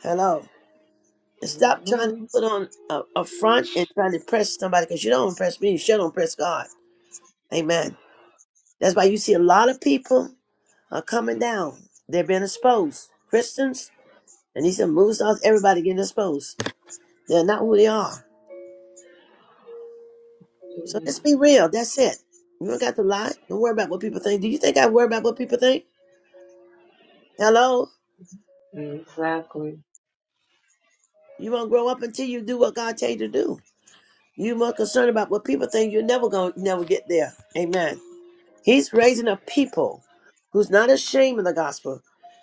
S1: Hello. And stop trying to put on a, a front and trying to impress somebody because you don't impress me. You sure don't impress God. Amen. That's why you see a lot of people. are coming down. They're being exposed. Christians and these movie stars, everybody getting exposed. They're not who they are. So just be real. That's it. You don't got to lie. Don't worry about what people think. Do you think I worry about what people think? Hello? You won't grow up until you do what God tell you to do. You more concerned about what people think. You're never gonna never get there. Amen. He's raising up people who's not ashamed of the gospel,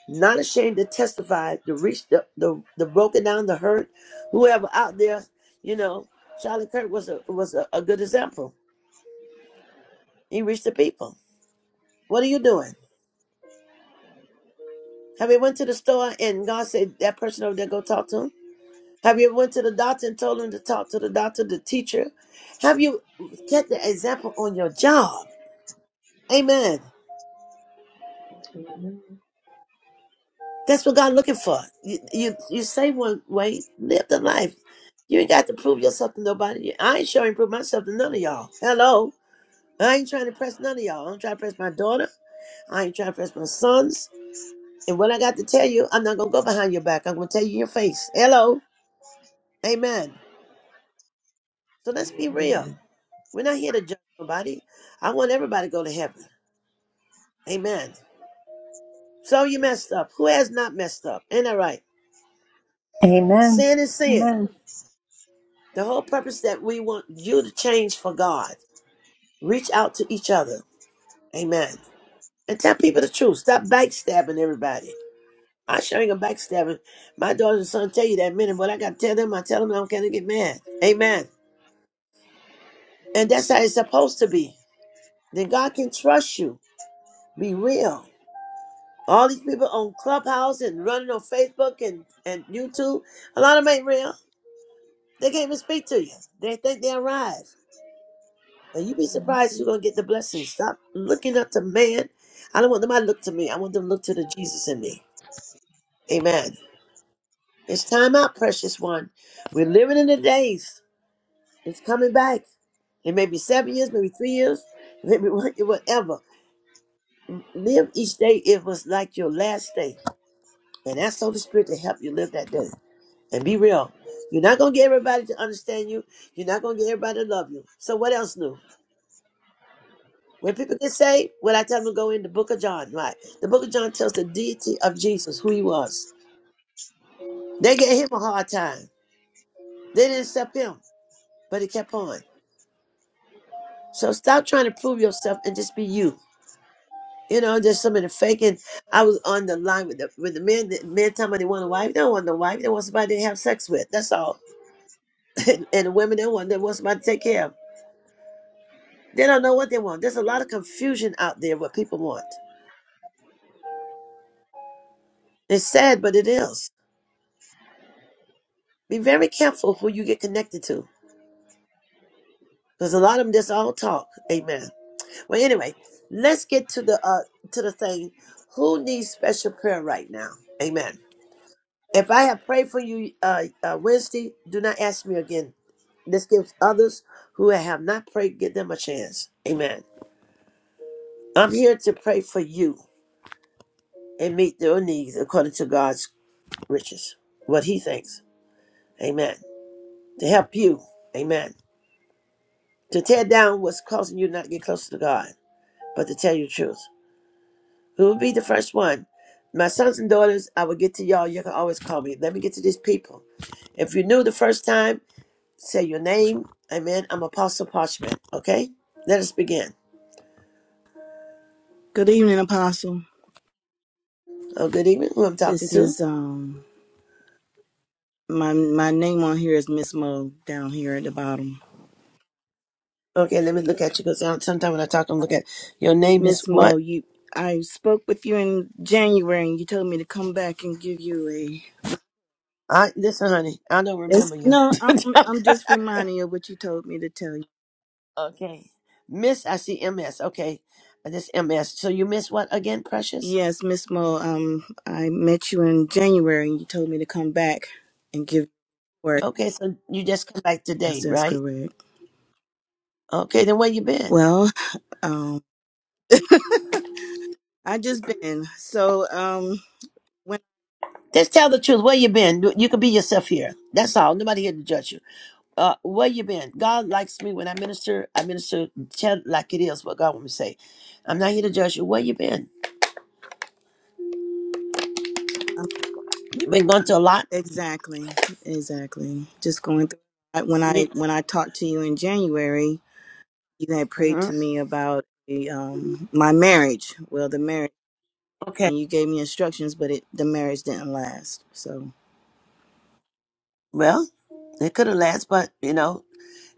S1: not ashamed to testify, to reach the, the, the broken down, the hurt, whoever out there, you know. Charlie Kirk was a was a, a good example. He reached the people. What are you doing? Have you went to the store and God said that person over there go talk to him? Have you ever went to the doctor and told him to talk to the doctor, the teacher? Have you kept the example on your job? Amen. That's what God looking for. You, you you say one way, live the life. You ain't got to prove yourself to nobody. I ain't sure ain't prove myself to none of y'all. Hello. I ain't trying to press none of y'all. I'm trying to press my daughter. I ain't trying to press my sons. And what I got to tell you, I'm not gonna go behind your back. I'm gonna tell you in your face. Hello. Amen. So let's be real. We're not here to judge nobody. I want everybody to go to heaven. Amen. So you messed up. Who has not messed up? Ain't that right?
S2: Amen.
S1: Sin is sin.
S2: Amen.
S1: The whole purpose that we want you to change for God. Reach out to each other. Amen. And tell people the truth. Stop backstabbing everybody. I sure ain't a backstabbing. My daughter and son tell you that minute, but I gotta tell them, I tell them I'm gonna get mad. Amen. And that's how it's supposed to be. Then God can trust you. Be real. All these people on Clubhouse and running on Facebook and, and YouTube, a lot of them ain't real. They can't even speak to you. They think they arrived. And you be surprised you're gonna get the blessing. Stop looking up to man. I don't want them to look to me. I want them to look to the Jesus in me. Amen. It's time out, precious one. We're living in the days. It's coming back. It may be seven years, maybe three years, maybe one- whatever. Live each day. It was like your last day. And ask the Holy Spirit to help you live that day. And be real. You're not gonna get everybody to understand you. You're not gonna get everybody to love you. So what else new? When people get saved, what I tell them to go in the book of John, right? The book of John tells the deity of Jesus who he was. They gave him a hard time. They didn't accept him, but he kept on. So stop trying to prove yourself and just be you. You know, there's some of the faking. I was on the line with the with the men. The men tell me they want a wife. They don't want no wife. They want somebody they have sex with. That's all. And, and the women they want they want somebody to take care of. They don't know what they want. There's a lot of confusion out there what people want. It's sad, but it is. Be very careful who you get connected to Because a lot of them just all talk. Amen. Well, anyway, let's get to the uh to the thing. Who needs special prayer right now? Amen. If I have prayed for you uh, uh Wednesday, do not ask me again. This gives others who have not prayed, give them a chance. Amen. I'm here to pray for you and meet your needs according to God's riches, what He thinks. Amen. To help you. Amen. To tear down what's causing you not to get closer to God, but to tell you the truth. Who will be the first one? My sons and daughters, I will get to y'all. You can always call me. Let me get to these people. If you're new the first time, say your name. Amen. I'm Apostle Parchment. Okay? Let us begin.
S11: Good evening, Apostle.
S1: Oh, good evening. Who I'm talking
S11: This
S1: to?
S11: is um my my name on here is Miss Mo down here at the bottom.
S1: Okay, let me look at you because sometimes when I talk, I'm looking at your name is
S11: Miss
S1: what?
S11: Mo, you I spoke with you in January and you told me to come back and give you a
S1: I listen, honey. I don't
S11: it's
S1: remember you.
S11: no, I'm I'm just reminding you of what you told me to tell you.
S1: okay. Miss, I see MS. Okay. This MS. So you miss what again, precious?
S11: Yes, Miss Mo, um I met you in January and you told me to come back and give you work.
S1: Okay, so you just come back
S11: Yes,
S1: today,
S11: that's
S1: right?
S11: correct.
S1: Okay, then where you been?
S11: Well, um I just been so um when
S1: Just tell the truth. Where you been? You can be yourself here. That's all. Nobody here to judge you. Uh, where you been? God likes me when I minister. I minister tell like it is what God wants me to say. I'm not here to judge you. Where you been? You been going to a lot.
S11: Exactly. Exactly. Just going through I- when I when I talked to you in January, you had prayed
S1: Mm-hmm.
S11: to me about the, um my marriage. Well, the marriage
S1: Okay.
S11: and you gave me instructions, but it the marriage didn't last. So
S1: Well, it could have last, but you know,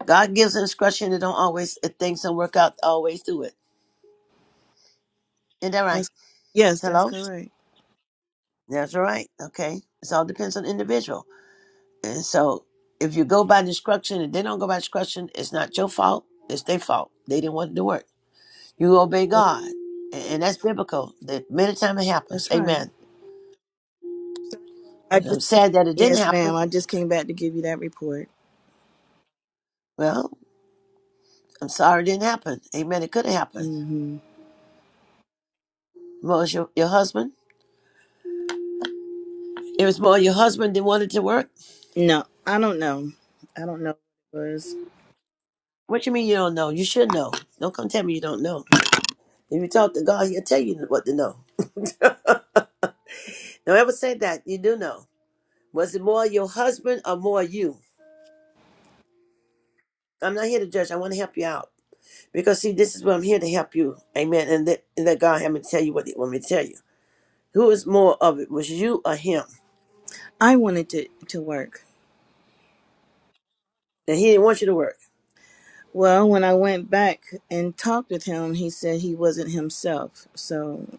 S1: God gives instruction. It don't always. If things don't work out, always do it. Isn't that right?
S11: that's yes, that's
S1: Hello.
S11: correct.
S1: That's all right. Okay. It all depends on the individual. And so if you go by the instruction and they don't go by instruction, it's not your fault. It's their fault. They didn't want to do work. You obey
S11: That's
S1: God. And, and that's biblical. That many times it happens.
S11: that's right.
S1: Amen.
S11: So I
S1: And I'm
S11: just
S1: sad that it didn't
S11: yes, ma'am.
S1: happen.
S11: I just came back to give you that report.
S1: Well, I'm sorry it didn't happen. Amen. It could have happened.
S11: hmm
S1: More your, your husband. It was more your husband that wanted to work.
S11: No, I don't know. I don't know. What it was
S1: What you mean you don't know? You should know. Don't come tell me you don't know. If you talk to God, he'll tell you what to know. Don't ever say that. You do know. Was it more your husband or more you? I'm not here to judge. I want to help you out. Because see, this is what I'm here to help you. Amen. And let, and let God have me tell you what he want me to tell you. Who is more of it? Was you or him?
S11: I wanted to to work.
S1: And he didn't want you to work.
S11: Well, when I went back and talked with him, he said he wasn't himself. So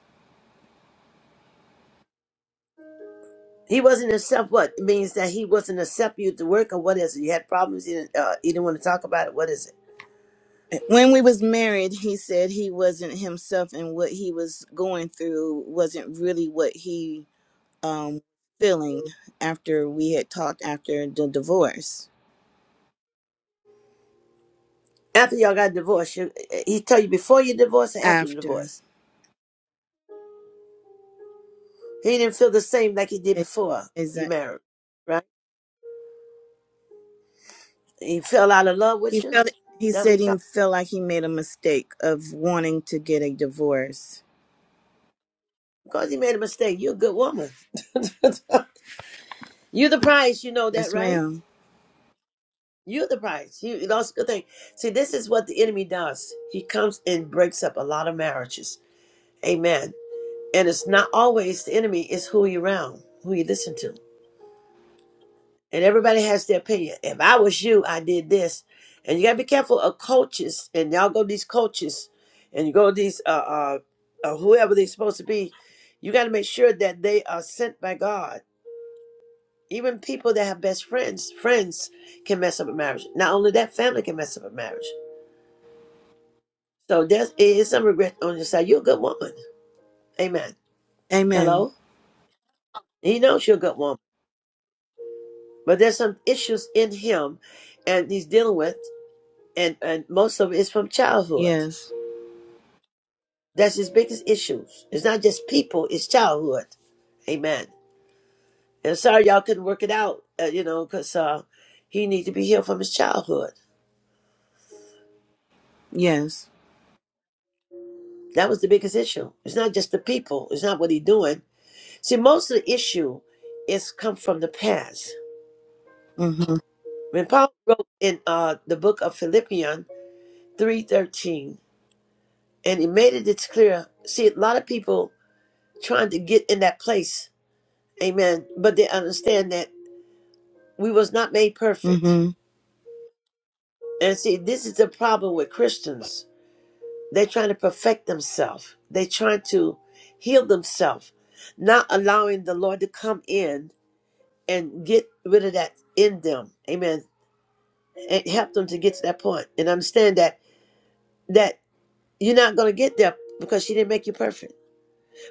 S1: He wasn't accept what? It means that he wasn't accept you to work or what is it? You had problems, you didn't, uh, you didn't want to talk about it. What is it?
S11: eh, when we was married, he said he wasn't himself and what he was going through wasn't really what he um feeling after we had talked after the divorce.
S1: After y'all got divorced, you, he tell you before you divorce and after the
S11: After
S1: divorce. He didn't feel the same like he did before you
S11: exactly.
S1: married, right? He fell out of love
S11: He
S1: with you.
S11: felt he
S1: That what
S11: said
S1: he
S11: he
S1: thought?
S11: felt like he made a mistake of wanting to get a divorce.
S1: Because he made a mistake. You're a good woman. You're the prize, you know that,
S11: Yes,
S1: right?
S11: ma'am.
S1: You're the prize. You that's a good thing. See, this is what the enemy does. He comes and breaks up a lot of marriages. Amen. And it's not always the enemy, it's who you are around, who you listen to. And everybody has their opinion. If I was you, I did this. And you gotta be careful of coaches, and y'all go to these coaches and you go to these uh uh, uh whoever they're supposed to be, you gotta make sure that they are sent by God Even people that have best friends, friends can mess up a marriage. Not only that, family can mess up a marriage. So there's it is some regret on your side. You're a good woman. Amen.
S11: Amen.
S1: Hello? He knows you're a good woman. But there's some issues in him and he's dealing with and, and most of it is from childhood.
S11: Yes.
S1: That's his biggest issues. It's not just people, it's childhood. Amen. And I'm sorry y'all couldn't work it out, uh, you know, because uh, he needs to be healed from his childhood.
S11: Yes.
S1: That was the biggest issue. It's not just the people. It's not what he's doing. See, most of the issue is come from the past.
S11: Mhm.
S1: When Paul wrote in uh, the book of Philippians three thirteen, and he made it it's clear. See, a lot of people trying to get in that place, amen. But they understand that we was not made perfect.
S11: Mhm.
S1: And see, this is the problem with Christians. They're trying to perfect themselves. They're trying to heal themselves, not allowing the Lord to come in and get rid of that in them. Amen it helped them to get to that point and understand that that you're not going to get there because she didn't make you perfect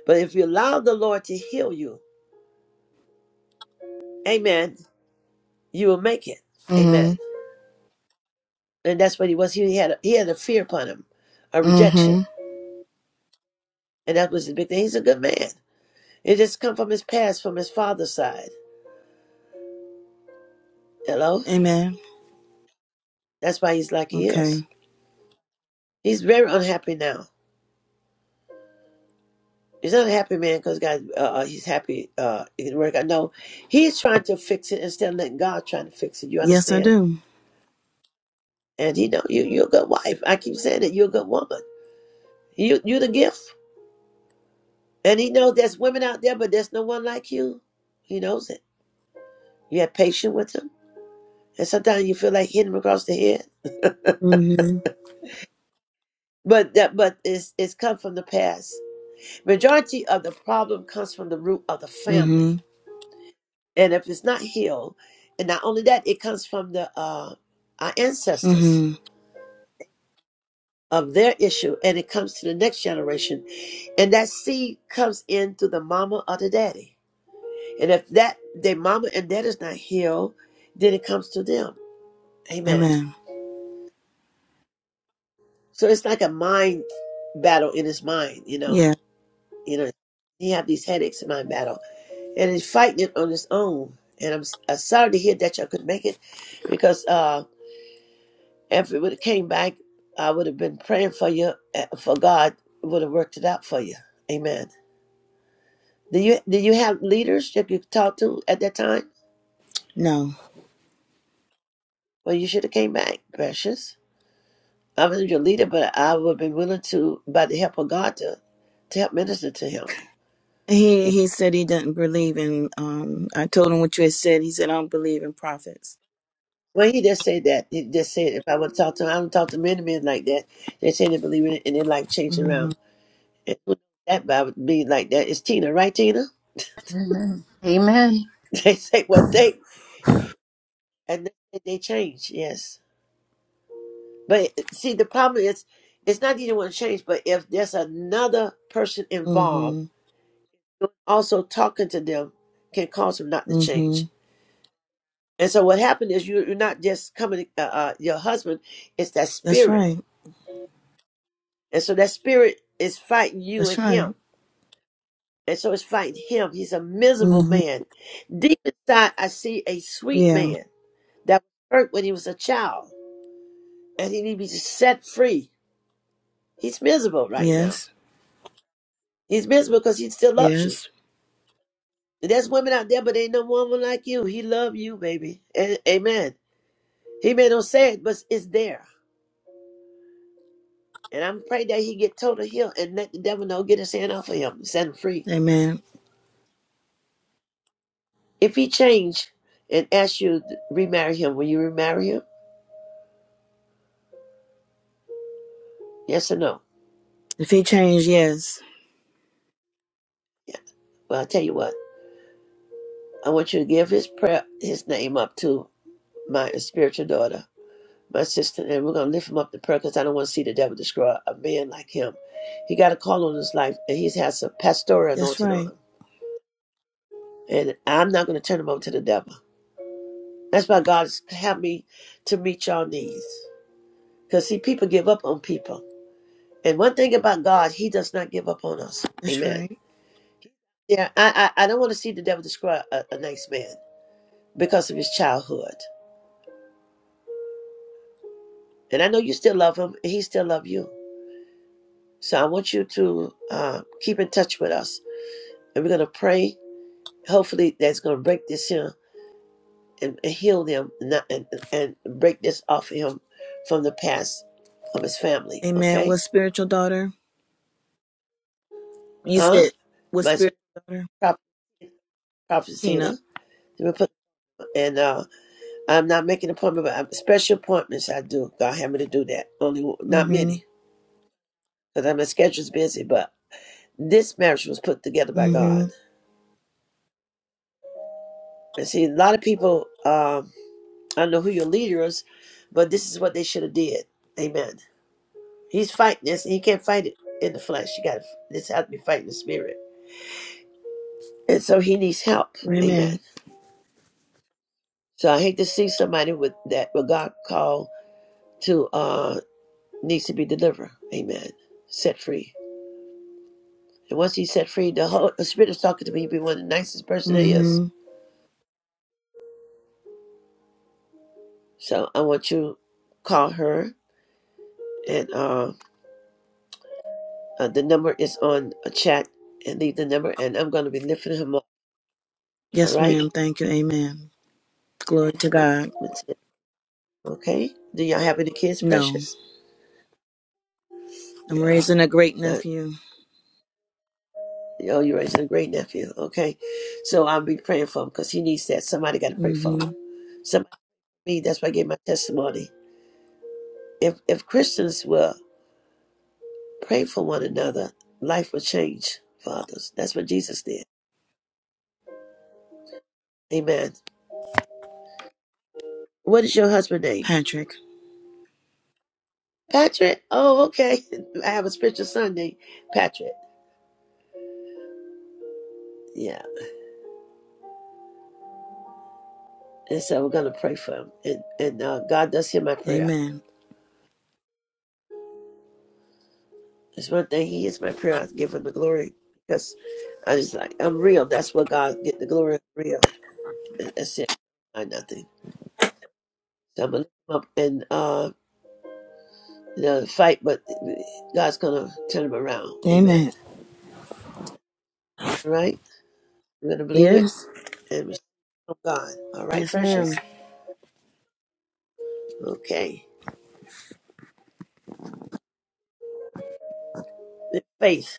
S1: but if you allow the lord to heal you amen you will make it
S11: Mhm.
S1: amen and that's what he was he had a, he had a fear upon him a rejection
S11: Mm-hmm.
S1: and that was the big thing he's a good man it just come from his past from his father's side hello
S11: Amen.
S1: that's why he's like he
S11: Okay.
S1: is he's very unhappy now he's not a happy man because god uh, uh, he's happy uh it can work out no he's trying to fix it instead of letting god trying to fix it you
S11: Yes, I
S1: understand
S11: do.
S1: And he know you you're a good wife. I keep saying that you're a good woman. You you the gift. And he knows there's women out there, but there's no one like you. He knows it. You have patience with him. And sometimes you feel like hitting him across the head.
S11: Mm-hmm.
S1: But that but it's it's come from the past. Majority of the problem comes from the root of the
S11: Mm-hmm.
S1: family. And if it's not healed, and not only that, it comes from the uh our ancestors
S11: Mm-hmm.
S1: of their issue and it comes to the next generation. And that seed comes in through the mama or the daddy. And if that their mama and dad is not healed, then it comes to them. Amen.
S11: Amen.
S1: So it's like a mind battle in his mind, you know.
S11: Yeah.
S1: You know, he have these headaches in mind battle, and he's fighting it on his own. And I'm, s- I'm sorry to hear that y'all couldn't make it, because uh, if it would have came back, I would have been praying for you, uh, for God would have worked it out for you. Amen. Do you do you have leaders that you could talk to at that time?
S11: No.
S1: Well, you should have came back, precious. I wasn't your leader, but I would have been willing to, by the help of God, to, to help minister to him.
S11: He he said he doesn't believe in um I told him what you had said. He said I don't believe in prophets.
S1: Well, he just said that. He just said, if I would talk to him, I don't talk to many men like that. They say they believe in it and they like changing
S11: Mm-hmm.
S1: around. And who knows that by being like that. It's Tina, right, Tina?
S2: Amen. Amen.
S1: They say what they, and then they change, yes. But see, the problem is, it's not that you don't want to change, but if there's another person involved,
S11: Mm-hmm.
S1: also talking to them can cause them not to
S11: Mm-hmm.
S1: change. And so what happened is you, you're not just coming, uh, uh, your husband, it's that
S11: That's
S1: spirit.
S11: right.
S1: And so that spirit is fighting you
S11: That's
S1: and
S11: right.
S1: him. And so it's fighting him. He's a miserable
S11: Mm-hmm.
S1: man. Deep inside, I see a sweet
S11: Yeah.
S1: man that was hurt when he was a child and he needs to be set free. He's miserable right now.
S11: Yes.
S1: He's miserable because he still loves you.
S11: Yes.
S1: And there's women out there, but ain't no woman like you. He love you, baby. And, amen. He may not say it, but it's there. And I'm afraid that he get total healed and let the devil know, get his hand off of him, and set him free.
S11: Amen.
S1: If he change and ask you to remarry him, will you remarry him? Yes or no?
S11: If he changed, yes.
S1: Yeah. Well, I'll tell you what. I want you to give his prayer, his name up to my spiritual daughter, my sister, and we're going to lift him up to prayer because I don't want to see the devil destroy a man like him. He got a call on his life, and he's has a pastoral
S11: That's
S1: anointing on
S11: right.
S1: him. And I'm not going to turn him over to the devil. That's why God's helped me to meet y'all needs. Because, see, people give up on people. And one thing about God, He does not give up on us.
S11: That's
S1: Amen.
S11: right.
S1: Yeah, I I, I don't want to see the devil describe a, a nice man because of his childhood. And I know you still love him, and he still love you. So I want you to uh, keep in touch with us, and we're gonna pray. Hopefully, that's gonna break this here and, and heal them, and, and and break this off of him from the past of his family.
S11: Amen.
S1: Okay?
S11: What spiritual daughter? You
S1: Huh?
S11: said what
S1: My
S11: spiritual daughter?
S1: prophet, prophet
S11: Tina.
S1: Tina, and uh, I'm not making appointment, but i special appointments I do. God had me to do that. Only one- not
S11: Mm-hmm.
S1: many, because my schedule's busy. But this marriage was put together by
S11: hmm
S1: God. And see, a lot of people, um, I don't know who your leader is, but this is what they should have did. Amen. He's fighting this, and he can't fight it in the flesh. You got to this has to be fighting the spirit, and so he needs help. Amen.
S11: Amen.
S1: So I hate to see somebody with that what God called to uh needs to be delivered. Amen. Set free. And once he's set free, the whole the spirit is talking to me. He'd be one of the nicest person there is.
S11: hmm
S1: So I want you to call her, and uh, uh, the number is on a chat. And leave the number, and I'm gonna be lifting him up. All
S11: Yes,
S1: right,
S11: ma'am. Thank you. Amen. Glory to God.
S1: That's it. okay. Do y'all have any kids,
S11: No,
S1: precious?
S11: I'm
S1: Yeah.
S11: raising a great
S1: Uh,
S11: nephew.
S1: oh, you're raising a great nephew. Okay, so I'll be praying for him because he needs that. Somebody got to pray for
S11: hmm
S1: him. Somebody. Me. That's why I gave my testimony. If if Christians will pray for one another, life will change. Fathers. That's what Jesus did. Amen. What is your husband's name?
S11: Patrick.
S1: Patrick. Oh, okay. I have a spiritual son named Patrick. Yeah. And so we're going to pray for him. And, and uh, God does hear my prayer.
S11: Amen.
S1: It's one thing. He hears my prayer. I give him the glory because I just like, I'm real. That's what God get the glory. I'm real. And That's it. I nothing. So I'm going to lift up and uh, you know, fight, but God's going to turn him around.
S11: Amen.
S1: Amen. All right? I'm going to believe it
S11: Yes.
S1: and receive it from God. All right,
S11: Yes, ma'am.
S1: precious? Okay. faith.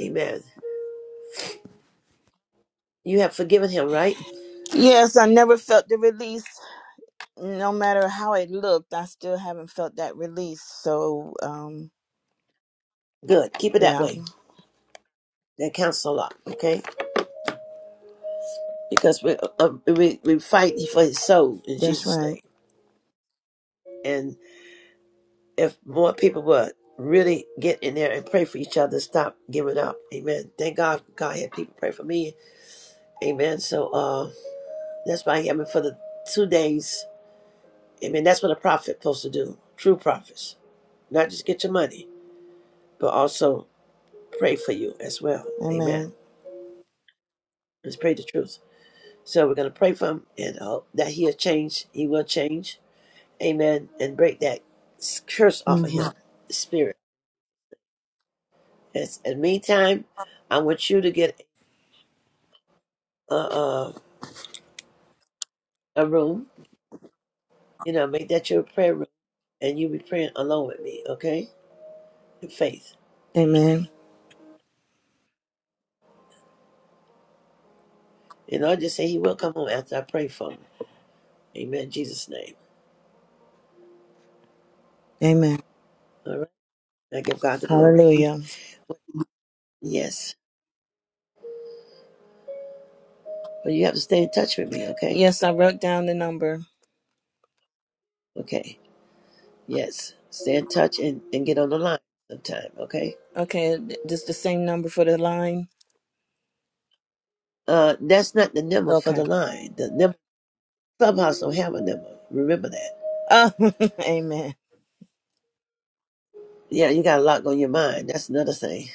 S1: Amen. You have forgiven him, right?
S11: Yes, I never felt the release. No matter how it looked, I still haven't felt that release. So, um,
S1: Good. Keep it that
S11: yeah,
S1: way. That counts a lot, okay? Because we um, we we fight for his soul in
S11: that's
S1: Jesus'
S11: right.
S1: name. And if more people would really get in there and pray for each other, stop giving up. Amen. Thank God. God had people pray for me. Amen. So uh, that's why I am for the two days. Amen. That's what a prophet supposed to do. True prophets, not just get your money, but also pray for you as well. Amen.
S11: Amen.
S1: Let's pray the truth. So we're going to pray for him and hope that he'll change. He will change. Amen. And break that curse off of
S11: hmm
S1: him, the spirit. Yes. In the meantime, I want you to get a, a, a room, you know, make that your prayer room and you be praying along with me, okay? In faith.
S11: Amen.
S1: And I'll just say he will come home after I pray for him. Amen. In Jesus' name.
S11: Amen.
S1: All right. I give God the glory.
S11: Hallelujah.
S1: Yes. But you have to stay in touch with me, okay?
S11: Yes, I wrote down the number.
S1: Okay. Yes. Stay in touch and, and get on the line sometime, okay?
S11: Okay, th- this the same number for the line.
S1: Uh, that's not the number for
S11: Okay.
S1: the line. The number clubhouse don't have a number. Remember that.
S11: Oh, amen.
S1: Yeah, you got a lot on your mind. That's another thing.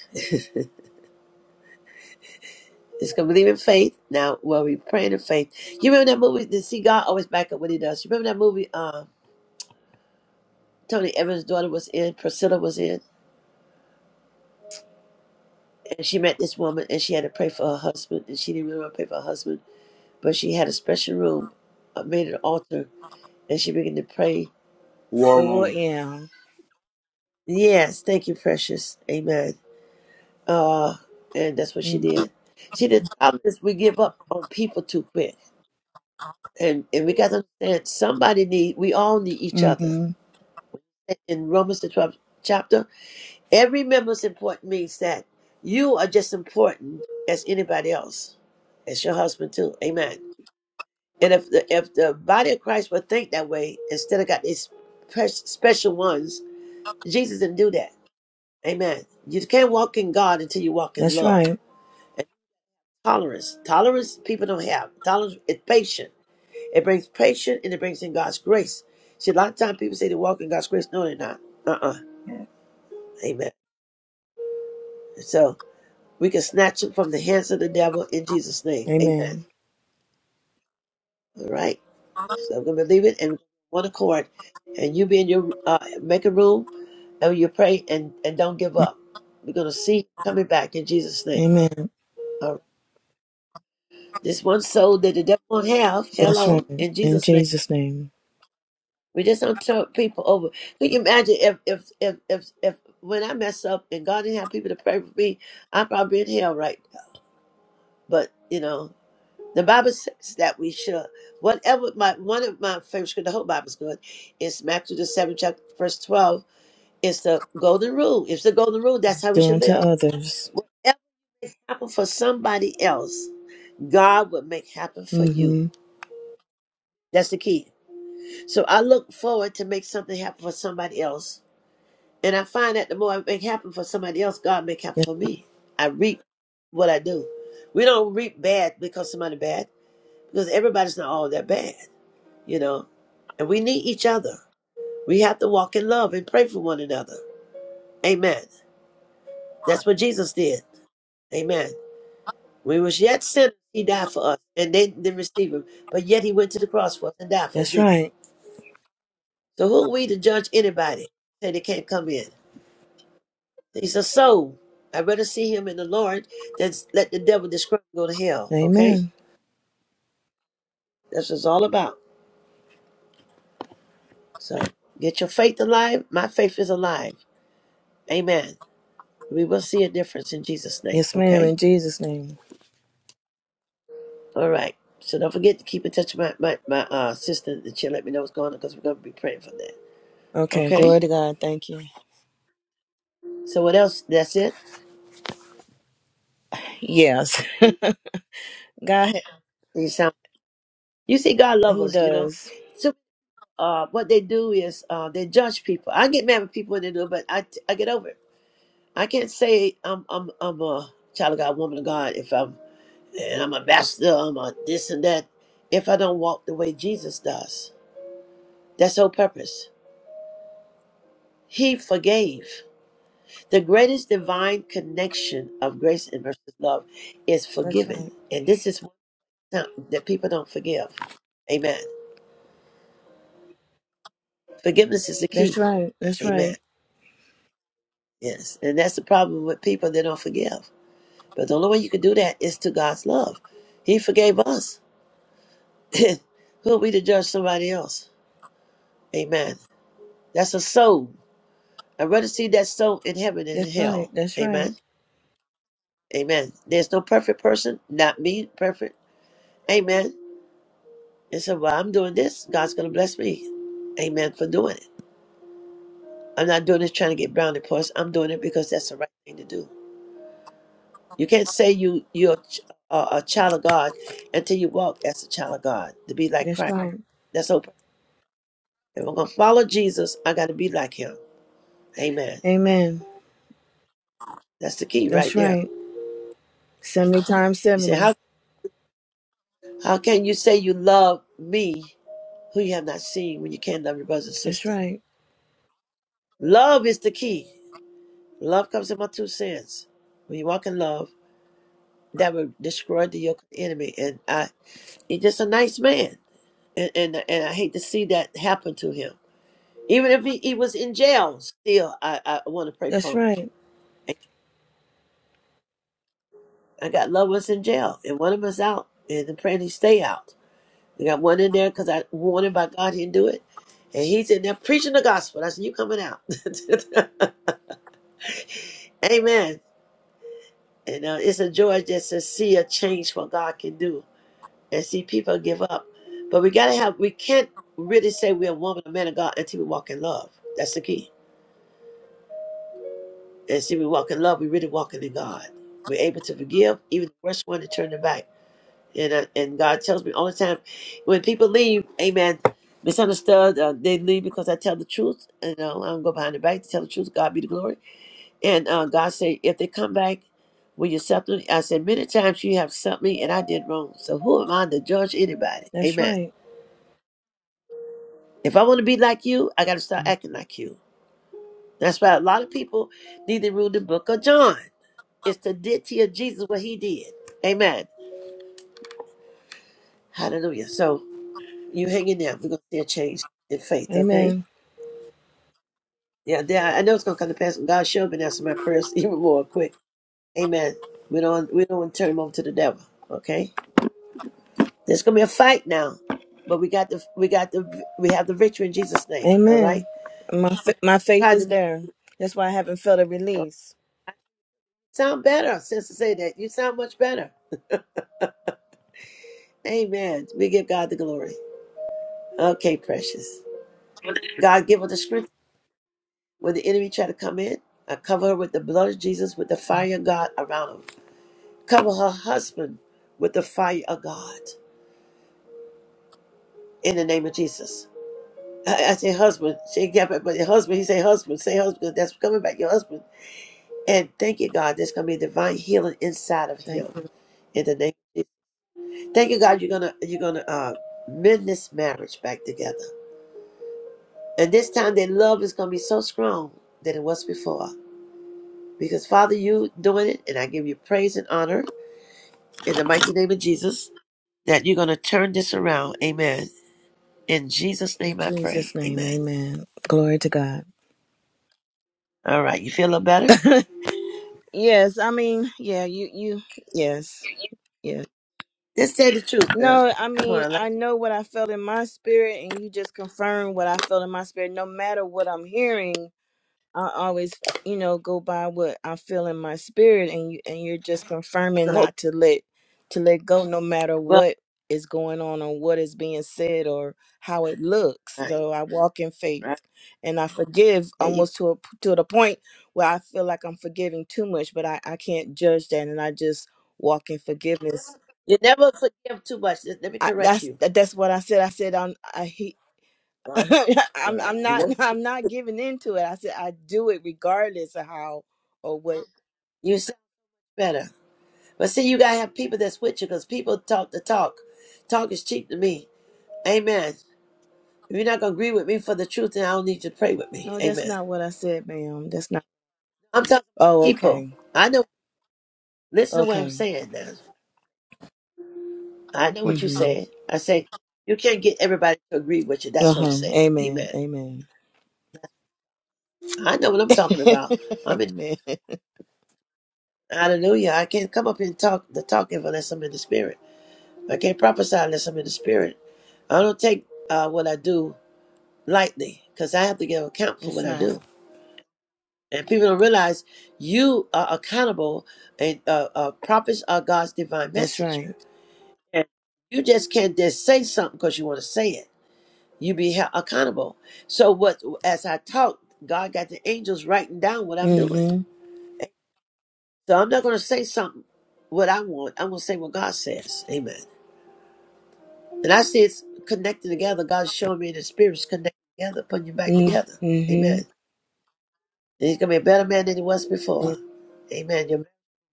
S1: It's gonna believe in faith. Now, well, we praying in faith. You remember that movie? The see God always back up what He does. You remember that movie? Uh, Tony Evans' daughter was in. Priscilla was in, and she met this woman, and she had to pray for her husband, and she didn't really want to pray for her husband, but she had a special room, uh, made an altar, and she began to pray.
S3: War
S11: The word,
S3: room.
S11: yeah.
S1: Yes, thank you, precious. Amen. Uh, and that's what she
S11: Mm,
S1: did. She did. I'm just. we give up on people too quick, and and we got to understand somebody need. We all need each other.
S11: Mm-hmm.
S1: In Romans the twelfth chapter, every member is important means that you are just important as anybody else, as your husband too. Amen. And if the if the body of Christ would think that way instead of got these pre- special ones, Jesus didn't do that. Amen. You can't walk in God until you walk in
S11: That's
S1: love.
S11: right.
S1: tolerance. Tolerance people don't have. Tolerance is patient. It brings patience and it brings in God's grace. See, a lot of times people say they walk in God's grace. No, they're not. Uh-uh. Amen. So we can snatch them from the hands of the devil in Jesus' name. Amen.
S11: Amen.
S1: All right. So I'm gonna believe it and one accord. And you be in your uh, make a room and you pray and, and don't give up. We're gonna see coming back in Jesus' name.
S11: Amen.
S1: All right. This one soul that the devil won't have,
S11: That's right.
S1: hello, in
S11: In
S1: Jesus' name.
S11: Jesus' name.
S1: We just don't turn people over. Can you imagine if if if if if when I mess up and God didn't have people to pray for me, I'd probably be in hell right now. But you know, the Bible says that we should. Whatever my one of my favorite scripture, the whole Bible's good, is Matthew the seventh chapter verse twelve. It's the golden rule. It's the golden rule. That's how we
S11: Doing
S1: should
S11: to
S1: live.
S11: others.
S1: Whatever happen for somebody else, God will make happen for you.
S11: Mm-hmm.
S1: That's the key. So I look forward to make something happen for somebody else And I find that the more I make happen for somebody else, God make happen for me. I reap what I do. We don't reap bad because somebody bad, because everybody's not all that bad, you know. And we need each other. We have to walk in love and pray for one another. Amen. That's what Jesus did. Amen. We was yet sinners, he died for us, and they didn't receive him. But yet he went to the cross for us and died for us,
S11: That's
S1: didn't he?
S11: right.
S1: So who are we to judge anybody? Say they can't come in. He's a soul. I'd rather see him in the Lord than let the devil describe go to hell. Okay?
S11: Amen.
S1: That's what it's all about. So get your faith alive. My faith is alive. Amen. We will see a difference in Jesus' name.
S11: Yes, ma'am. In
S1: Okay?
S11: Jesus' name.
S1: All right. So don't forget to keep in touch with my, my, my uh, sister and she'll let me know what's going on because we're going to be praying for that.
S11: Okay.
S1: Okay?
S11: Glory to God. Thank you.
S1: So what else? That's it?
S11: Yes. God,
S1: You sound, you see God loves
S11: He
S1: us, you know.
S11: does.
S1: So, uh, what they do is uh, they judge people. I get mad with people when they do it, but I, I get over it. I can't say I'm I'm I'm a child of God, woman of God, if I'm and I'm a master, I'm a this and that, if I don't walk the way Jesus does. That's the whole purpose. He forgave. The greatest divine connection of grace and mercy and love is
S11: That's
S1: forgiving.
S11: right.
S1: And this is one time that people don't forgive. Amen. Forgiveness is the
S11: That's
S1: key.
S11: right. That's
S1: Amen.
S11: right.
S1: Yes. And that's the problem with people, they don't forgive. But the only way you can do that is to God's love. He forgave us. Who are we to judge somebody else? Amen. That's a soul. I'd rather see that soul in heaven than
S11: That's
S1: in
S11: right.
S1: hell.
S11: That's right.
S1: Amen. Amen. There's no perfect person, not me perfect. Amen. And so while I'm doing this, God's going to bless me. Amen for doing it. I'm not doing this trying to get brownie points. I'm doing it because that's the right thing to do. You can't say you, you're a, ch- a a child of God until you walk as a child of God to be like
S11: That's
S1: Christ.
S11: right.
S1: That's the whole. purpose. If I'm going to follow Jesus, I got to be like him. Amen.
S11: Amen.
S1: That's the key
S11: That's
S1: right there.
S11: right. 70 times
S1: He said,
S11: 70.
S1: how, how can you say you love me who you have not seen when you can't love your brother and
S11: That's
S1: sister?
S11: right.
S1: Love is the key. Love comes in my two cents. When you walk in love, that will destroy the yoke of the enemy. And I, he's just a nice man. And, and and I hate to see that happen to him. Even if he, he was in jail, still, I, I want to pray
S11: That's
S1: for him.
S11: right.
S1: I got loved ones in jail, and one of them is out, and I'm praying he stay out. They got one in there because I warned him by God he didn't do it. And he's in there preaching the gospel. I said, You coming out. Amen. And uh, it's a joy just to see a change what God can do and see people give up. But we got to have, we can't really say we're a woman, a man of God until we walk in love. That's the key. And see, we walk in love, we really walking in God. We're able to forgive, even the worst one to turn their back. And, uh, and God tells me all the time when people leave, amen, misunderstood, uh, they leave because I tell the truth. You know, I don't go behind the back to tell the truth. God be the glory. And uh, God say, if they come back, will you accept them? I said, many times you have accepted me and I did wrong. So who am I to judge anybody?
S11: That's
S1: Amen.
S11: right.
S1: If I want to be like you, I got to start acting like you. That's why a lot of people need to read the book of John. It's the deity of Jesus, what he did. Amen. Hallelujah. So you hang in there. We're going to see a change in faith, okay?
S11: Amen.
S1: Yeah, yeah, I know it's gonna come to pass. God showed me answering my prayers even more quick. Amen. We don't we don't want to turn him over to the devil. Okay? There's gonna be a fight now. But we got the we got the we have the victory in Jesus' name. All right?
S11: Amen. My fa- my faith
S1: Try to
S11: is there. That's why I haven't felt a
S1: make
S11: release.
S1: sound better since to say that. You sound much better. Amen. We give God the glory. Okay, precious. God give her the strength when the enemy try to come in. I cover her with the blood of Jesus, with the fire of God around her. Cover her husband with the fire of God in the name of Jesus. I, I said husband. She kept it, but the husband, he said husband, say husband. that's coming back, your husband. And thank you, God, there's gonna be a divine healing inside of
S11: Thank
S1: him
S11: you.
S1: in the name of Jesus. Thank you, God, you're gonna you're gonna uh mend this marriage back together. And this time their love is gonna be so strong than it was before. Because Father, you doing it, and I give you praise and honor in the mighty name of Jesus, that you're gonna turn this around. Amen. In Jesus'
S11: In
S1: name I
S11: Jesus'
S1: pray.
S11: name,
S1: Amen.
S11: amen. Glory to God.
S1: All right, you feel a little better?
S11: yes, I mean, yeah, you you yes. Yes.
S1: Just say the truth now.
S11: No, I
S1: Come
S11: mean,
S1: on,
S11: I
S1: like
S11: know what I felt in my spirit and you just confirmed what I felt in my spirit no matter what I'm hearing. I always, you know, go by what I feel in my spirit, and you and you're just confirming
S1: the
S11: not to let to let go, no matter
S1: Well,
S11: what is going on or what is being said or how it looks.
S1: right,
S11: So I walk in faith,
S1: right.
S11: and I forgive
S1: There you go.
S11: almost to a, to the point where I feel like I'm forgiving too much, but I I can't judge that, and I just walk in forgiveness.
S1: You never forgive too much. Let let me
S11: I,
S1: correct
S11: that's
S1: you.
S11: that's what I said. I said I'm, I he-
S1: All right, all
S11: I'm
S1: right.
S11: I'm
S1: You
S11: not
S1: know,
S11: I'm not giving into it. I said I do it regardless of how or what.
S1: you sound better. But see, you gotta have people that's with you because people talk the talk. Talk is cheap to me. Amen. If you're not gonna agree with me for the truth, then I don't need you to pray with me.
S11: No, that's
S1: Amen.
S11: not what I said, ma'am. That's not.
S1: I'm talking about
S11: Oh,
S1: people.
S11: okay,
S1: I know. Listen to what I'm
S11: okay.
S1: saying now. I know what you're
S11: Mm-hmm.
S1: saying. I say you can't get everybody to agree with you.
S11: Uh
S1: That's what I'm
S11: huh.
S1: saying.
S11: Amen.
S1: Amen.
S11: Amen.
S1: I know what I'm talking about. I'm in.
S11: Amen.
S1: Hallelujah. I can't come up here and talk the talk unless I'm in the spirit. I can't prophesy unless I'm in the spirit. I don't take uh, what I do lightly because I have to give account for
S11: That's
S1: what I
S11: right.
S1: do. And people don't realize you are accountable and uh, uh, prophets are God's divine
S11: That's
S1: messenger.
S11: right.
S1: And you just can't just say something because you want to say it. You be held accountable. So what? as I talk, God got the angels writing down what I'm doing.
S11: Mm-hmm.
S1: So I'm not going to say something what I want. I'm going to say what God says. Amen. And I see it's connecting together. God's showing me the spirits connecting together, putting you back
S11: Mm,
S1: together. Amen.
S11: Mm-hmm.
S1: And he's going to be a better man than he was before. Amen. You're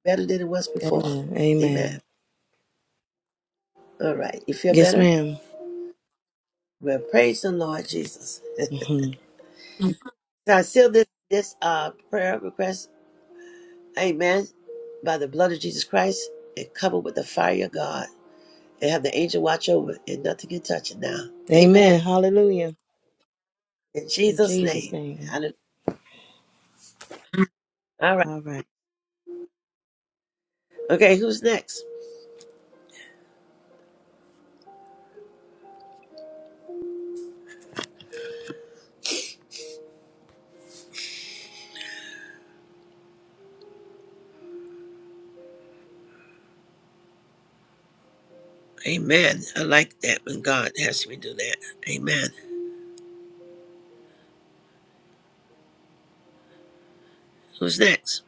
S1: better than it was before.
S11: Amen.
S1: Amen.
S11: Amen.
S1: All right. You feel
S11: Yes,
S1: better?
S11: ma'am.
S1: Well, praise the Lord Jesus. so
S11: Mm-hmm.
S1: I seal this, this uh, prayer request. Amen. By the blood of Jesus Christ and covered with the fire of God. And have the angel watch over it and nothing can touch it now. Amen.
S11: Amen. Hallelujah.
S1: In
S11: In
S1: Jesus'
S11: Jesus'
S1: name.
S11: name.
S1: Hallelujah. All right.
S11: All right.
S1: Okay, who's next? Amen. I like that when God has me do that. Amen. Who's next?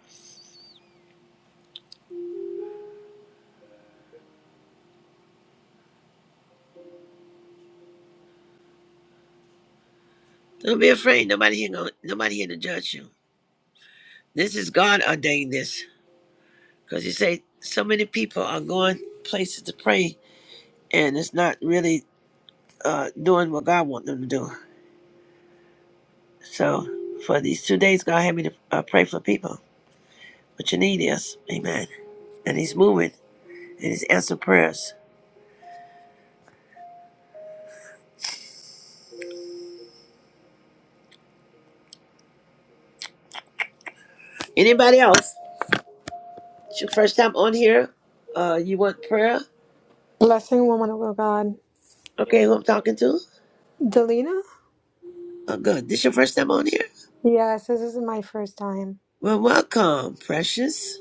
S1: Don't be afraid. Nobody here. Gonna, nobody here to judge you. This is God ordained this because He say so many people are going places to pray and it's not really uh, doing what God wants them to do. So for these two days, God had me to uh, pray for people. What you need is, Amen. And He's moving and He's answering prayers. Anybody else? It's your first time on here. Uh, you want prayer?
S12: Blessing woman of God.
S1: Okay, who I'm talking to?
S12: Delina?
S1: Oh, good. This your first time on here?
S12: Yes, this is my first time.
S1: Well, welcome, precious.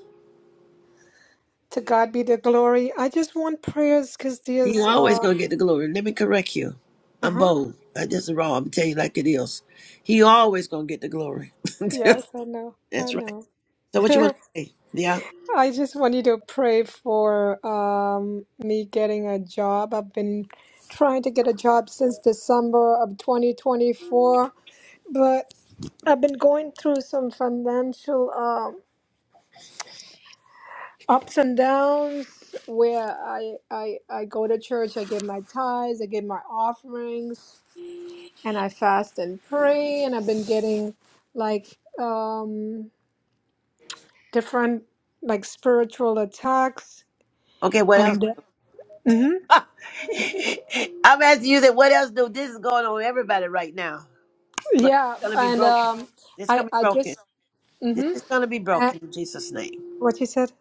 S12: To God be the glory. I just want prayers because
S1: You
S12: there's
S1: always gonna
S12: um
S1: get the glory. Let me correct you. I'm
S12: uh-huh.
S1: bold. I just raw. I'm tell you like it is. He always gonna get the glory.
S12: Yes, I know. I
S1: That's right.
S12: know.
S1: So what you want to say? Yeah.
S12: I just want you to pray for um me getting a job. I've been trying to get a job since December of 2024, but I've been going through some financial um ups and downs where I, I I go to church, I give my tithes, I give my offerings, and I fast and pray. And I've been getting like um, different like spiritual attacks.
S1: Okay. What else?
S12: And uh, mm-hmm,
S1: I'm asking you that. What else do this is going on with everybody right now? But
S12: yeah,
S1: it's gonna be
S12: and
S1: broken.
S12: um,
S1: This
S12: I
S1: gonna be
S12: I
S1: broken.
S12: just
S1: This
S12: mm-hmm,
S1: is gonna be
S12: and
S1: broken in Jesus' name.
S12: what you said.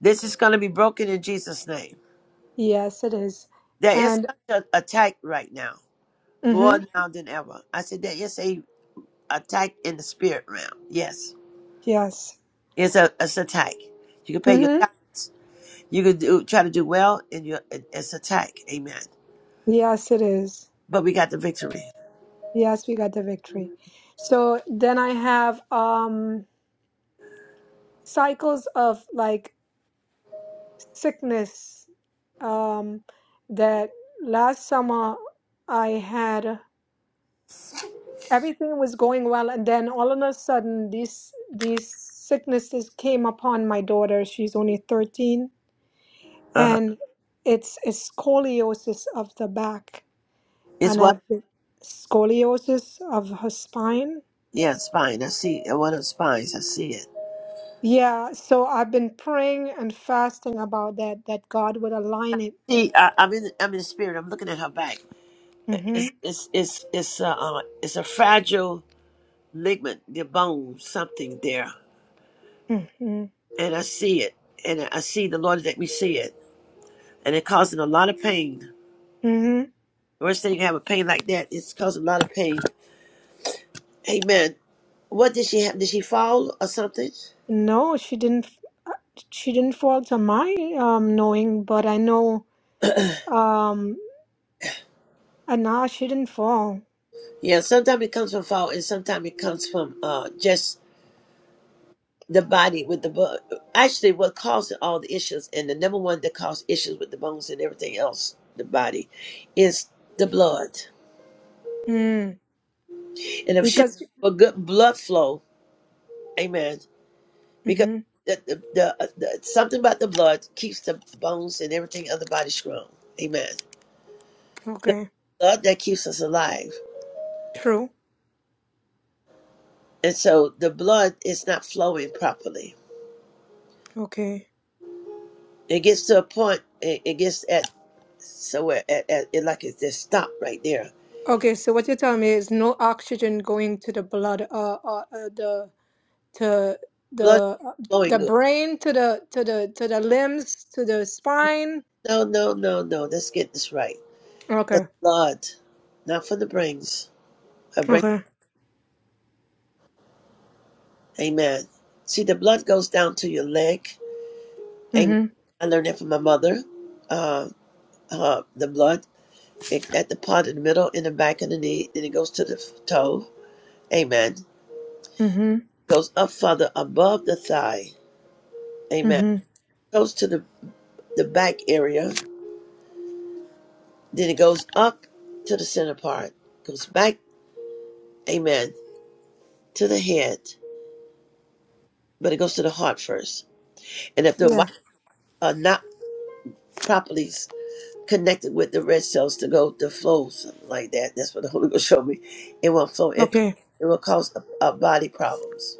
S1: This is gonna be broken in Jesus' name.
S12: Yes, it is.
S1: There is
S12: And
S1: such an attack right now.
S12: mm-hmm,
S1: more now than ever. I said that it's a attack in the spirit realm. Yes,
S12: yes,
S1: it's a it's an attack. You can pay your
S12: mm-hmm,
S1: tithes. You can do, try to do well, and you it's attack. Amen.
S12: yes, it is.
S1: But we got the victory.
S12: Yes, we got the victory. So then I have um cycles of like sickness um, that last summer I had everything was going well and then all of a sudden these these sicknesses came upon my daughter she's only 13
S1: Uh-huh.
S12: and it's a scoliosis of the back
S1: It's
S12: and
S1: what?
S12: a scoliosis of her spine
S1: Yeah, spine. I see it. One of the spines. I see it.
S12: yeah so I've been praying and fasting about that that God would align it
S1: See, I, I'm in. I'm in the spirit. I'm looking at her back.
S12: Mm
S1: It's it's it's it's a uh, uh, it's a fragile ligament, the bone, something there,
S12: mhm Mm
S1: and I see it, and I see the Lord let me see it, and it causing a lot of pain
S12: mhm
S1: First thing you have a pain like that, it's caused a lot of pain. Amen. What did she have? Did she fall or something?
S12: No, she didn't. She didn't fall to my um knowing, but I know um and nah, she didn't fall.
S1: Yeah, sometimes it comes from fall, and sometimes it comes from uh, just the body with the bone. Actually, what causes all the issues, and the number one that causes issues with the bones and everything else, the body, is the blood.
S12: Mm,
S1: And if she don't
S12: because
S1: have a good blood flow, amen, because
S12: mm-hmm,
S1: the, the, the, uh, the something about the blood keeps the bones and everything of the body strong. Amen. the
S12: okay,
S1: blood that keeps us alive.
S12: true.
S1: And so the blood is not flowing properly.
S12: Okay,
S1: It gets to a point, it, it gets at, so at, at, at- it like it's just stopped right there.
S12: okay. So what you're telling me is no oxygen going to the blood, uh, uh, uh the to
S1: Blood
S12: the uh,
S1: flowing
S12: the
S1: good.
S12: brain to the to the to the limbs to the spine.
S1: No, no, no, no. Let's get this right. The
S12: Okay,
S1: blood, not from the brains. A brain.
S12: okay.
S1: Amen. See, the blood goes down to your leg. Amen.
S12: Mm-hmm,
S1: I learned that from my mother. Uh, uh, the blood it, at the part in the middle, in the back of the knee, then it goes to the f- toe. Amen
S12: mm-hmm,
S1: goes up further above the thigh. Amen.
S12: mm-hmm.
S1: Goes to the, the back area. Then it goes up to the center part. Goes back, amen, to the head. But it goes to the heart first. And if the
S12: Yeah.
S1: white are not properly connected with the red cells to go to flow, something like that, that's what the Holy Ghost showed me. It won't flow. It,
S12: Okay.
S1: it will cause uh, body problems.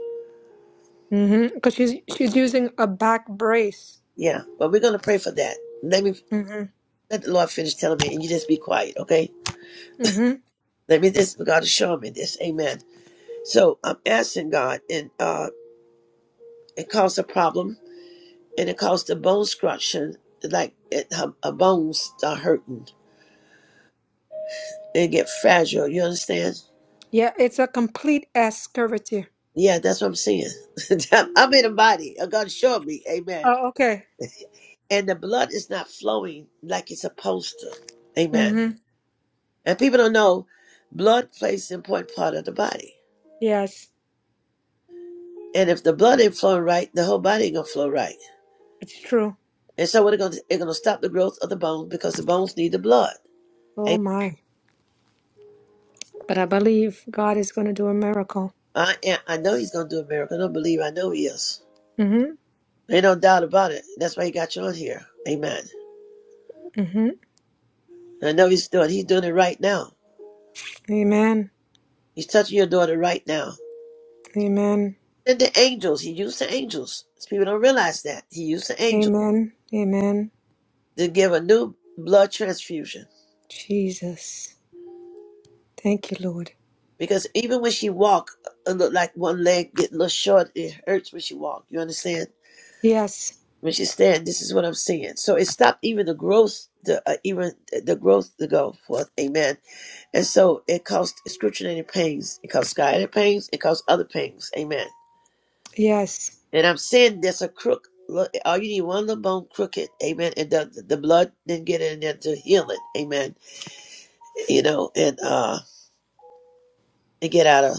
S12: Mm-hmm. Because she's she's using a back brace.
S1: Yeah. But we're going to pray for that. Let me
S12: Mm-hmm.
S1: let the Lord finish telling me, and you just be quiet, okay?
S12: Mm-hmm.
S1: Let me this, God is showing me this. Amen. So I'm asking God, and uh, it caused a problem, and it caused the bone structure, like it, her, her bones are hurting. They get fragile. You understand?
S12: Yeah, it's a complete S curvature.
S1: Yeah, that's what I'm seeing. I'm in a body. Uh, God showed me. Amen.
S12: Oh, okay.
S1: And the blood is not flowing like it's supposed to. Amen.
S12: Mm-hmm.
S1: And people don't know, blood plays an important part of the body.
S12: Yes,
S1: And if the blood ain't flowing right, the whole body ain't gonna flow right.
S12: it's true.
S1: And so what it gonna it's gonna stop the growth of the bone because the bones need the blood.
S12: Oh my. But I believe God is going to do a miracle.
S1: I am, I know he's going to do a miracle. I don't believe I know he is.
S12: Mm-hmm.
S1: Ain't no doubt about it. That's why he got you on here. Amen.
S12: Mm-hmm.
S1: And I know he's doing he's doing it right now.
S12: Amen.
S1: He's touching your daughter right now.
S12: Amen.
S1: And the angels, he used the angels. People don't realize that. He used the angels
S12: Amen. Amen.
S1: to give a new blood transfusion.
S12: Jesus. Thank you, Lord.
S1: Because even when she walked, it look like one leg get a little short. It hurts when she walked. You understand?
S12: Yes.
S1: when she stand, this is what I'm saying. So it stopped even the growth, the uh, even the growth to go forth. Amen. And so it caused excruciating pains. It caused sciatic pains. It caused other pains. Amen.
S12: Yes.
S1: And I'm saying there's a crook. Look, all you need one little bone crooked. Amen. And the, the blood didn't get in there to heal it. Amen. You know, and uh, and get out of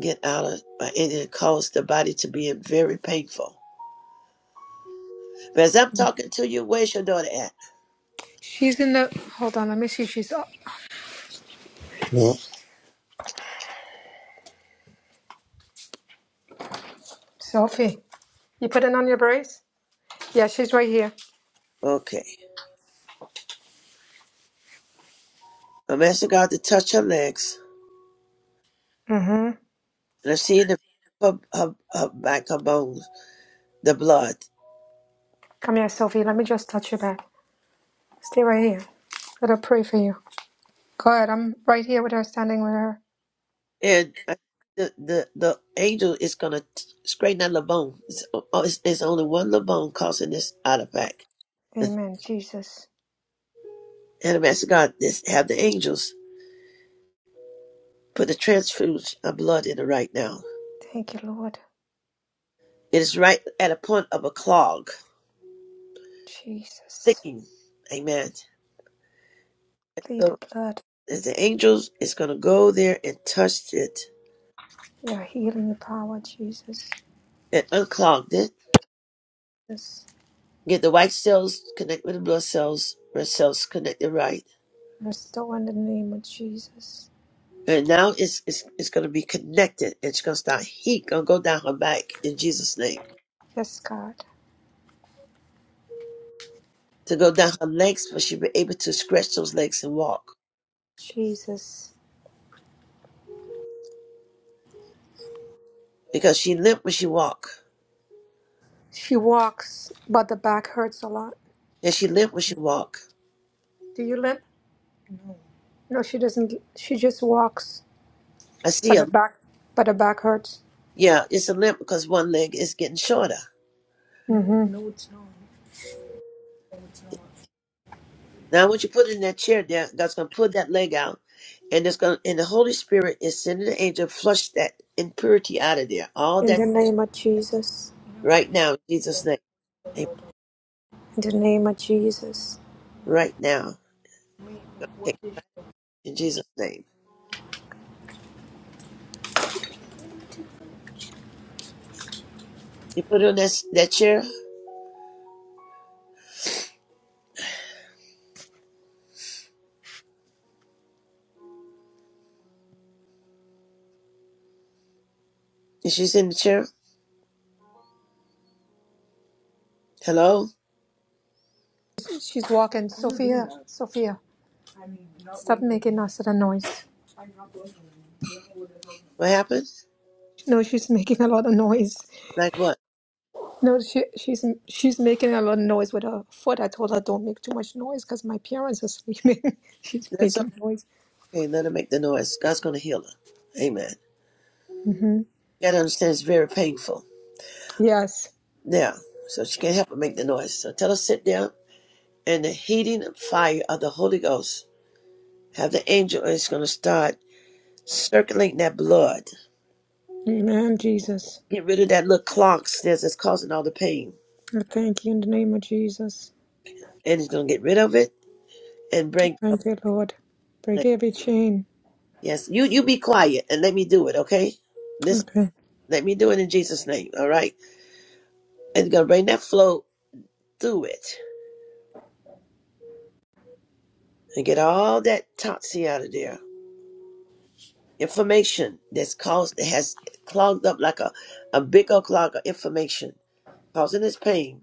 S1: get out of uh, and it caused the body to be very painful. But as I'm talking to you, where's your daughter at?
S12: She's in the. Hold on. Let me see. She's up. Sophie, you put it on your brace? Yeah, she's right here.
S1: Okay, I'm asking God to touch her legs
S12: Mm-hmm.
S1: and I see the back of her, her back her bones, the blood,
S12: Come here, Sophie. Let me just touch your back. Stay right here. Let her pray for you. Good. I'm right here with her, standing with her.
S1: and I, the the the angel is gonna t- straighten out the bone. It's, oh, it's, it's only one little bone causing this artifact.
S12: Amen. Jesus.
S1: And I'm asking God this, have the angels put the transfusion of blood in it right now.
S12: Thank you, Lord.
S1: It is right at a point of a clog,
S12: Jesus.
S1: thickening. Amen.
S12: Plead
S1: So
S12: the blood.
S1: as the angels is going to go there and touch it
S12: Your healing power, Jesus.
S1: and unclog it,
S12: Yes.
S1: get the white cells connect with the blood cells, red cells connected right.
S12: Restore in the name of Jesus.
S1: And now it's it's, it's going to be connected. It's going to start heat going to go down her back in Jesus' name.
S12: Yes, God.
S1: To go down her legs, but she'll be able to stretch those legs and walk
S12: Jesus.
S1: because she limp when she walk.
S12: She walks, but the back hurts a lot.
S1: And she limp when she walk.
S12: Do you limp? No, she doesn't. She just walks,
S1: I see
S12: but the
S1: her.
S12: back, but the back hurts.
S1: Yeah, it's a limp because one leg is getting shorter.
S12: Mm-hmm.
S1: Now, once you put it in that chair, there, God's going to pull that leg out, and it's going. to And the Holy Spirit is sending the angel to flush that impurity out of there. All
S12: In
S1: that
S12: the name of Jesus.
S1: right now, in Jesus' name. Amen.
S12: In the name of Jesus.
S1: Right now, Take it in Jesus' name. You put her in that, that chair, and she's in the chair. Hello?
S12: She's walking. Sophia. Sophia. Stop making a us of noise.
S1: What happened?
S12: No, she's making a lot of noise.
S1: Like what?
S12: No, she she's she's making a lot of noise with her foot. I told her don't make too much noise because my parents are sleeping. she's
S1: That's
S12: making noise.
S1: okay. Let her make the noise. God's going to heal her. Amen.
S12: hmm
S1: You got to understand it's very painful.
S12: Yes,
S1: Now, so she can't help but make the noise. So tell her sit down, and the heating fire of the Holy Ghost, have the angel, and it's going to start circulating that blood.
S12: Amen, Jesus.
S1: Get rid of that little clogs that's that's causing all the pain.
S12: I thank you in the name of Jesus.
S1: And it's going to get rid of it and bring up.
S12: Thank you, Lord. Break every chain.
S1: Yes, you, you be quiet and let me do it, okay? Listen.
S12: Okay.
S1: Let me do it in Jesus' name, all right? And gonna bring that flow through it and get all that toxin out of there. Information that's caused that has clogged up like a, a big old clog of information, causing this pain.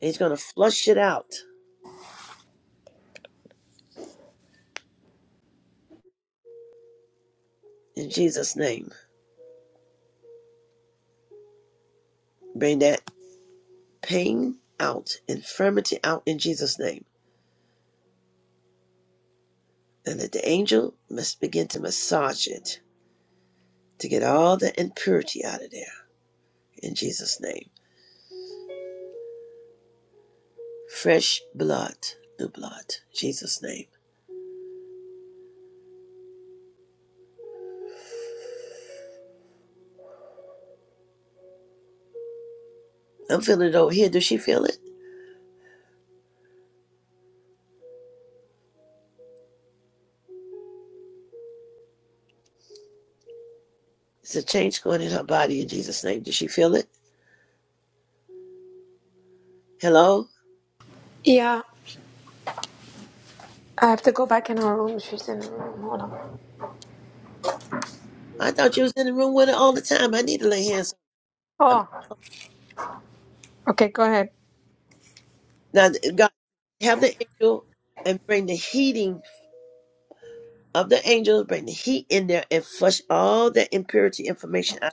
S1: And he's gonna flush it out in Jesus' name. Bring that pain out, infirmity out in Jesus' name. And that the angel must begin to massage it to get all the impurity out of there in Jesus' name. Fresh blood, new blood, Jesus' name I'm feeling it over here. Does she feel it? It's a change going in her body in Jesus' name. Does she feel it? Hello?
S12: Yeah, I have to go back in her room. She's in her room. Hold on.
S1: I thought you was in the room with her all the time. I need to lay hands on her.
S12: Oh, okay. Go ahead.
S1: Now, God, have the angel and bring the heating of the angels, bring the heat in there and flush all that impurity information out.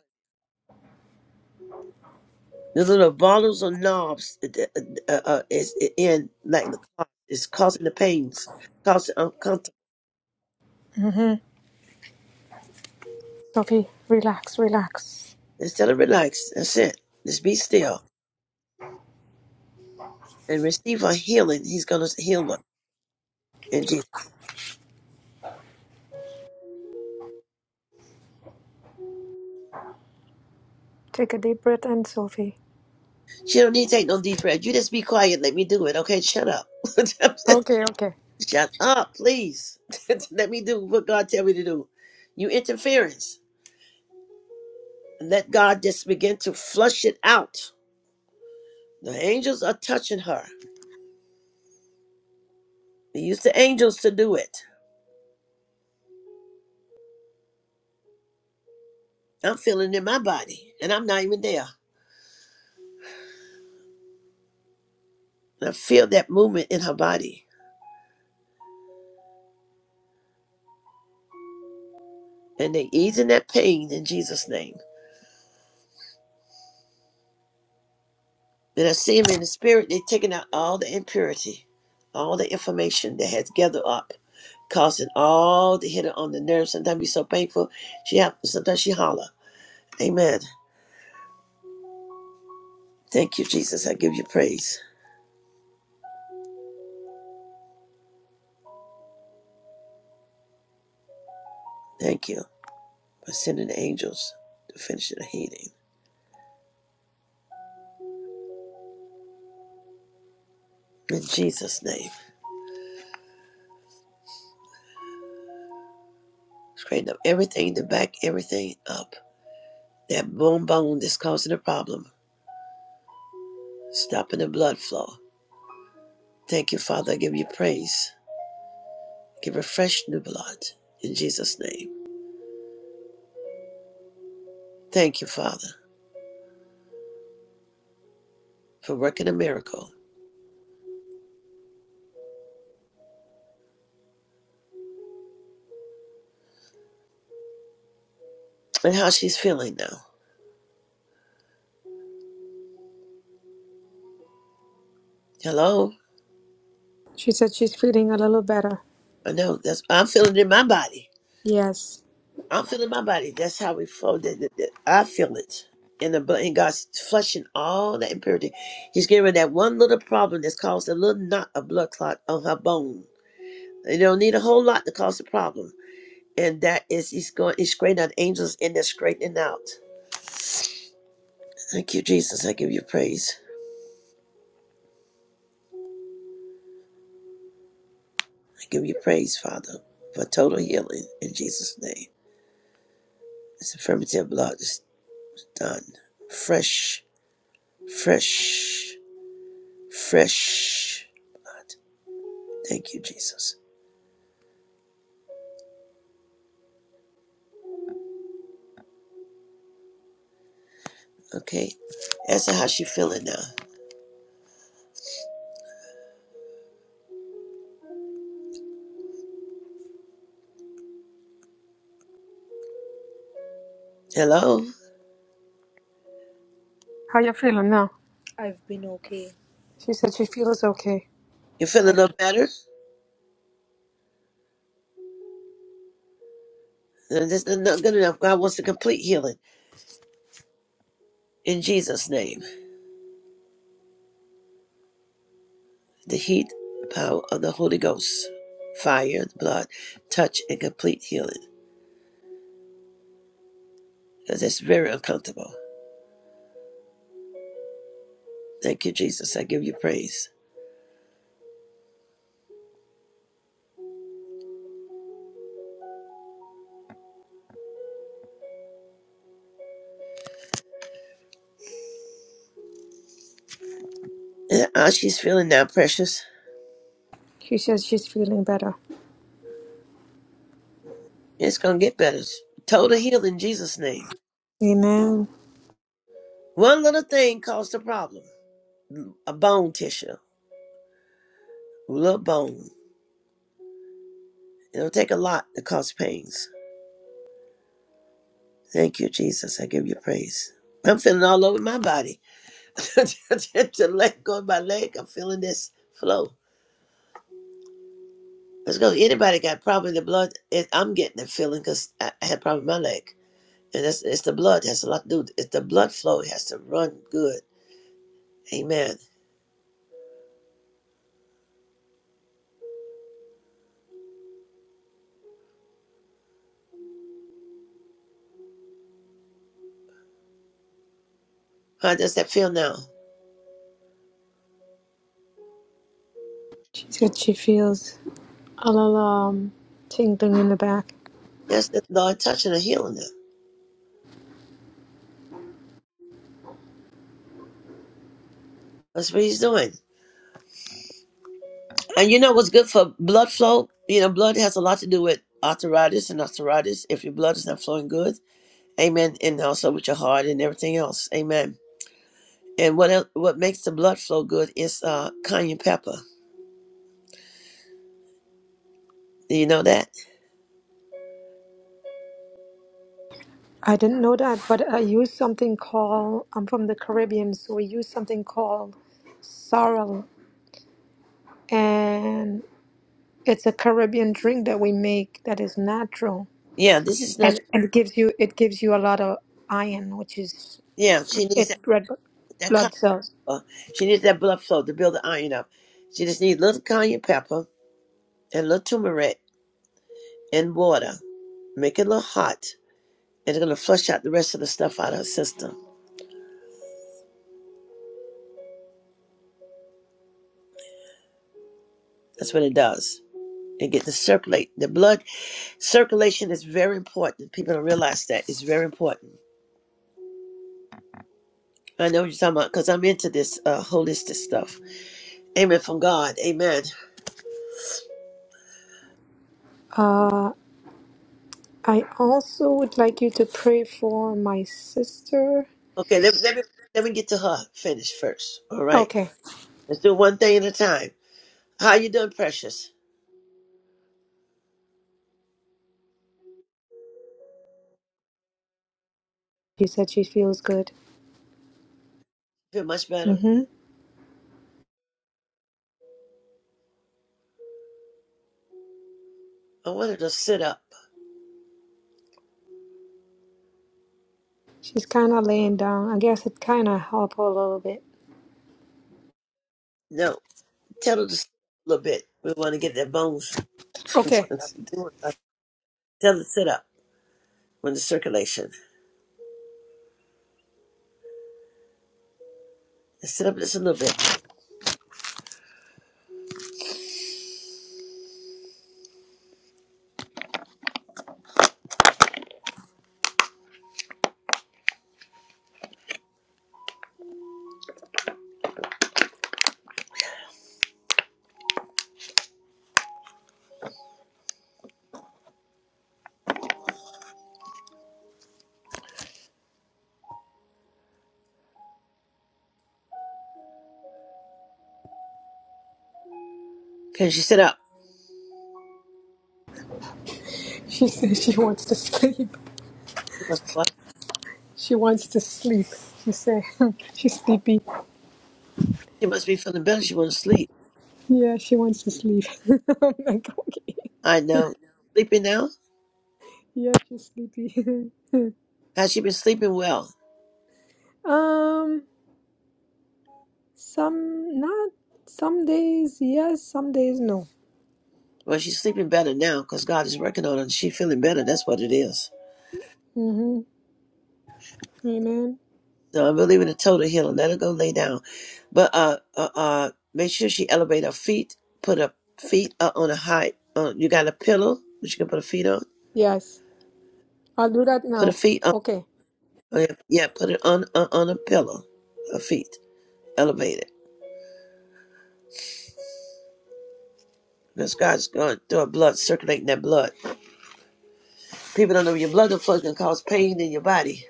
S1: The little bottles or knobs uh, uh, uh, uh, is in, like the clock, it's causing the pains, causing uncomfortable.
S12: hmm Sophie, relax, relax.
S1: Instead of relax, that's it. Just be still and receive her healing. He's going to heal her. in Jesus.
S12: Take a deep breath, and Sophie.
S1: She don't need to take no deep breath. You just be quiet. Let me do it. Okay, shut up.
S12: Okay, okay.
S1: shut up, please. let me do what God tell me to do. You interference. Let God just begin to flush it out. The angels are touching her. They use the angels to do it. I'm feeling it in my body, and I'm not even there. And I feel that movement in her body, and they easing that pain in Jesus' name. And I see him in the spirit. They're taking out all the impurity, all the information that has gathered up causing all the hitting on the nerves. Sometimes be so painful. She have, sometimes she holler. Amen. Thank you, Jesus. I give you praise. Thank you for sending the angels to finish the healing. In Jesus' name. Straighten up everything, to back everything up. That bone bone that's causing the problem. Stopping the blood flow. Thank you, Father. I give you praise. Give her fresh new blood. In Jesus' name. Thank you, Father, for working a miracle. And how she's feeling now. Hello?
S12: She said she's feeling a little better.
S1: I know that's I'm feeling it in my body.
S12: Yes.
S1: I'm feeling my body. That's how we flow. That, that- that- I feel it in the blood. And God's flushing all that impurity. He's getting rid of that one little problem that's caused a little knot of blood clot on her bone. You don't need a whole lot to cause a problem. And that is he's going he's straightening out angels in. they're straightening out. Thank you, Jesus. I give you praise. I give you praise, Father, for total healing in Jesus' name. This affirmative blood is done. Fresh, fresh. Fresh. Thank you, Jesus. Okay. Answer how she feeling now. Hello?
S12: How you feeling now? I've been okay. She said she feels okay.
S1: You feeling
S12: I've
S1: no better? No, This is not good enough. God wants to complete healing. In Jesus' name. The heat, power of the Holy Ghost, fire, blood, touch, and complete healing. Because it's very uncomfortable. Thank you, Jesus. I give you praise. And how she's feeling now, precious.
S12: She says she's feeling better.
S1: It's gonna get better. Total healing in Jesus' name.
S12: Amen.
S1: One little thing caused a problem. A bone tissue. A little bone. It'll take a lot to cause pains. Thank you, Jesus. I give you praise. I'm feeling all over my body. the leg going my leg. I'm feeling this flow. Let's go. Anybody got problem in the blood? It, I'm getting the feeling because I I had problem with my leg. And that's, it's the blood. It has a lot to do. with- it. It's the blood flow. It has to run good. Amen. How does that feel now?
S12: She said she feels a little um, tingling in the back.
S1: Yes, the Lord touching and healing them. That's what he's doing. And you know what's good for blood flow? You know, blood has a lot to do with arthritis and arthritis. If your blood is not flowing good, Amen. And also with your heart and everything else. Amen. And what el what makes the blood flow good is uh cayenne pepper. Do you know that?
S12: I didn't know that, but I use something called, I'm from the Caribbean, so we use something called sorrel. And it's a Caribbean drink that we make that is natural.
S1: Yeah, this is not
S12: And, and it gives you it gives you a lot of iron, which is
S1: yeah, she needs
S12: it
S1: that,
S12: red
S1: that cayenne
S12: blood cells.
S1: pepper. She needs that blood flow to build the iron up. She just needs a little cayenne pepper and a little turmeric and water. Make it a little hot. And it's gonna flush out the rest of the stuff out of her system. That's what it does. And get to circulate. The blood circulation is very important. People don't realize that. It's very important. I know what you're talking about because I'm into this uh, holistic stuff. Amen from God. Amen.
S12: Uh, I also would like you to pray for my sister.
S1: Okay, let, let me let me get to her finish first. All right,
S12: Okay,
S1: let's do one thing at a time. How you doing, Precious?
S12: you said she feels good.
S1: Feel much better?
S12: Mm-hmm.
S1: I want her to sit up.
S12: She's kind of laying down. I guess it kind of helped her a little bit.
S1: No, tell her to sit up a little bit. We want to get that bones.
S12: Okay.
S1: tell her to sit up when the circulation. Sit up just a little bit. Can she sit up?
S12: She says she wants to sleep.
S1: She must what?
S12: She wants to sleep. She said she's sleepy.
S1: She must be feeling better. She wants to sleep.
S12: Yeah, she wants to sleep. I'm like, okay.
S1: I know. Sleeping now?
S12: Yeah, she's sleepy.
S1: Has she been sleeping well?
S12: um, some not some days yes, some days no.
S1: Well, she's sleeping better now because God is working on her and she's feeling better. That's what it is.
S12: Mm-hmm. Amen.
S1: So I'm believing in a total healing. Let her go lay down. But uh, uh, uh, make sure she elevate her feet. Put her feet up on a high. Uh, you got a pillow that you can put her feet on.
S12: Yes. I'll do that
S1: Put her
S12: now.
S1: feet on.
S12: Okay.
S1: oh, Yeah, yeah, put it on on on a pillow. Her feet elevate it because God's going through her blood, circulating that blood. People don't know your blood flow can cause pain in your body.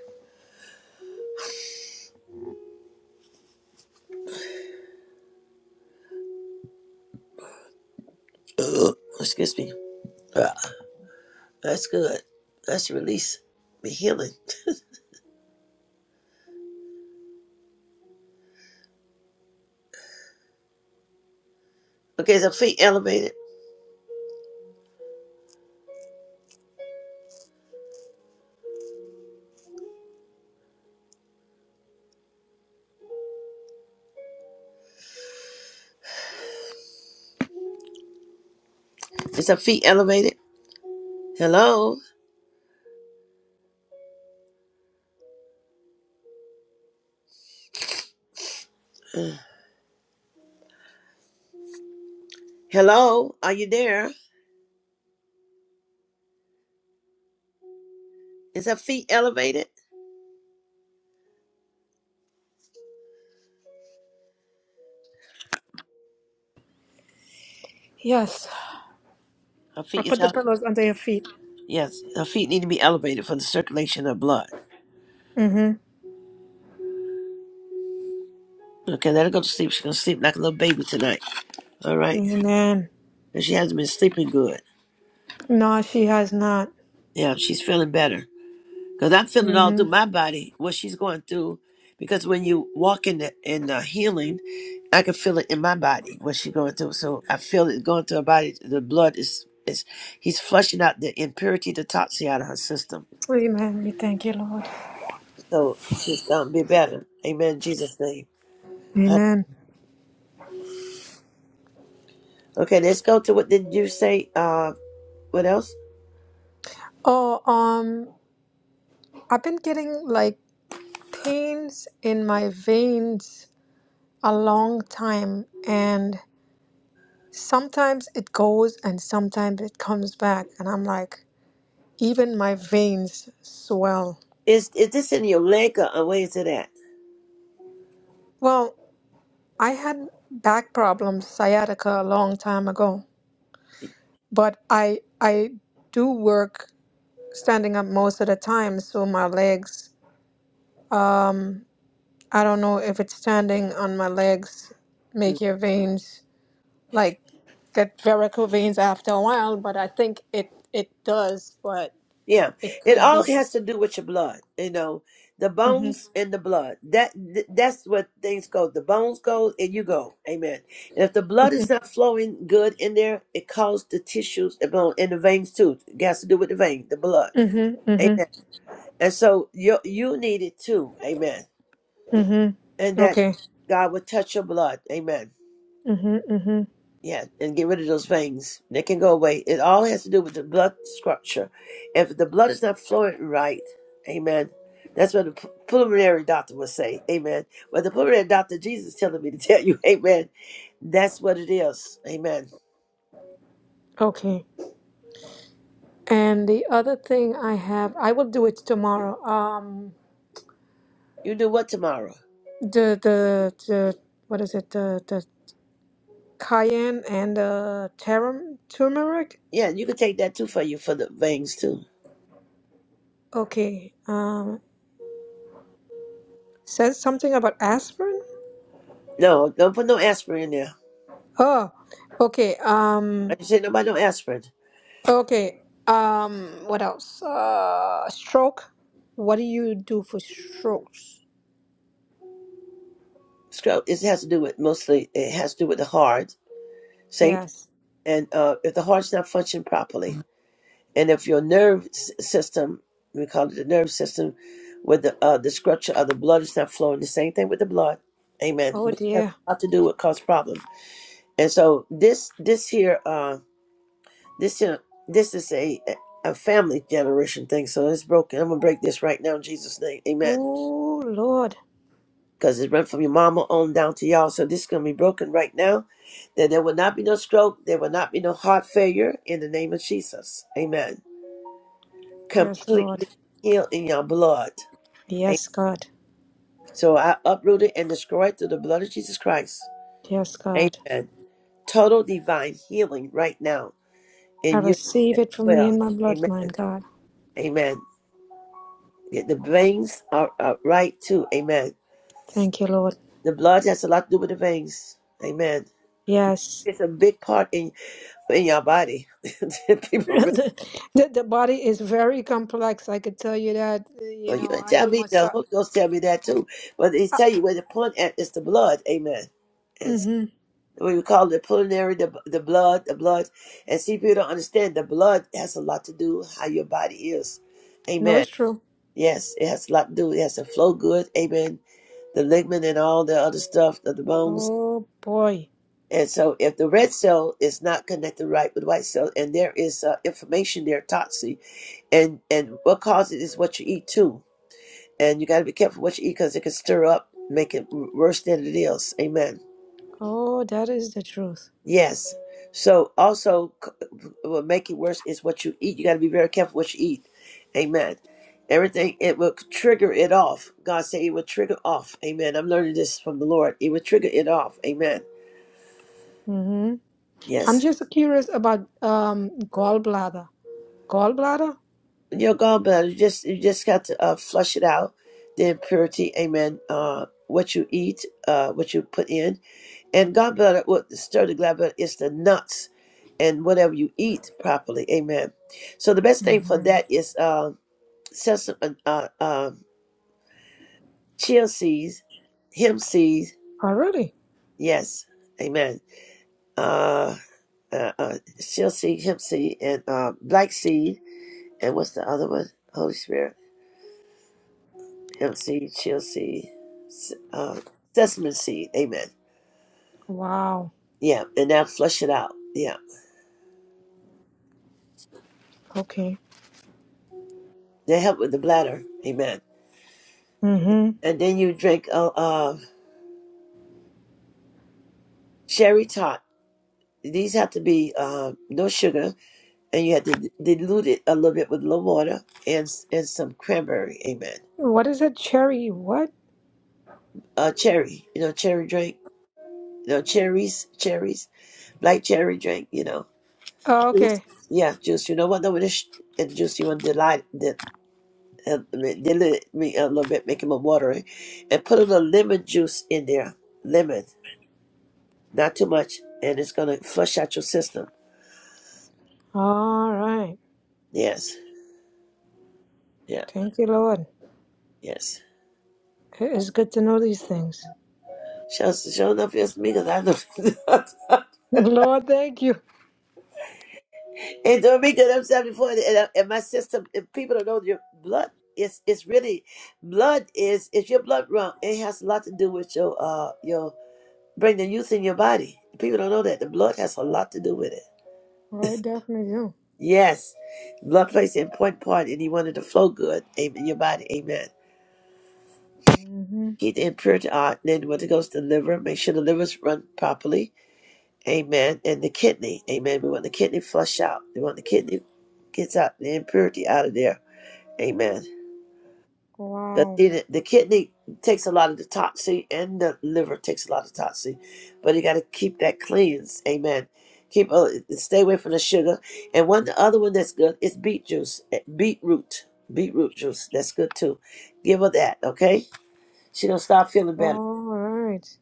S1: excuse me. Ugh, that's good. That's release, Be healing. Okay, is her feet elevated? Is her feet elevated? Hello? Uh, Hello? Are you there? Is her feet elevated?
S12: Yes.
S1: Her
S12: I
S1: feet
S12: put
S1: is
S12: the
S1: elevated.
S12: pillows under your feet.
S1: Yes, her feet need to be elevated for the circulation of blood.
S12: Mm-hmm.
S1: Okay, let her go to sleep. She's going to sleep like a little baby tonight. All right, and
S12: Amen.
S1: she hasn't been sleeping good.
S12: No, she has not.
S1: Yeah, she's feeling better. Because I'm feeling all
S12: Mm-hmm.
S1: through my body what she's going through. Because when you walk in the, in the healing, I can feel it in my body what she's going through. So I feel it going through her body. The blood is is he's flushing out the impurity, the toxin out of her system.
S12: Amen. We thank you, Lord.
S1: So she's gonna be better. Amen. In Jesus name. Huh.
S12: Amen.
S1: Okay, let's go to what did you say? Uh, what else
S12: Oh, um, I've been getting like pains in my veins a long time, and sometimes it goes and sometimes it comes back, and I'm like, even my veins swell.
S1: is is this in your leg or or where is it at?
S12: Well, I had back problems, sciatica, a long time ago,
S1: Y-
S12: but I I do work standing up most of the time, so my legs. Um, I don't know if it's standing on my legs
S1: Mm.
S12: make your veins like get varicose veins after a while, but I think it it does, but
S1: Yeah,
S12: it
S1: it
S12: could
S1: all
S12: be.
S1: has to do with your blood. You know, the
S12: Mhm.
S1: bones and the blood. That th- that's what things go. The bones go and you go. Amen. And if the blood is not flowing good in there, it causes the tissues the bone and the veins too. It has to do with the vein, the blood.
S12: Mhm.
S1: Amen.
S12: Mhm.
S1: And so you you need it too. Amen.
S12: Mhm.
S1: And that
S12: Okay.
S1: God would touch your blood. Amen.
S12: Mhm. Mhm.
S1: Yeah, and get rid of those veins. They can go away. It all has to do with the blood structure. If the blood is not flowing right, amen. That's what the p- preliminary doctor would say. Amen. But the preliminary doctor, Jesus is telling me to tell you, amen. That's what it is. Amen.
S12: Okay. And the other thing I have, I will do it tomorrow. Um,
S1: You do what tomorrow?
S12: the the the what is it the the cayenne and the tarum, turmeric
S1: Yeah, and you can take that too for you for the veins too.
S12: okay um says something about aspirin
S1: No, don't put no aspirin in there.
S12: oh okay
S1: I
S12: um
S1: didn't say nobody no aspirin.
S12: okay um what else uh stroke what do you do for strokes
S1: Scrub it has to do with mostly it has to do with the heart. Same thing.
S12: yes
S1: And uh, if the heart's not functioning properly, and if your nerve s- system, we call it the nerve system, with the uh, the structure of the blood is not flowing, the same thing with the blood. Amen.
S12: oh
S1: Blood has
S12: dear
S1: a lot to do with cause problem. And so this this here uh this here this is a a family generation thing. So it's broken. I'm gonna break this right now in Jesus' name. Amen.
S12: oh lord
S1: because it went from your mama on down to y'all. So this is going to be broken right now. That there will not be no stroke. There will not be no heart failure in the name of Jesus. Amen.
S12: yes lord
S1: Completely healed in your blood. Amen.
S12: yes god
S1: So I uproot it and destroy it through the blood of Jesus Christ.
S12: yes god
S1: Amen. Total divine healing right now
S12: i
S1: in you as
S12: receive it from me
S1: well.
S12: and my bloodline
S1: Amen.
S12: god
S1: Amen. Get The veins are, are right too. Amen.
S12: thank you lord
S1: The blood has a lot to do with the veins. Amen.
S12: yes
S1: It's a big part in in your body. People really
S12: the, the the body is very complex. I could tell you that. uh, You
S1: well, you
S12: know,
S1: didn't
S12: I
S1: tell
S12: do
S1: me the
S12: massage.
S1: Holy Ghost tell me that too. But they
S12: Uh,
S1: tell you where the point at is the blood, amen. And so
S12: mm-hmm.
S1: we would call it pulmonary, the the blood, the blood. And see people don't understand the blood has a lot to do how your body is.
S12: No,
S1: Amen.
S12: it's true.
S1: Yes, it has a lot to do. It has to flow good, amen. The ligament and all the other stuff of the bones.
S12: Oh boy.
S1: And so if the red cell is not connected right with white cell and there is uh, information there, toxic and and what causes it is what you eat too. And you got to be careful what you eat because it can stir up, make it worse than it is. Amen.
S12: Oh, that is the truth.
S1: Yes. So also, c- what make it worse is what you eat. You got to be very careful what you eat. Amen. Everything it will trigger it off. God said it will trigger off. Amen. I'm learning this from the Lord. It will trigger it off. Amen.
S12: Mm-hmm. I'm
S1: Yes.
S12: just curious about um gallbladder. Gallbladder?
S1: Your gallbladder, you just you just got to uh, flush it out. The impurity. Amen. Uh, what you eat, uh, what you put in And gallbladder, what stir the gallbladder is the nuts and whatever you eat properly. Amen. So the best thing for
S12: Mm-hmm.
S1: that is uh, sesame, uh, uh, um, chia seeds, hemp seeds.
S12: Already?
S1: Yes. Amen. Uh, uh, uh, chia seed, hemp seed, and uh, black seed. And what's the other one? Holy Spirit. Hemp seed, chia seed, s- uh, sesame seed. Amen.
S12: Wow.
S1: Yeah. And now flush it out. Yeah.
S12: Okay.
S1: They help with the bladder. Amen.
S12: Mm-hmm.
S1: And then you drink uh, uh, Sherry tart. These have to be uh, no sugar, and you have to dilute it a little bit with a little water and and some cranberry. Amen.
S12: What is it? Cherry? What?
S1: Uh, cherry. You know, cherry drink. You know, cherries, cherries, black cherry drink. You know,
S12: Oh,
S1: juice.
S12: okay.
S1: Yeah, juice. You know what? No, with this and juice, you want to delight, di- uh, dilute me a little bit, make it more watery, and put a little lemon juice in there. Lemon, not too much, and it's gonna flush out your system.
S12: All right.
S1: Yes. Yeah.
S12: Thank you, Lord.
S1: Yes.
S12: It is good to know these things.
S1: Show, show enough feels me because I know.
S12: Lord, thank you.
S1: and Dominica, I'm saying before, and, I- and my system, and people don't know your blood is it's really blood is if your blood run, it has a lot to do with your uh your bringing the youth in your body. People don't know that the blood has a lot to do with it.
S12: Oh, I definitely do.
S1: Yes, blood plays an important part, and you want it to flow good amen, in your body. Amen.
S12: Mhm.
S1: Keep the impurity out. Then when it goes to the liver, make sure the liver's run properly Amen. And the kidney. Amen. We want the kidney flush out. We want the kidney gets out the impurity out of there. Amen. Because
S12: Wow.
S1: the the kidney takes a lot of the toxin and the liver takes a lot of toxin, but you got to keep that cleansed. Amen. Keep uh, stay away from the sugar. And one the other one that's good is beet juice, eh, beetroot, beetroot juice. That's good too. Give her that. Okay. She gonna start feeling better.
S12: All right.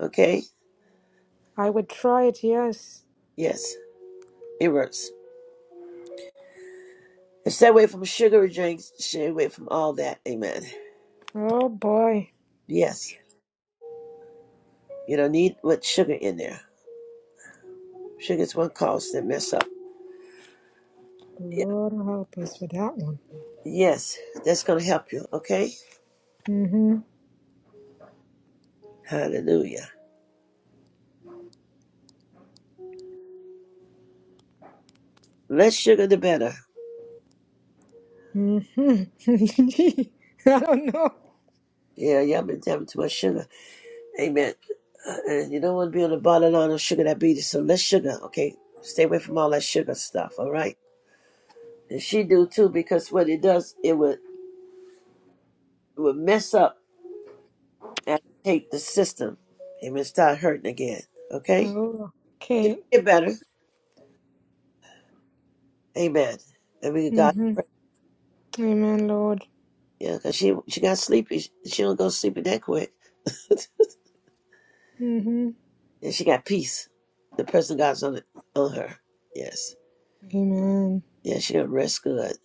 S1: Okay.
S12: I would try it, yes.
S1: Yes. It works. And Stay away from sugary drinks. Stay away from all that. Amen.
S12: Oh boy.
S1: Yes. You don't need what sugar in there. Sugar's one cause that mess up. Yeah.
S12: Lord help us with that one.
S1: Yes. That's gonna help you. Okay.
S12: Mm-hmm.
S1: Hallelujah. Less sugar, the better.
S12: Mm-hmm. I don't know.
S1: Yeah. Y'all been having too much sugar. Amen. Uh, And you don't want to be on the borderline of sugar diabetes. So less sugar. Okay. Stay away from all that sugar stuff. All right. And she do too because what it does, it would it would mess up and take the system. Amen. Start hurting again. Okay.
S12: Oh,
S1: she gonna
S12: okay.
S1: get better. Amen. And we give God
S12: Mm-hmm.
S1: pray.
S12: Amen, Lord.
S1: Yeah, because she she got sleepy. She, she don't go sleepy that quick. and
S12: Mm-hmm.
S1: she got peace. The presence of God's on it on her. Yes.
S12: Amen.
S1: Yeah, she gonna rest good.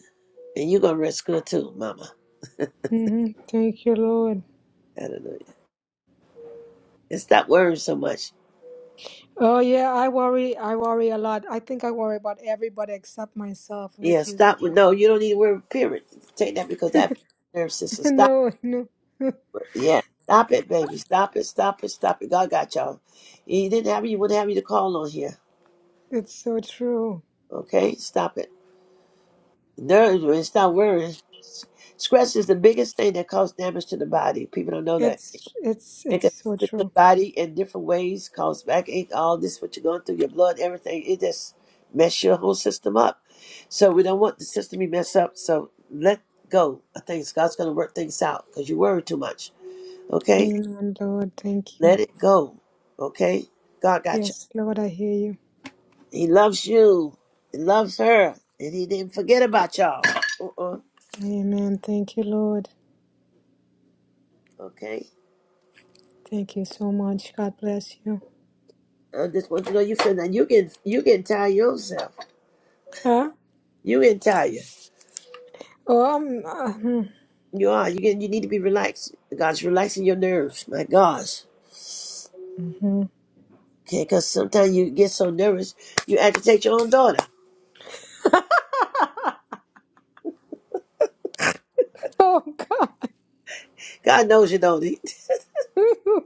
S1: And you gonna rest good too, mama.
S12: Mm-hmm. Thank you, Lord.
S1: Hallelujah. And stop worrying so much.
S12: Oh yeah, I worry. I worry a lot. I think I worry about everybody except myself,
S1: Yeah,
S12: which is
S1: stop with
S12: uh,
S1: no, you don't need to worry, period. Take that because that nerve system. Stop
S12: no, no.
S1: it. Yeah. Stop it, baby. Stop it, stop it, stop it. God got y'all. He didn't have you, wouldn't have you to call on here.
S12: it's so true.
S1: Okay? Stop it. Nerves, when it's not worrying, s- stress is the biggest thing that causes damage to the body. People don't know that.
S12: It's it's
S1: It can
S12: it's so
S1: affect your
S12: true.
S1: body in different ways, cause backache, all this, what you're going through, your blood, everything. It just mess your whole system up. So we don't want the system to be messed up. So let go of things. God's going to work things out because you worry too much. Okay?
S12: Amen, Lord. Thank you.
S1: Let it go. Okay? God got you.
S12: Yes, Lord, I hear you.
S1: He loves you. He loves her. And he didn't forget about y'all. Uh-uh.
S12: Amen. Thank you, Lord.
S1: Okay?
S12: Thank you so much. God bless you.
S1: I just want you to know you feel that you can you can tire yourself.
S12: Huh?
S1: You can tire.
S12: Oh, I'm, uh,
S1: You are. You can. You need to be relaxed. God's relaxing your nerves. My gosh.
S12: hmm.
S1: Okay, because sometimes you get so nervous, you agitate your own daughter.
S12: oh God.
S1: God knows you don't.
S12: Oh, God.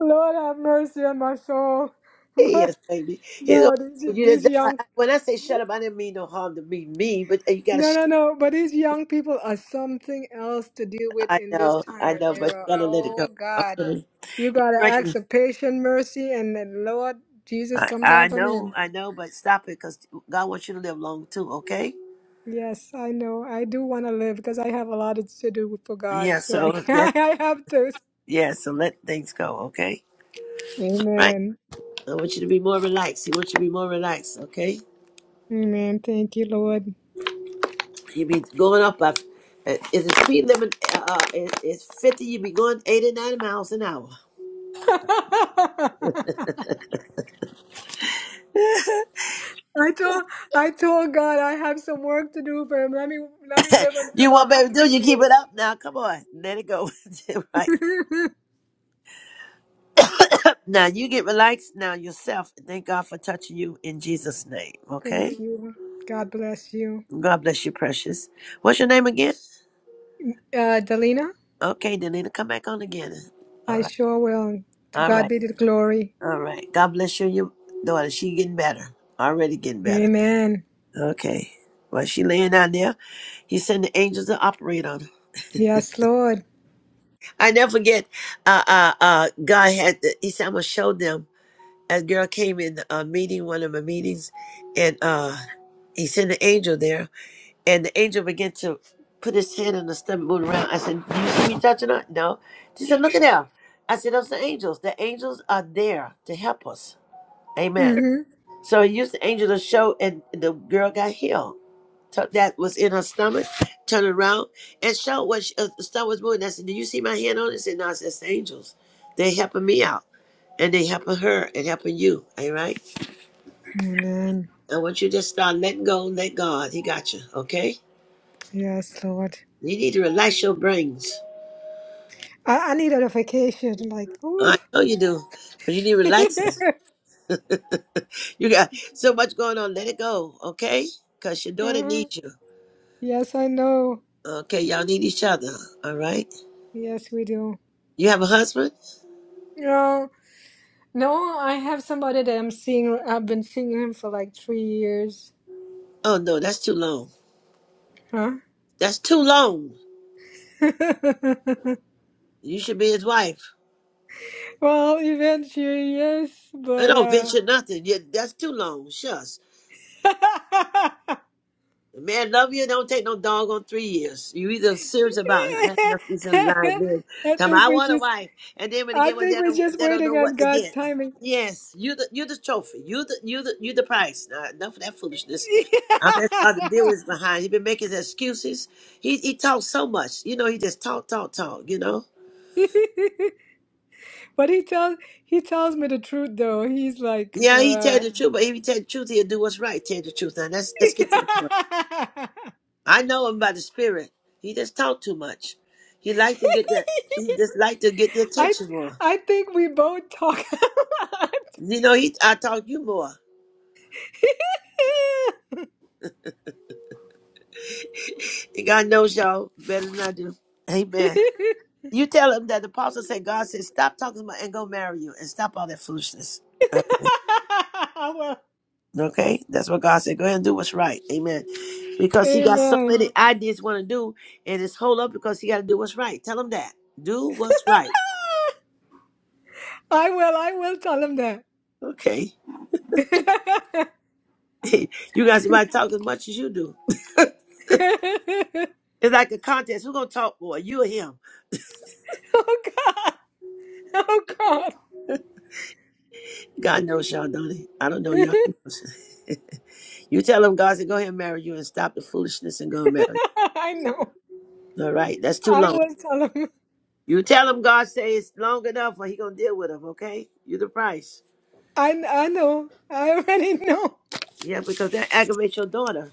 S12: Lord, have mercy on my soul.
S1: He,
S12: My,
S1: is, baby. He's gonna
S12: no, these,
S1: you.
S12: these
S1: That's why
S12: young,
S1: I- When I say shut up, I didn't mean no harm to me, me, but hey, you gotta
S12: no,
S1: shut.
S12: no, no, but these young people are something else to deal
S1: Up.
S12: with
S1: I
S12: in this
S1: know,
S12: time
S1: I
S12: and
S1: know, but you
S12: era.
S1: gotta let it
S12: Oh
S1: go.
S12: God.
S1: Okay.
S12: You gotta ask
S1: Recognize-
S12: for patient mercy and then Lord Jesus
S1: I,
S12: come
S1: I
S12: down from
S1: know,
S12: heaven.
S1: I know, but stop it, because God wants you to live long too. Okay.
S12: Yes, I know. I do want to live because I have a lot to do for God.
S1: Yeah,
S12: So I
S1: so that's
S12: I have to.
S1: Yeah, so let things go, okay? Right?
S12: Amen.
S1: I want you to be more relaxed. He wants you to be more relaxed, okay?
S12: Amen. Thank you, Lord.
S1: You be going up. By, uh, is the speed limit uh, uh, is, is 50, you be going 89 miles an hour.
S12: I told I told God I have some work to do for him. Let me let me live
S1: you
S12: until a
S1: want baby do
S12: hundred
S1: you keep it
S12: years.
S1: up now? Come on. Let it go. right. now you get relaxed now yourself. Thank God for touching you in Jesus' name, okay?
S12: Thank you. God bless you.
S1: God bless you, precious. What's your name again?
S12: Uh Delina,
S1: Okay, then it'll come back on again. All
S12: I
S1: right.
S12: sure will. To
S1: All right.
S12: God be the glory.
S1: All right. God bless you, your daughter. She getting better. Already getting better.
S12: Amen.
S1: Okay. While she laying down there, he sent the angels to operate on her.
S12: Yes, Lord.
S1: I never forget. Uh, uh, uh. God had. The, he said, "I'm gonna show them." A girl came in a meeting, one of my meetings, and uh, he sent an angel there, and the angel began to put his hand on the stomach, move around. I said, "Do you see me touching her?" No. She said, "Look at there." I said, "Those are angels. The angels are there to help us." Amen.
S12: Mm-hmm.
S1: So he used the angel to show, and the girl got healed. So that was in her stomach, turned around and showed what she, uh, the stomach was moving. I said, Do you see my hand on it? She said, No, it's just angels. they helping me out, and they helping her and helping you. All right?
S12: Amen.
S1: I want you to just start letting go and let God. He got you, okay?
S12: Yes, Lord.
S1: You need to relax your brains.
S12: I, I needed a vacation. Like, ooh.
S1: I know you do, but you need to relax it. you got so much going on. Let it go, okay? Because your daughter
S12: Mhm.
S1: needs you.
S12: Yes, I know.
S1: Okay, y'all need each other, all right?
S12: Yes, we do.
S1: You have a husband?
S12: No, no, I have somebody that I'm seeing. I've been seeing him for like three years.
S1: Oh no, that's too long.
S12: Huh?
S1: That's too long. You should be his wife.
S12: Well, eventually, yes,
S1: I
S12: but
S1: don't
S12: uh,
S1: venture nothing. Yeah, that's too long. Shucks.
S12: I
S1: The man love you, don't take no dog on three years. You either serious about having a piece of lying then. Tell me
S12: think
S1: I
S12: we
S1: want a
S12: just,
S1: wife. And then when they
S12: I
S1: get one
S12: think
S1: they
S12: we're
S1: don't
S12: just
S1: they don't
S12: waiting
S1: know what
S12: on
S1: to
S12: God's
S1: get.
S12: timing.
S1: Yes, you the you the trophy. You the you the you the price. Now, enough of that foolishness. I'm asking to deal with his behind. He been making his excuses. He he talks so much. You know, he just talk, talk, talk, you know.
S12: But he tells he tells me the truth though. He's like,
S1: Yeah, he tell
S12: uh,
S1: the truth, but if he tell the truth, he'll do what's right. Tell the truth. Now let's let's get to the point. I know him by the spirit. He just talk too much. He like to get that. He just like to get the
S12: I
S1: attention more.
S12: I think we both talk a lot.
S1: You know, he I talk you more. And God knows y'all better than I do. Amen. You tell him that the apostle said God said stop talking about and go marry you and stop all that foolishness.
S12: well,
S1: Okay, that's what God said. Go ahead and do what's right. Amen. Because he got so
S12: amen.
S1: many ideas want to do and it's hold up because he got to do what's right. Tell him that. Do what's right.
S12: I will. I will tell him that.
S1: Okay. you guys might talk as much as you do. It's like a contest. Who gonna talk more? You or him?
S12: oh God! Oh God!
S1: God knows y'all, don't he? I don't know y'all. you tell him God said, go ahead and marry you and stop the foolishness and go and marry.
S12: I know.
S1: All right, that's too
S12: I
S1: long.
S12: will tell him.
S1: You tell him God says it's long enough or he gonna deal with him, okay? You the price.
S12: I I know. I already know.
S1: Yeah, because that aggravates your daughter.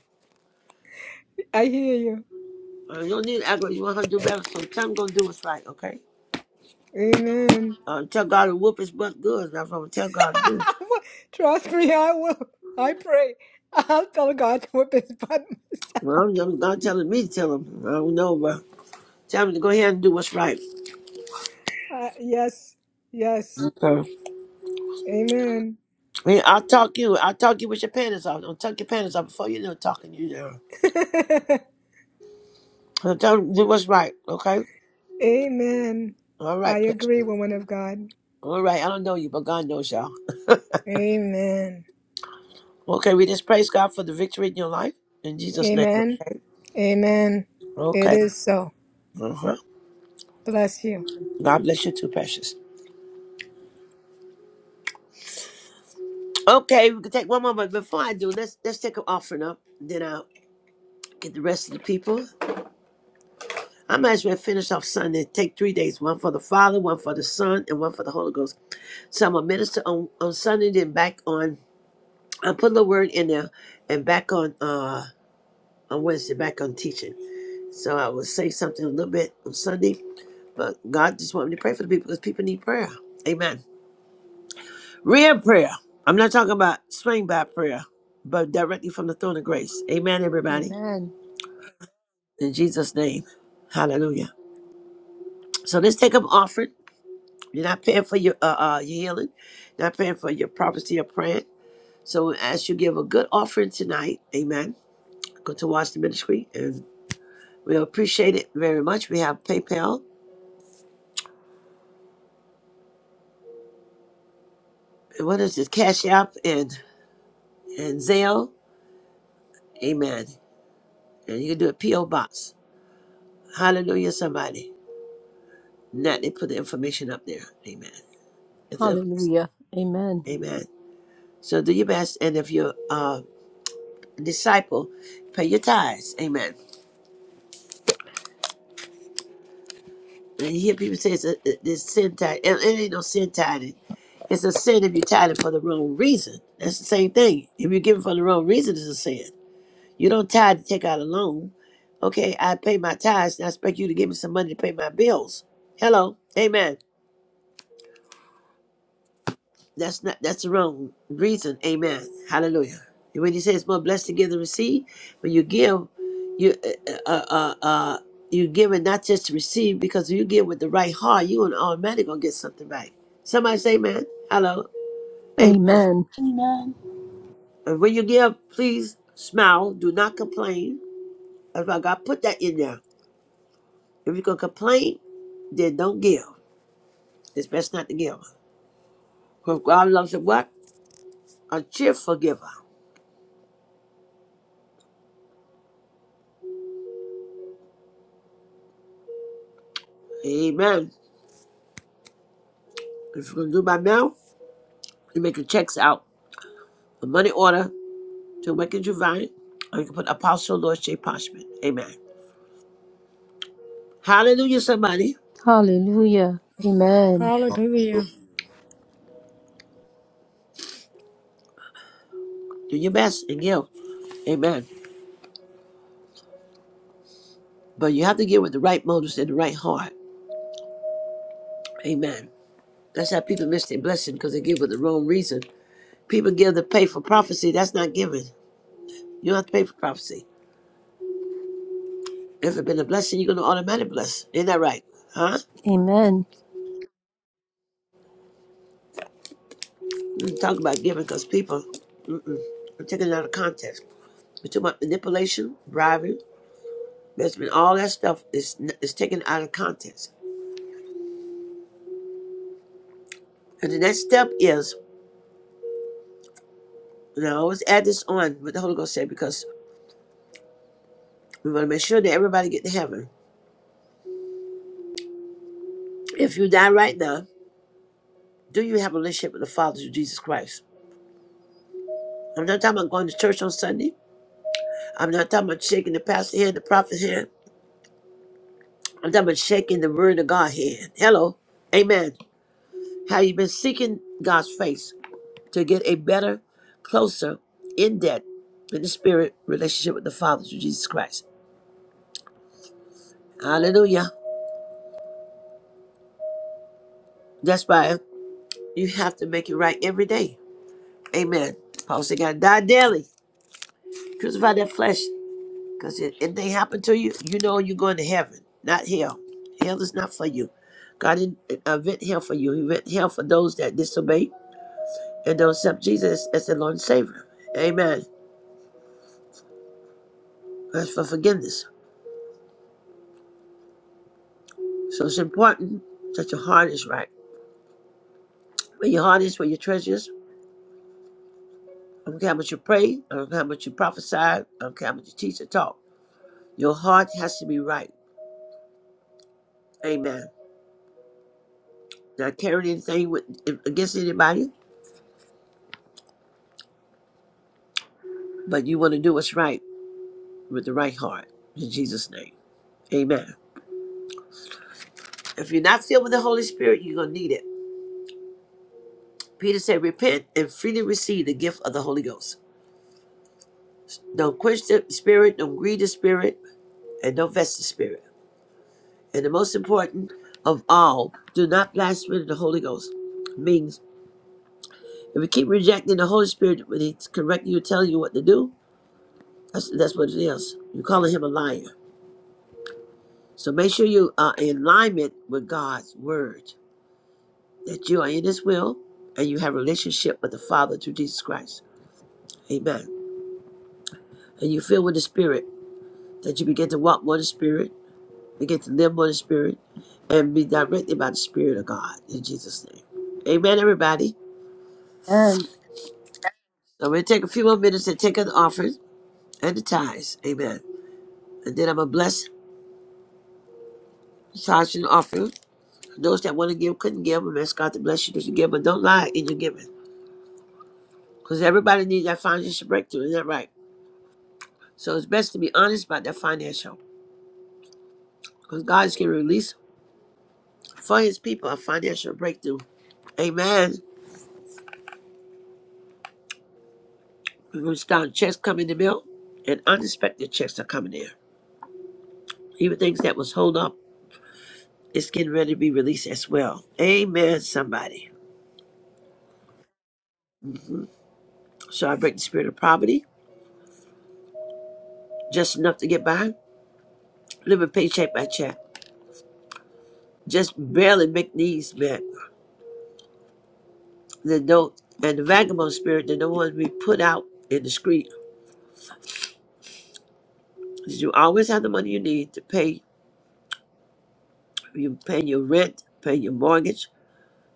S12: I hear you.
S1: Uh, you don't need to aggravate. You want her to do better. So tell him gonna do what's right, okay?
S12: Amen.
S1: Uh, tell God to whoop his butt good. That's what I'm gonna tell God to do.
S12: I will- Trust me, I will. I pray. I'll tell God to whip his butt myself.
S1: Well, I'm, I'm- God telling me to tell him. I don't know, but Tell me to go ahead and do what's right.
S12: Uh, yes. Yes.
S1: Okay.
S12: Amen.
S1: I mean, I'll talk you. I'll talk you with your panties off. Don't tuck your panties off before you know talking you there. So tell me to do what's right, okay?
S12: Amen.
S1: All
S12: I
S1: right,
S12: agree,
S1: Pastor.
S12: woman of God.
S1: All right, I don't know you, but God knows y'all.
S12: Amen.
S1: Okay, we just praise God for the victory in your life. In Jesus' name,
S12: Amen.
S1: okay?
S12: Amen. It
S1: Okay.
S12: is so.
S1: Uh-huh.
S12: Bless you.
S1: God bless you too, precious. Okay, we can take one more, but before I do, let's let's take an offering up. Then I'll get the rest of the people. I might as well finish off Sunday. Take three days, one for the Father, one for the Son, and one for the Holy Ghost. So I'm a minister on, on Sunday, then back on, I put the word in there and back on, uh, on Wednesday, back on teaching. So I will say something a little bit on Sunday, but God just want me to pray for the people because people need prayer. Amen. Real prayer. I'm not talking about swing by prayer, but directly from the throne of grace. Amen, everybody.
S2: Amen.
S1: In Jesus' name. Hallelujah. So let's take up offering. You're not paying for your uh, uh your healing, not paying for your prophecy or praying. So as you give a good offering tonight, amen. go to watch the ministry, and we appreciate it very much. We have PayPal, and what is this? Cash App and and Zelle. Amen. And you can do a PO box. Hallelujah, somebody. Not they put the information up there. Amen. It's a-
S2: Hallelujah. Amen.
S1: amen. So do your best, and if you're uh, a disciple, pay your tithes. Amen. And you hear people say it's a, it's sin tithe. It, it ain't no sin tithing. It's a sin if you're tithing for the wrong reason. That's the same thing. If you're giving for the wrong reason, it's a sin. You don't tithe to take out a loan. Okay, I pay my tithes and I expect you to give me some money to pay my bills. Hello. Amen. That's not that's the wrong reason. Amen. Hallelujah. And when you say it's more blessed to give than receive, when you give, you uh uh uh, uh uh, you give it not just to receive, because if you give with the right heart, you and automatically gonna get something back. Somebody say amen. Hello. Amen.
S2: Amen.
S9: Amen.
S1: And when you give, please smile. Do not complain. That's why God put that in there. If you're gonna complain, then don't give. It's best not to give. For God loves a what? A cheerful giver. Amen. If you're gonna do by mail, you make your checks out, a money order to Wicked Divine, or you can put Apostle Lord J. Parchment. Amen. Hallelujah, somebody.
S2: Hallelujah. Amen.
S12: Hallelujah.
S1: Do your best and give. Amen. But you have to give with the right motives and the right heart. Amen. That's how people miss their blessing because they give with the wrong reason. People give to pay for prophecy. That's not giving. You don't have to pay for prophecy. If it's been a blessing, you're going to automatically bless. Ain't that right? Huh?
S2: Amen.
S1: We talk about giving because people, mm-mm, I'm taking it out of context. We're talking about manipulation, bribery, investment, all that stuff is, is taken out of context. And the next step is, and I always add this on what the Holy Ghost said because we want to make sure that everybody get to heaven. If you die right now, do you have a relationship with the Father through Jesus Christ? I'm not talking about going to church on Sunday. I'm not talking about shaking the pastor's hand, the prophet's hand. I'm talking about shaking the word of God hand. Hello. Amen. Have you been seeking God's face to get a better, closer, in depth, in the spirit relationship with the Father through Jesus Christ? Hallelujah. That's why you have to make it right every day. Amen. Paul said, "Gotta die daily. Crucify that flesh, because if anything they happen to you, you know you're going to heaven, not hell. Hell is not for you. God didn't uh, invent hell for you. He invented hell for those that disobey and don't accept Jesus as their Lord and Savior. Amen. That's for forgiveness. So it's important that your heart is right. Where your heart is, where your treasure is. I don't care how much you pray. I don't care how much you prophesy. I don't care how much you teach or talk. Your heart has to be right. Amen. Not carrying anything with, against anybody, but you want to do what's right with the right heart. In Jesus' name. Amen. If you're not filled with the Holy Spirit, you're going to need it. Peter said, Repent and freely receive the gift of the Holy Ghost. Don't quench the spirit, don't grieve the spirit, and don't vest the spirit. And the most important of all, do not blaspheme the Holy Ghost. Means if you keep rejecting the Holy Spirit when He's correcting you, telling you what to do, that's, that's what it is. You're calling Him a liar. So make sure you are in alignment with God's Word, that you are in His will and you have a relationship with the Father through Jesus Christ. Amen. And you fill with the Spirit, that you begin to walk more in the Spirit, begin to live more in the Spirit, and be directed by the Spirit of God in Jesus' name. Amen, everybody.
S2: Amen.
S1: So I'm going to take a few more minutes and take an offering and the tithes. Amen. And then I'm going to bless the tithes and offering. Those that want to give couldn't give. I'm ask God to bless you that you give, but don't lie in your giving. Because everybody needs that financial breakthrough. Isn't that right? So it's best to be honest about that financial. Because God is going to release for his people a financial breakthrough. Amen. We're going to start checks coming in the mail, and unexpected checks are coming in. Even things that was hold up, it's getting ready to be released as well. Amen, somebody. So I break the spirit of poverty. just enough to get by, living paycheck by check, just barely make needs met. The no and the vagabond spirit, they're the ones we put out in the street. 'Cause You always have the money you need to pay. You pay your rent, pay your mortgage,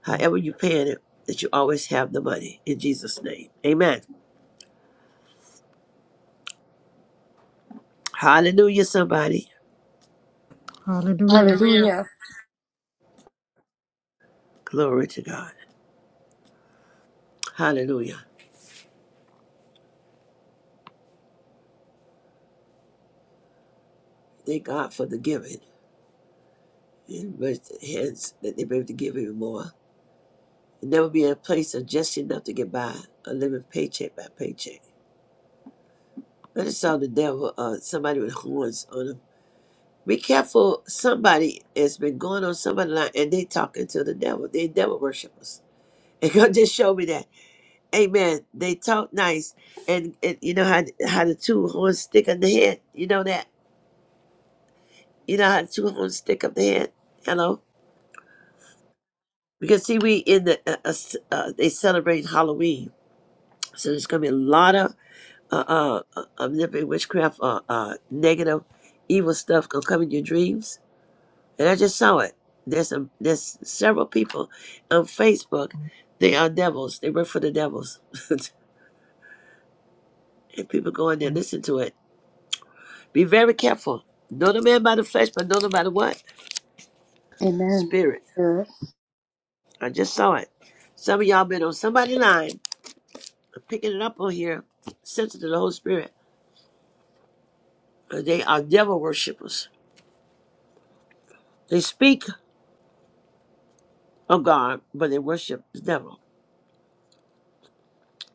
S1: however you paying it. That you always have the money in Jesus' name. Amen. Hallelujah, somebody.
S12: Hallelujah.
S2: Hallelujah.
S1: Glory to God. Hallelujah. Thank God for the giving and raise their hands that they be able to give even more. never be in a place of just enough to get by, or living paycheck by paycheck. I just saw the devil, uh, somebody with horns on him. Be careful, somebody has been going on somebody's line and they talking to the devil. They devil worshippers. And God just showed me that. Amen. They talk nice. And, and you know how how the two horns stick on the head? You know that? You know how the two horns stick up the head? Hello? Because see, we in the, uh, uh, uh, they celebrate Halloween. So there's going to be a lot of uh, uh, uh, omnipotent witchcraft or uh, negative, evil stuff gonna come in your dreams. And I just saw it. There's a, there's several people on Facebook. They are devils. They work for the devils. and people go in there and listen to it. Be very careful. Know the man by the flesh, but know the by the what?
S2: Amen.
S1: Spirit. I just saw it. Some of y'all been on somebody line, picking it up on here, sensitive to the Holy Spirit. Uh, They are devil worshippers. They speak of God, but they worship the devil.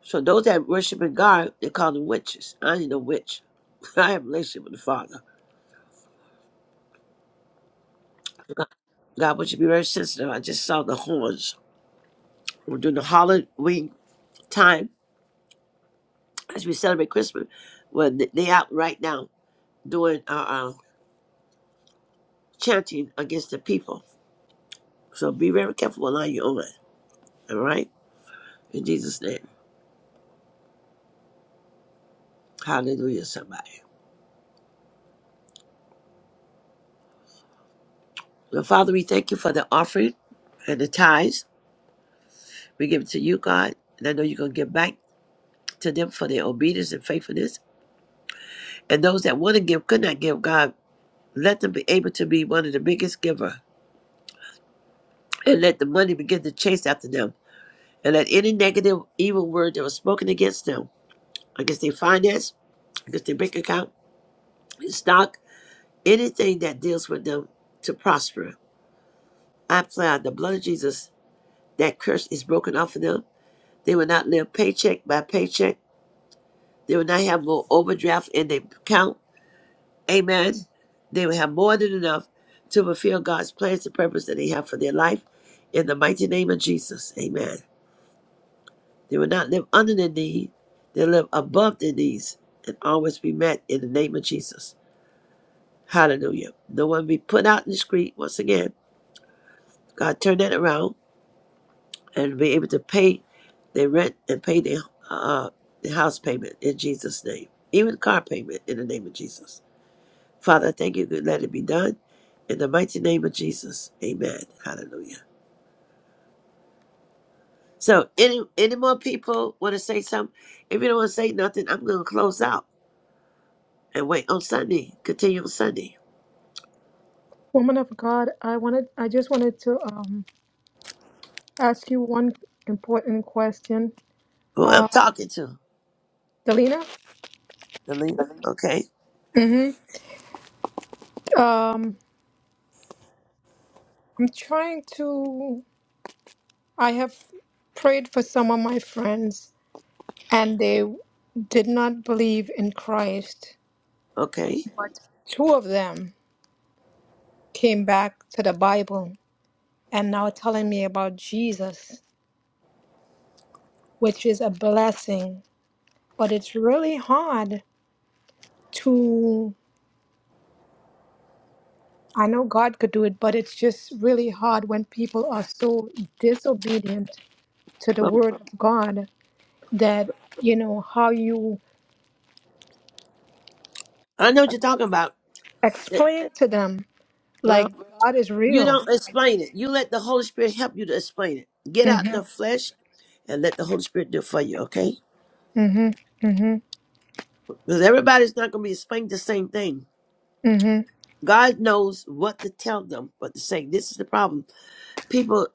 S1: So those that worshiping God, they call them witches. I ain't no witch. I have a relationship with the Father. God wants you to be very sensitive. I just saw the horns. We're doing the Halloween time as we celebrate Christmas. Well, they they out right now doing uh, uh, chanting against the people. So be very careful what line you're on. All right? In Jesus' name. Hallelujah, somebody. Well, Father, we thank you for the offering and the tithes. We give it to you, God. And I know you're going to give back to them for their obedience and faithfulness. And those that want to give could not give God, let them be able to be one of the biggest giver. And let the money begin to chase after them. And let any negative, evil word that was spoken against them, against their finance, against their bank account, their stock, anything that deals with them to prosper. I apply the blood of Jesus. That curse is broken off of them. They will not live paycheck by paycheck. They will not have more overdraft in their account. Amen. They will have more than enough to fulfill God's plans and purpose that they have for their life in the mighty name of Jesus. Amen. They will not live under their need, they'll live above their needs and always be met in the name of Jesus. Hallelujah. No one be put out in the street once again. God turn that around and be able to pay their rent and pay their uh the house payment in Jesus' name. Even car payment in the name of Jesus. Father, I thank you. Good, let it be done. In the mighty name of Jesus. Amen. Hallelujah. So, any any more people want to say something? If you don't want to say nothing, I'm going to close out and wait on Sunday. Continue on Sunday.
S12: Woman of God, I wanted I just wanted to um ask you one important question.
S1: Who I'm
S12: Uh
S1: talking to?
S12: Delina?
S1: The leader? Okay.
S12: Mm-hmm. Um I'm trying to. I have prayed for some of my friends, and they did not believe in Christ.
S1: Okay.
S12: But two of them came back to the Bible and now telling me about Jesus, which is a blessing. But it's really hard to. I know God could do it, but it's just really hard when people are so disobedient to the
S1: Well,
S12: Word of God that, you know, how you
S1: I know what you're talking about. Th-
S12: explain to them
S1: Well,
S12: Like God is
S1: you
S12: real.
S1: don't explain it. You let the Holy Spirit help you to explain it. Get out
S12: hmm
S1: the flesh and let the Holy Spirit do it for you, okay?
S12: hmm hmm
S1: Because everybody's not going to be explaining the same thing.
S12: hmm
S1: God knows what to tell them, but to say this is the problem. People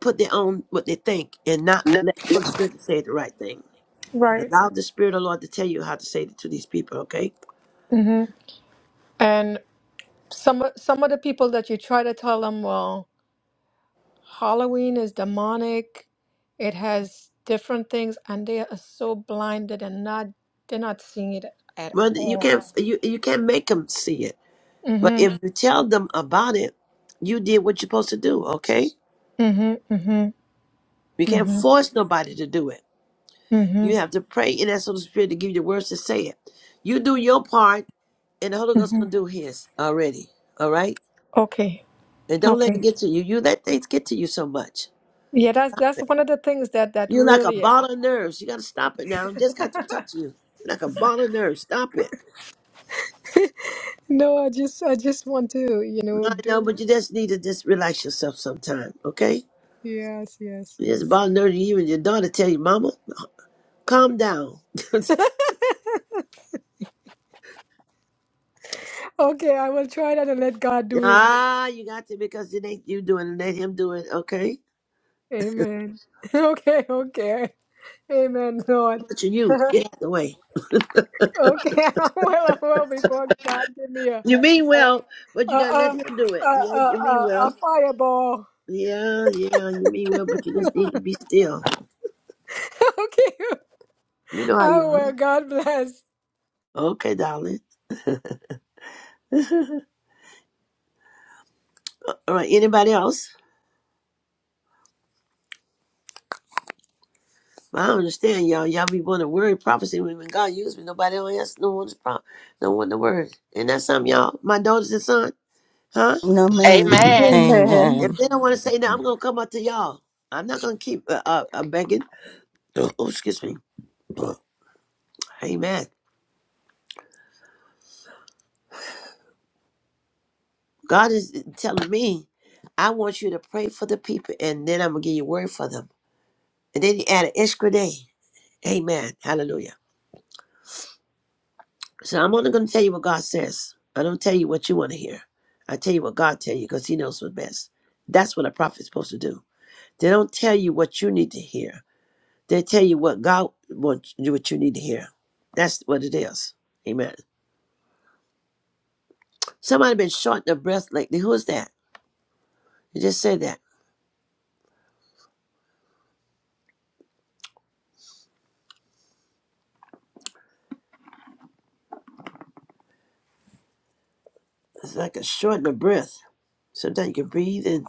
S1: put their own what they think and not let the Holy Spirit say the right thing.
S12: Right.
S1: Allow the Spirit of the Lord to tell you how to say it to these people. Okay,
S12: hmm And some of- some of the people that you try to tell them, well, Halloween is demonic. It has different things, and they are so blinded and not they're not seeing it at
S1: well you
S12: all.
S1: can't you you can't make them see it, but
S12: Mm-hmm.
S1: if you tell them about it, you did what you're supposed to do. Okay,
S12: Mm-hmm. Mm-hmm.
S1: you can't
S12: Mm-hmm.
S1: force nobody to do it.
S12: Mm-hmm.
S1: You have to pray and ask the Holy Spirit to give you the words to say it. You do your part, and the Holy Ghost
S12: Mm-hmm.
S1: gonna do His already. All right.
S12: Okay.
S1: And don't let it
S12: Okay.
S1: get to you. You let things get to you so much.
S12: Yeah, that's that's one of the things that that
S1: You're like a
S12: really.
S1: ball
S12: Uh,
S1: of nerves. You got to stop it now. It just got to touch you. You're like a ball of nerves. Stop it.
S12: no, I just I just want to you know
S1: I know,
S12: do.
S1: but you just need to just relax yourself sometime, okay?
S12: Yes, yes,
S1: You just
S12: yes.
S1: ball of nerves. You even your daughter tell you, Mama, calm down.
S12: Okay, I will try that and let God do His will.
S1: ah, you got to because it ain't you doing it. It ain't him doing it, okay?
S12: Amen. Okay, okay. Amen, Lord.
S1: Much of you. Get out the way.
S12: okay, I'm well, I'm well before God give me a
S1: You mean well, but
S12: a
S1: you got to let
S12: a
S1: him do
S12: a
S1: it.
S12: a,
S1: Yeah, you
S12: a,
S1: mean
S12: a
S1: well.
S12: fireball.
S1: Yeah, yeah, you mean well, but you just need to be still.
S12: okay.
S1: You know how you
S12: Oh
S1: are.
S12: well, God bless.
S1: Okay, darling. All right, anybody else? I don't understand y'all. Y'all be wanting word prophecy when when God used me. Nobody else don't want to pro- don't want the word. And that's something y'all. My daughters and son, huh?
S4: No man.
S2: Amen.
S4: Amen.
S1: If they don't want to say that, I'm
S3: Amen.
S1: gonna come up to y'all. I'm not gonna keep uh, uh, uh, begging. Oh, oh, excuse me. Amen. God is telling me, I want you to pray for the people, and then I'm gonna give you word for them. And then he added extra day. Amen. Hallelujah. So I'm only going to tell you what God says. I don't tell you what you want to hear. I tell you what God tell you because He knows what's best. That's what a prophet's supposed to do. They don't tell you what you need to hear. They tell you what God wants, you- what you need to hear. That's what it is. Amen. Somebody been short of breath lately. Who is that? You just said that. It's like a short of breath. Sometimes you can breathe and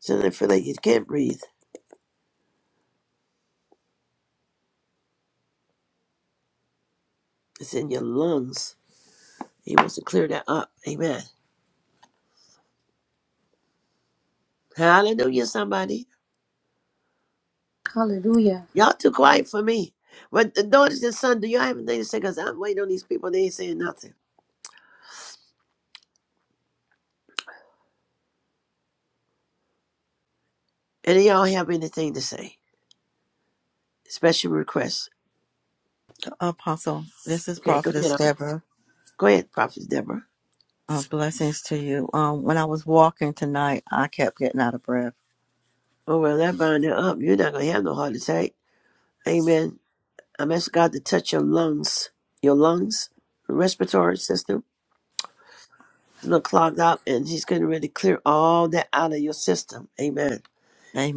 S1: sometimes you feel like you can't breathe. It's in your lungs. He wants to clear that up. Amen. Hallelujah, somebody.
S2: Hallelujah.
S1: Y'all too quiet for me. But the daughters and sons, do y'all have anything to say? Because I'm waiting on these people. They ain't saying nothing. And do y'all have anything to say? Special requests.
S4: Apostle, this is
S1: Okay, go ahead.
S4: Prophetess
S1: um,
S4: Deborah.
S1: Go ahead, Prophet Deborah.
S4: Uh, blessings to you. Um, when I was walking tonight, I kept getting out of breath.
S1: Oh, well, that bind it up. You're not going to have no heart attack. Amen. I'm asking God to touch your lungs, your lungs, respiratory system. It's a little clogged up, and He's getting ready to really clear all that out of your system. Amen.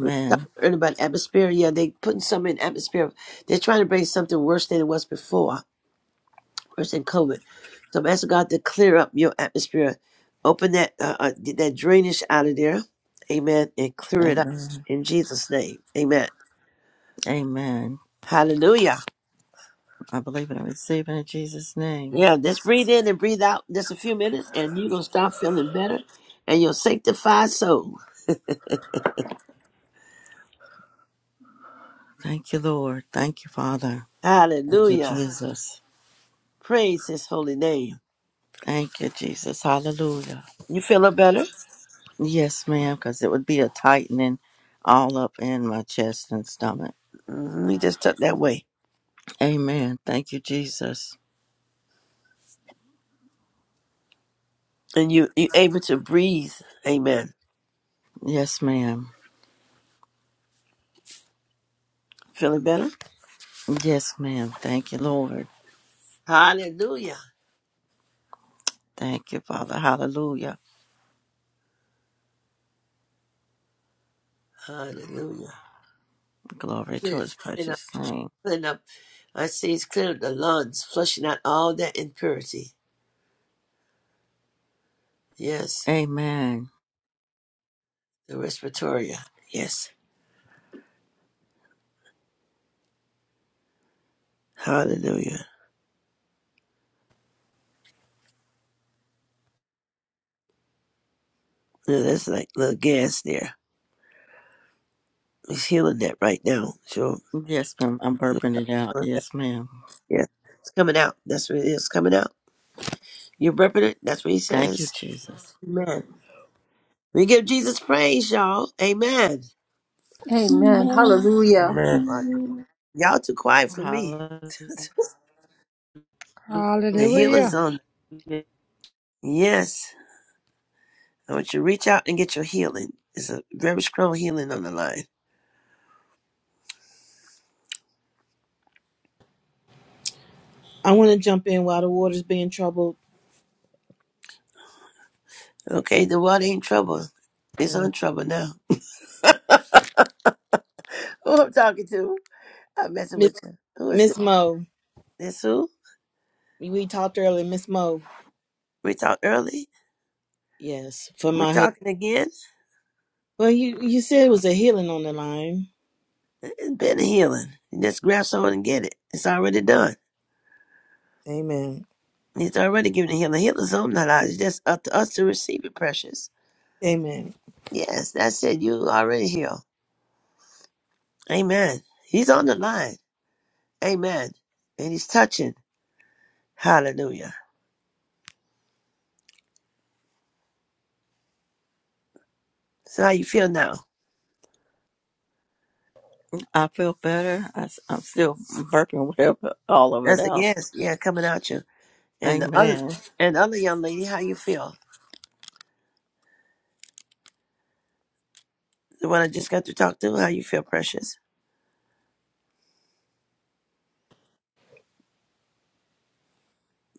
S1: We talked earlier about atmosphere. Yeah, they putting something in atmosphere. They're trying to bring something worse than it was before virus and COVID. So I'm asking God to clear up your atmosphere, open that uh, uh, get that drainage out of there, Amen, and clear it up
S4: Amen.
S1: in Jesus' name, Amen.
S4: Amen.
S1: Hallelujah.
S4: I believe and I receive it in Jesus' name.
S1: Yeah, just breathe in and breathe out just a few minutes, and you're gonna start feeling better, and you'll sanctify soul.
S4: Thank you, Lord. Thank you, Father. you,
S1: Hallelujah.
S4: Jesus.
S1: Praise His holy name.
S4: Thank you, Jesus. Hallelujah.
S1: You feeling better?
S4: Yes, ma'am, because it would be a tightening all up in my chest and stomach.
S1: Mm-hmm. You just took that way,
S4: Amen. Thank you, Jesus.
S1: and you you able to breathe. Amen.
S4: Yes, ma'am.
S1: Feeling better?
S4: Yes, ma'am. Thank you, Lord.
S1: Hallelujah.
S4: Thank you, Father. Hallelujah.
S1: Hallelujah.
S4: Glory to
S1: Good.
S4: his precious name.
S1: clearing up. I see he's clearing up the lungs, flushing out all that impurity. Yes,
S4: Amen.
S1: the respiratoria. Yes, hallelujah. Yeah, that's like a little gas there. He's healing that right now. Sure.
S4: Yes, ma'am. I'm burping it out.
S1: Yeah,
S4: Yes, ma'am.
S1: it's coming out. That's what it is coming out. You're repping it. That's what he
S4: Thank you,
S1: says.
S4: Jesus.
S1: Amen. We give Jesus praise, y'all. Amen.
S2: Amen. Hallelujah.
S5: Amen.
S1: Right.
S9: Amen.
S1: Y'all too quiet for me.
S4: Hallelujah.
S1: the healer's
S12: Hallelujah.
S1: on. Yes. I want you to reach out and get your healing. It's a very strong healing on the line.
S11: I want to jump in while the water's being troubled.
S1: Okay, the water ain't trouble. It's
S11: Oh,
S1: on trouble now. who I'm talking to? I'm messing
S11: Miss
S1: with you. Who is this?
S11: Miss Mo.
S1: This who?
S11: We talked earlier, Miss Mo.
S1: We talked early.
S11: Yes, for
S1: We
S11: my husband.
S1: talking again?
S11: Well, you you said it was a healing on the line.
S1: It's been a healing. You just grab someone and get it. It's already done.
S11: Amen.
S1: He's already given the healing. Healing's on not ours. It's just up to us to receive it, precious.
S11: Amen.
S1: Yes, that's it. You already healed. Amen. He's on the line. Amen. And he's touching. Hallelujah. So how you feel now?
S4: I feel better. I, am still burping whatever, all of it
S1: That's a
S4: out.
S1: yes. Yeah, coming out you. And the other
S4: Amen.
S1: and the other young lady, how you feel? The one I just got to talk to, how you feel, precious?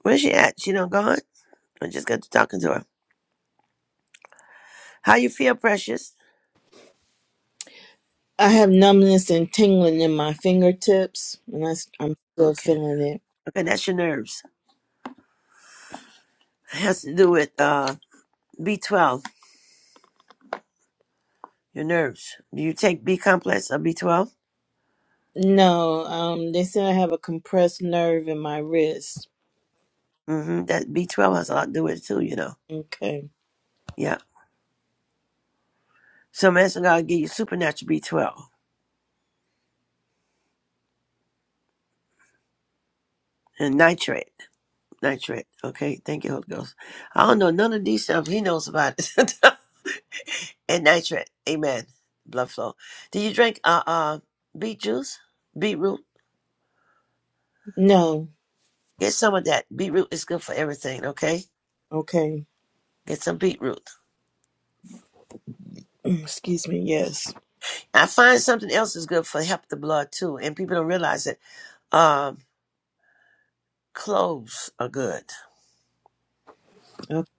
S1: Where's she at? She don't gone? I just got to talking to her. How you feel, precious?
S11: I have numbness and tingling in my fingertips, and I, am still
S1: Okay.
S11: feeling it.
S1: Okay, that's your nerves. It has to do with uh B twelve, your nerves. Do you take B complex or B twelve?
S11: No, um, they said I have a compressed nerve in my wrist.
S1: Mm-hmm. That B twelve has a lot to do with it too, you know.
S11: Okay.
S1: Yeah. So I'm asking God to give you supernatural B twelve and nitrate. Nitrate. Okay, thank you, Holy Ghost. I don't know none of these stuff he knows about. it. and nitrate. Amen. Blood flow. Do you drink uh uh beet juice? Beetroot.
S11: No.
S1: Get some of that. Beetroot is good for everything, okay?
S11: Okay.
S1: Get some beetroot.
S11: Excuse me. Yes.
S1: I find something else is good for help the blood too, and people don't realize it. Um cloves are good.
S11: Okay.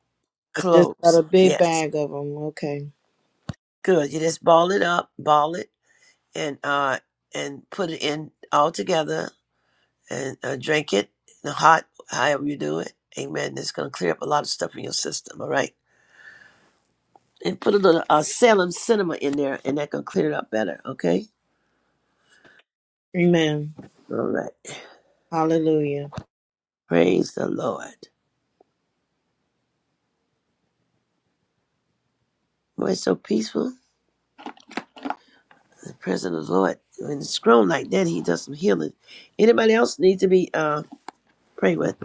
S11: I just got
S1: Cloves.
S11: a big
S1: Yes.
S11: bag of them. Okay.
S1: Good. You just ball it up, ball it and uh and put it in all together and uh, drink it hot, however you do it. Amen. It's gonna clear up a lot of stuff in your system, all right? and put a little uh, Salem cinema in there, and that can clear it up better. Okay.
S11: Amen.
S1: All right.
S11: Hallelujah.
S1: Praise the Lord. Boy, it's so peaceful. The presence of the Lord. When it's grown like that, He does some healing. Anybody else need to be uh prayed with?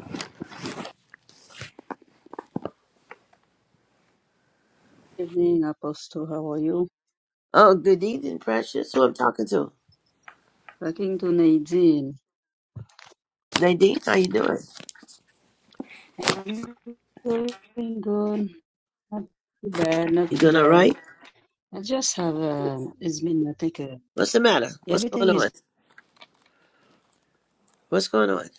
S13: Evening, Apostle. How are you?
S1: Oh, good evening, precious. Who I'm talking to?
S13: Talking to Nadine.
S1: Nadine, how you doing?
S13: I'm doing good. Too bad, not
S1: You
S13: too
S1: doing all
S13: bad.
S1: right?
S13: I just have um. It's been I think uh,
S1: What's the matter? What's going
S13: everything
S1: on?
S13: is.
S1: What's going on?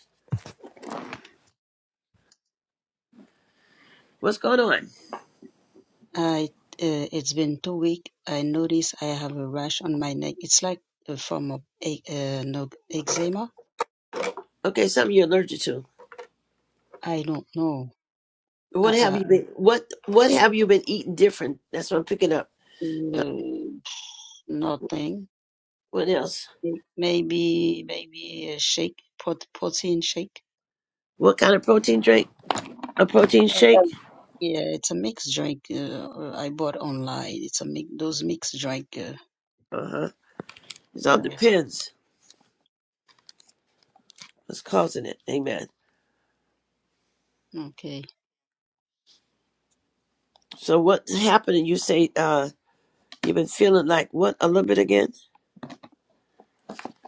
S1: What's going on?
S13: I uh, it's been two weeks. I notice I have a rash on my neck. It's like uh, from a, e- uh, no eczema.
S1: Okay, something you're allergic to.
S13: I don't know.
S1: What have
S13: Uh,
S1: you been? What What have you been eating different? That's what I'm picking up.
S13: uh, uh, nothing.
S1: What else?
S13: Maybe maybe a shake, prot- protein shake.
S1: What kind of protein drink? A protein shake?
S13: Yeah, it's a mixed drink. Uh, uh, I bought online. It's a mix. Those mixed drink. Uh,
S1: Uh huh. It all
S13: yeah.
S1: depends what's causing it. Amen.
S13: Okay.
S1: So what's happening? You say uh you've been feeling like what a little bit again?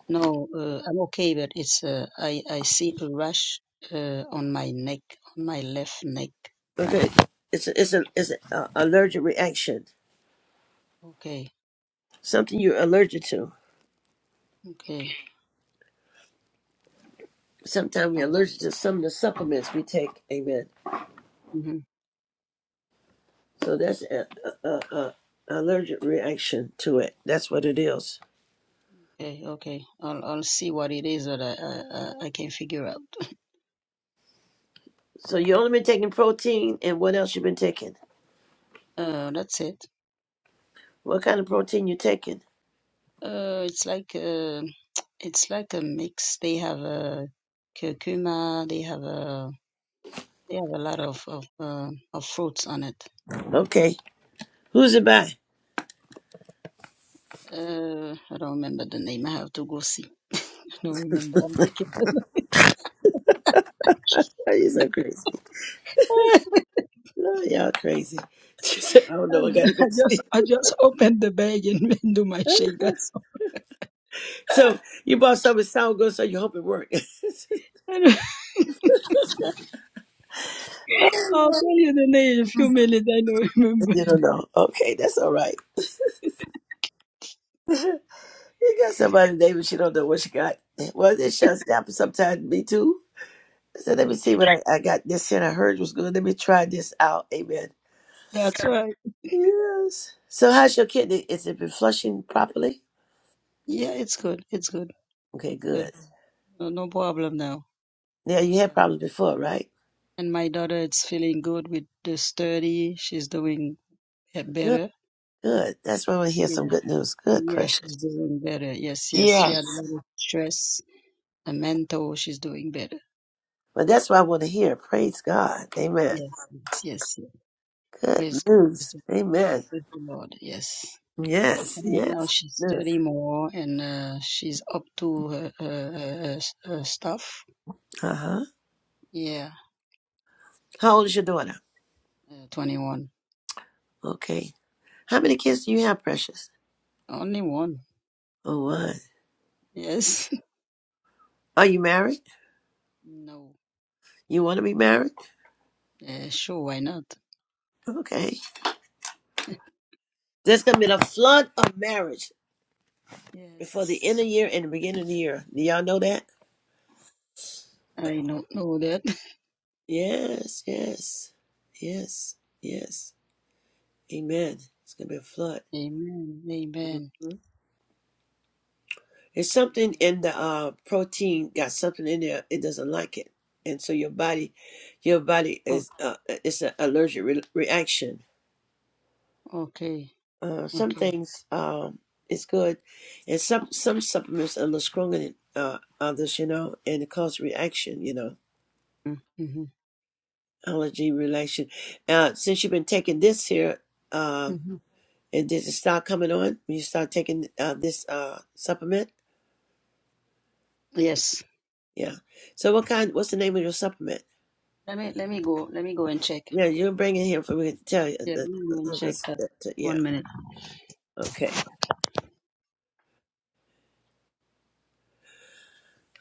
S13: No, uh, I'm okay, but it's. Uh, I I see a rash uh, on my neck, on my left neck.
S1: Okay. It's a, it's a, it's an uh, allergic reaction.
S13: Okay.
S1: Something you're allergic to.
S13: Okay.
S1: Sometimes we're
S13: Um,
S1: allergic to some of the supplements we take. Amen.
S13: mhm.
S1: So that's a, a, a, a allergic reaction to it. That's what it is.
S13: Okay. Okay. I'll I'll see what it is that I I, I I can figure out.
S1: So you only been taking protein, and what else you been taking?
S13: Uh, that's it.
S1: What kind of protein you taking?
S13: Uh, it's like uh, it's like a mix. They have a curcuma. They have a. They have a lot of of, uh, of fruits on it.
S1: Okay. Who's it by?
S13: Uh, I don't remember the name. I have to go see. I don't remember. I'm thinking.
S1: Are you so crazy? No, y'all crazy. She said, I don't know, I gotta go
S13: I just
S1: see.
S13: I just opened the bag and do my shake. That's all.
S1: So you bought something sound good, so you hope it worked. you
S13: I will tell you the name in a few minutes. I don't remember.
S1: don't know. Okay, that's all right. you got somebody name and she don't know what she got. Well, it shuts down sometimes me too. So let me see what I, I got this and I heard was good. Let me try this out. Amen.
S13: That's why.
S1: Yes. So how's your kidney? Is it been flushing properly?
S13: Yeah, it's good. It's good.
S1: Okay,
S13: It's
S1: good.
S13: good. No, no problem now.
S1: Yeah, you had
S13: Yeah.
S1: problems before, right?
S13: And my daughter is feeling good with the study. She's doing uh,
S1: Good,
S13: better.
S1: good. That's why we hear some
S13: Yeah.
S1: good news. Good,
S13: Yeah, she's
S1: precious.
S13: doing better. Yes, yes. She
S1: Yes.
S13: had a lot of stress a mentor, she's doing better.
S1: But that's what I want to hear. Praise God. Amen.
S13: Yes, yes, yes. yes.
S1: Good
S13: Praise, God. Praise
S1: news.
S13: the Lord. Yeah,
S1: Amen.
S13: praise the Lord. Yes.
S1: Yes,
S13: And
S1: yes,
S13: now she's
S1: yes.
S13: studying more and uh, she's up to her, her, her, her her stuff.
S1: Uh huh.
S13: Yeah,
S1: How old is your daughter?
S13: uh, 21.
S1: Okay. How many kids do you have, Precious?
S13: Only one.
S1: Oh, one.
S13: Yes.
S1: Are you married?
S13: no.
S1: You want to be married?
S13: Yeah, sure, why not?
S1: Okay. There's going to be a flood of marriage before the
S13: Yes.
S1: end of the year and the beginning of the year. Do y'all know that?
S13: I don't know that.
S1: Yes, yes, yes, yes. Amen. It's going to be a flood.
S13: Amen. Amen.
S1: Mm-hmm. It's something
S13: Amen.
S1: in the uh, protein got something in there. It doesn't like it, and so your body, your body
S13: Oh,
S1: is uh, it's an allergic re- reaction.
S13: okay.
S1: Uh, some
S13: Okay.
S1: things um, it's good, and some some supplements are a little stronger than uh, others, you know, and it causes reaction, you know,
S13: Mm-hmm.
S1: allergy reaction. Uh, since you've been taking this here, uh,
S13: Mm-hmm.
S1: and did it start coming on when you start taking uh, this uh, supplement?
S13: Yes.
S1: Yeah. So what kind? What's the name of your supplement?
S13: Let me let me go. Let me go and check.
S1: Yeah, you're bringing him for me to tell you.
S13: Yeah, let
S1: The,
S13: me go and
S1: the,
S13: check
S1: the-
S13: that.
S1: the- yeah.
S13: One minute.
S1: Okay.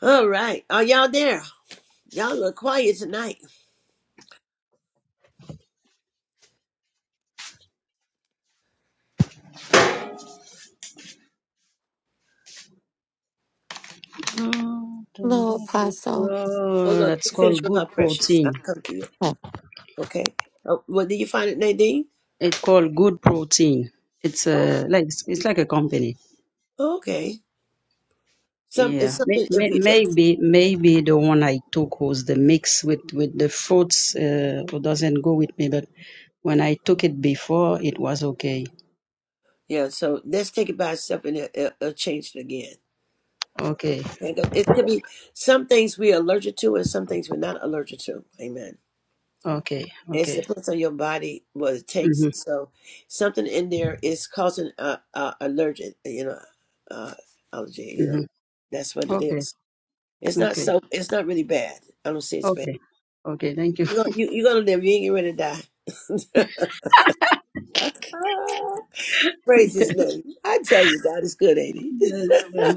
S1: All right. Are y'all there? Y'all look quiet tonight.
S14: Hello, Apostle.
S1: Hold
S13: Oh,
S1: on.
S13: that's
S1: Let me finish
S13: called
S1: with her
S13: Good
S1: precious. I'll
S13: Protein.
S1: come to you.
S14: Hmm.
S1: Okay. Oh, well, did you find it, Nadine?
S13: It's called Good Protein. It's
S1: Oh,
S13: a like it's, it's like a company.
S1: Okay. Some,
S13: Yeah,
S1: it's
S13: May-
S1: something. If
S13: may-
S1: you, uh,
S13: maybe maybe the one I took was the mix with with the fruits. Uh, or doesn't go with me, but when I took it before, it was okay.
S1: yeah. So let's take it by itself and it, it, it'll change it again.
S13: Okay,
S1: Because It could be some things we're allergic to and some things we're not allergic to. Amen.
S13: okay,
S1: It's the
S13: okay.
S1: place on your body what it takes.
S13: Mm-hmm,
S1: So something in there is causing a, a allergic, you know, uh, allergy. You know,
S13: mm-hmm.
S1: that's what it
S13: Okay,
S1: is. It's not
S13: okay,
S1: so. It's not really bad. I don't see it's bad.
S13: okay, okay. Thank you.
S1: You're gonna, you, you're gonna live. You ain't getting ready to die. Praise His name. I tell you, God is good, ain't He?
S13: Yes, yes.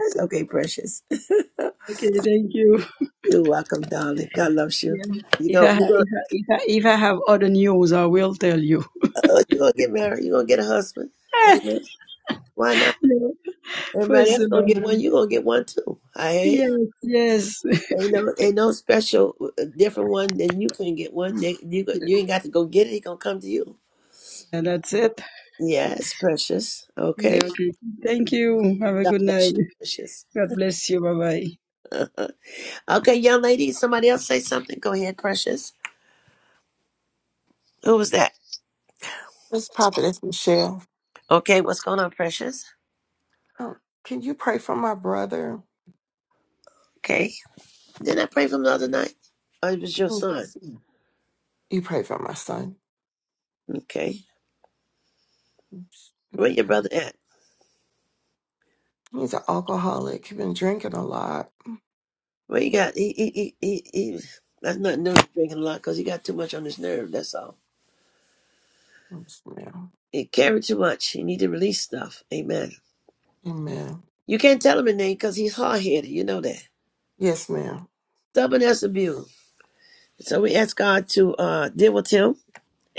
S1: That's okay, precious.
S13: Okay, thank you.
S1: You're welcome, darling. God loves you.
S13: Yeah.
S1: You
S13: If
S1: go.
S13: I have,
S1: You go.
S13: if I, if I, if I have other news, I will tell you.
S1: Uh, you gonna get married. You are gonna get a husband. Amen. Why not?
S13: No,
S1: Everybody
S13: Praise
S1: else
S13: the
S1: gonna
S13: Lord.
S1: get one. You gonna get one too. Hey.
S13: Yes, yes.
S1: Ain't no, ain't no special uh, different one than you can get one. They, you go- you ain't got to go get it. He gonna come to you.
S13: And that's it.
S1: Yes, precious.
S13: Yeah,
S1: Okay.
S13: okay. Thank you. Have a
S1: God
S13: good
S1: bless
S13: night.
S1: you, precious.
S13: God bless you. Bye bye.
S1: Okay, young lady. Somebody else say something. Go ahead, precious. Who was that?
S14: This prophet is Michelle.
S1: Okay, what's going on, precious?
S14: Oh, can you pray for my brother?
S1: Okay. Didn't I pray for him the other night? Oh, it was your
S14: Mm.
S1: son.
S14: You pray for my son.
S1: Okay. Where your brother at?
S14: He's an alcoholic. He's been drinking a lot.
S1: Where you got? He he he he. he that's not new drinking a lot because he got too much on his nerve. That's all.
S14: Yes, ma'am.
S1: He carried too much. He need to release stuff. Amen.
S14: Amen.
S1: You can't tell him a name because he's hard headed. You know that.
S14: Yes, ma'am.
S1: Stubborn as a mule. So we ask God to uh, deal with him.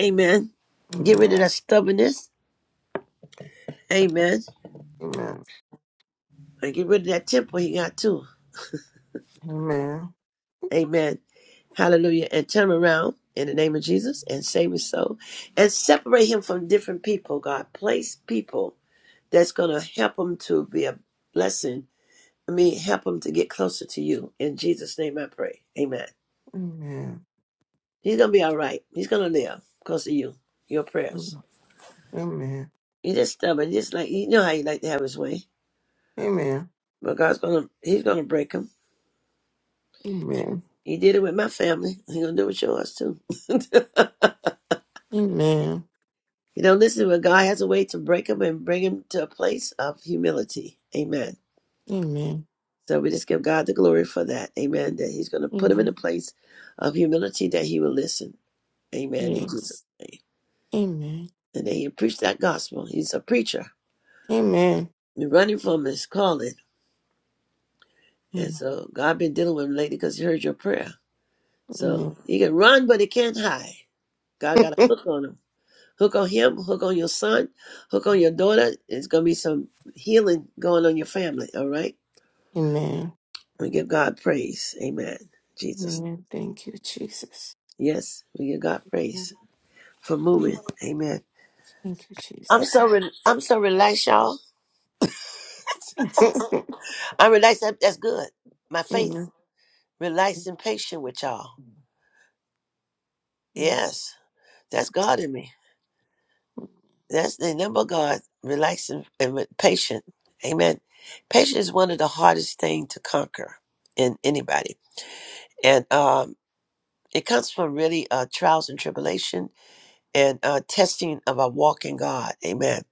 S1: Amen. Get rid
S14: Amen.
S1: of that stubbornness. Amen.
S14: Amen.
S1: And get rid of that temper he got too.
S14: Amen.
S1: Amen. Hallelujah. And turn around in the name of Jesus and save his soul. And separate him from different people, God. Place people that's going to help him to be a blessing. I mean, help him to get closer to you. In Jesus' name I pray. Amen.
S14: Amen.
S1: He's gonna be all right. He's gonna live because of you, your prayers.
S14: Amen. Amen.
S1: He just stubborn. Just like you know how he like to have his way,
S14: Amen.
S1: but God's gonna he's gonna break him. He did it with my family. He's gonna do it with yours too.
S14: Amen.
S1: You know, listen, but God has a way to break him and bring him to a place of humility. Amen.
S14: Amen.
S1: So we just give God the glory for that. Amen. That He's gonna put him in a
S14: Amen.
S1: place of humility that he will listen. Amen. In Jesus'
S14: Yes.
S1: name,
S14: Amen.
S1: and that he preach that gospel. He's a preacher.
S14: Amen.
S1: You're running from his calling And
S14: Hmm.
S1: so God been dealing with him lately because he heard your prayer. So
S14: Amen.
S1: he can run, but he can't hide. God got a hook on him. Hook on him, hook on your son, hook on your daughter. It's going to be some healing going on your family, all right?
S14: Amen.
S1: We give God praise. Amen. Jesus.
S14: Amen. Thank you, Jesus.
S1: Yes, we give God praise for moving.
S14: Mm,
S1: Amen.
S14: Thank you,
S1: I'm
S14: Jesus.
S1: so re- I'm so relaxed, y'all. I'm relaxed. That- That's good. My faith
S14: Amen.
S1: relaxed and patient with y'all.
S14: Mm-hmm.
S1: Yes, that's God in me. That's the number of God, relaxing and re- patient. Amen. Patience is one of the hardest thing to conquer in anybody. And um, it comes from really uh, trials and tribulation and uh, testing of our walk in God. Amen.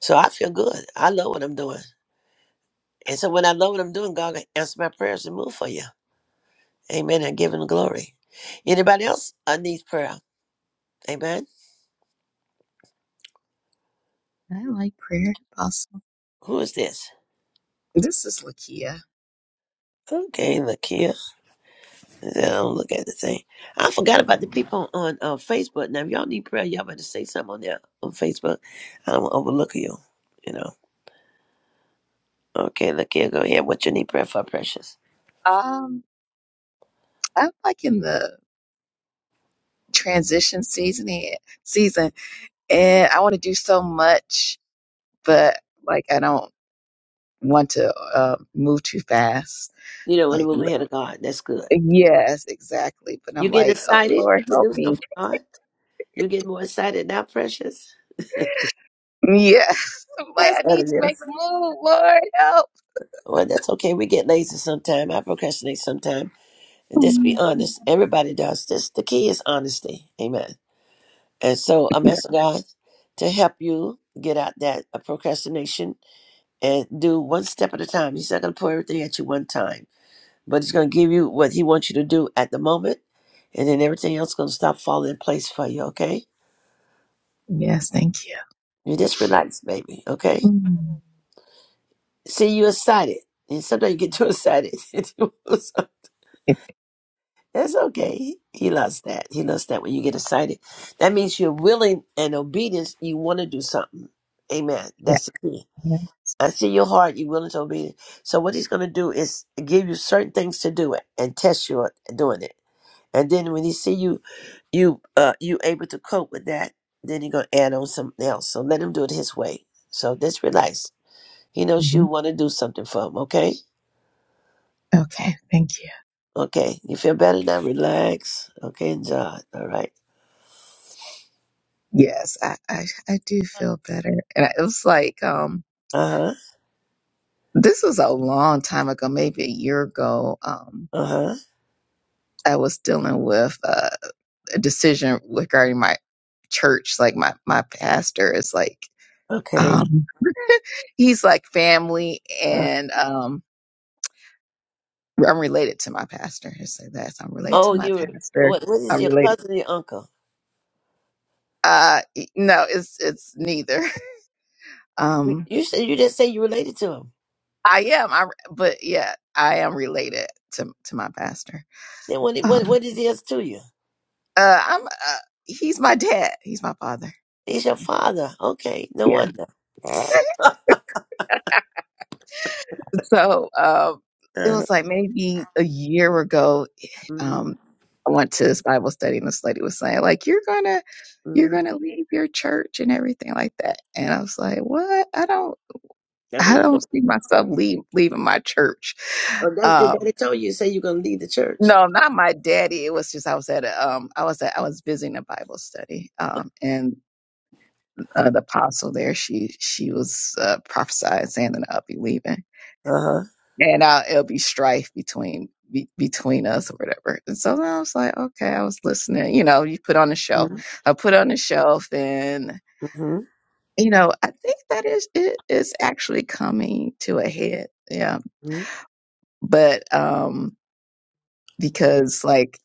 S1: So I feel good. I love what I'm doing. And so when I love what I'm doing, God can answer my prayers and move for you. Amen. And give him glory. Anybody else uh, needs prayer? Amen.
S15: I like prayer, Apostle.
S1: Who is this?
S15: This is Lakia.
S1: Okay, Lakia. I don't look at the thing. I forgot about the people on uh, Facebook. Now, if y'all need prayer, y'all better say something on there on Facebook. I don't want to overlook you. You know. Okay, look here. Go ahead. What you need prayer for, precious?
S15: Um, I'm like in the transition seasoning season, and I want to do so much, but like I don't want to uh, move too fast.
S1: You know, when
S15: Like,
S1: we move
S15: wh-
S1: ahead of God, that's good.
S15: yes, exactly. But
S1: You
S15: I'm
S1: getting
S15: like, oh
S1: excited
S15: Lord,
S1: to
S15: help
S1: do
S15: me.
S1: something for God? You getting more excited now, precious?
S15: Yes, I'm like
S1: That's
S15: I
S1: what
S15: need
S1: it
S15: to make
S1: is.
S15: a move. Lord, help.
S1: Well, that's okay. We get lazy sometime. I procrastinate sometime. And just be
S15: Mm,
S1: honest. Everybody does. This the key is honesty. Amen. And so I'm
S15: yeah.
S1: asking God to help you get out that uh, procrastination and do one step at a time. He's not going to pour everything at you one time, but He's going to give you what He wants you to do at the moment, and then everything else going to stop falling in place for you, okay?
S15: Yes, thank you.
S1: You just relax, baby, okay?
S15: Mm.
S1: See, you excited. And sometimes you get too excited. That's okay. He loves that. He loves that when you get excited. That means you're willing and obedient. You want to do something. Amen.
S15: Yeah.
S1: That's the key.
S15: yeah.
S1: I see your heart, you're willing to obey. So what he's gonna do is give you certain things to do it and test you on doing it. And then when he see you you uh you able to cope with that, then he's gonna add on something else. So let him do it his way. So just relax. He knows you
S15: hmm
S1: wanna do something for him, okay?
S15: Okay, thank you.
S1: Okay. You feel better now? Relax. Okay, enjoy. All right.
S15: Yes, I, I, I do feel better. And I- it was like, um,
S1: Uh-huh.
S15: this was a long time ago, maybe a year ago. Um,
S1: Uh-huh.
S15: I was dealing with uh, a decision regarding my church. Like my, my pastor is like,
S1: Okay.
S15: um, he's like family
S1: Uh-huh.
S15: and, um, I'm related to my pastor. I say that. So I'm related
S1: Oh,
S15: to my
S1: you were
S15: pastor.
S1: what what is
S15: I'm
S1: your
S15: related.
S1: cousin, or your uncle?
S15: Uh, no, it's, it's neither.
S1: You
S15: Um,
S1: you said you just say you related to him.
S15: I am, I, but yeah, I am related to, to my pastor
S1: Then what what
S15: Um,
S1: what is he else to you?
S15: uh, I'm, uh, he's my dad. He's my father.
S1: He's your
S15: Yeah.
S1: father. Okay, no
S15: Yeah.
S1: wonder.
S15: So, um, it
S1: Uh-huh.
S15: was like maybe a year ago.
S1: hmm
S15: Um, I went to this Bible study and this lady was saying like, you're going to, you're
S1: hmm
S15: going to leave your church and everything like that. And I was like, what? I don't,
S1: That way,
S15: I
S1: oh,
S15: don't see myself leave, leaving my church.
S1: that was your
S15: Um,
S1: daddy told you. Say you're gonna leave the church.
S15: no, not my daddy. It was just I was at a, um I was at I was visiting a Bible study. Um and uh, the apostle there, she she was uh, prophesied saying that I'll be leaving,
S1: Uh
S15: and uh, it'll be strife between be, between us or whatever. And so then I was like, okay, I was listening. You know, you put on the
S1: huh.
S15: shelf. I put on the shelf, and
S1: hmm
S15: you know, I think that is it is actually coming to a head. Yeah,
S1: hmm
S15: but um, because like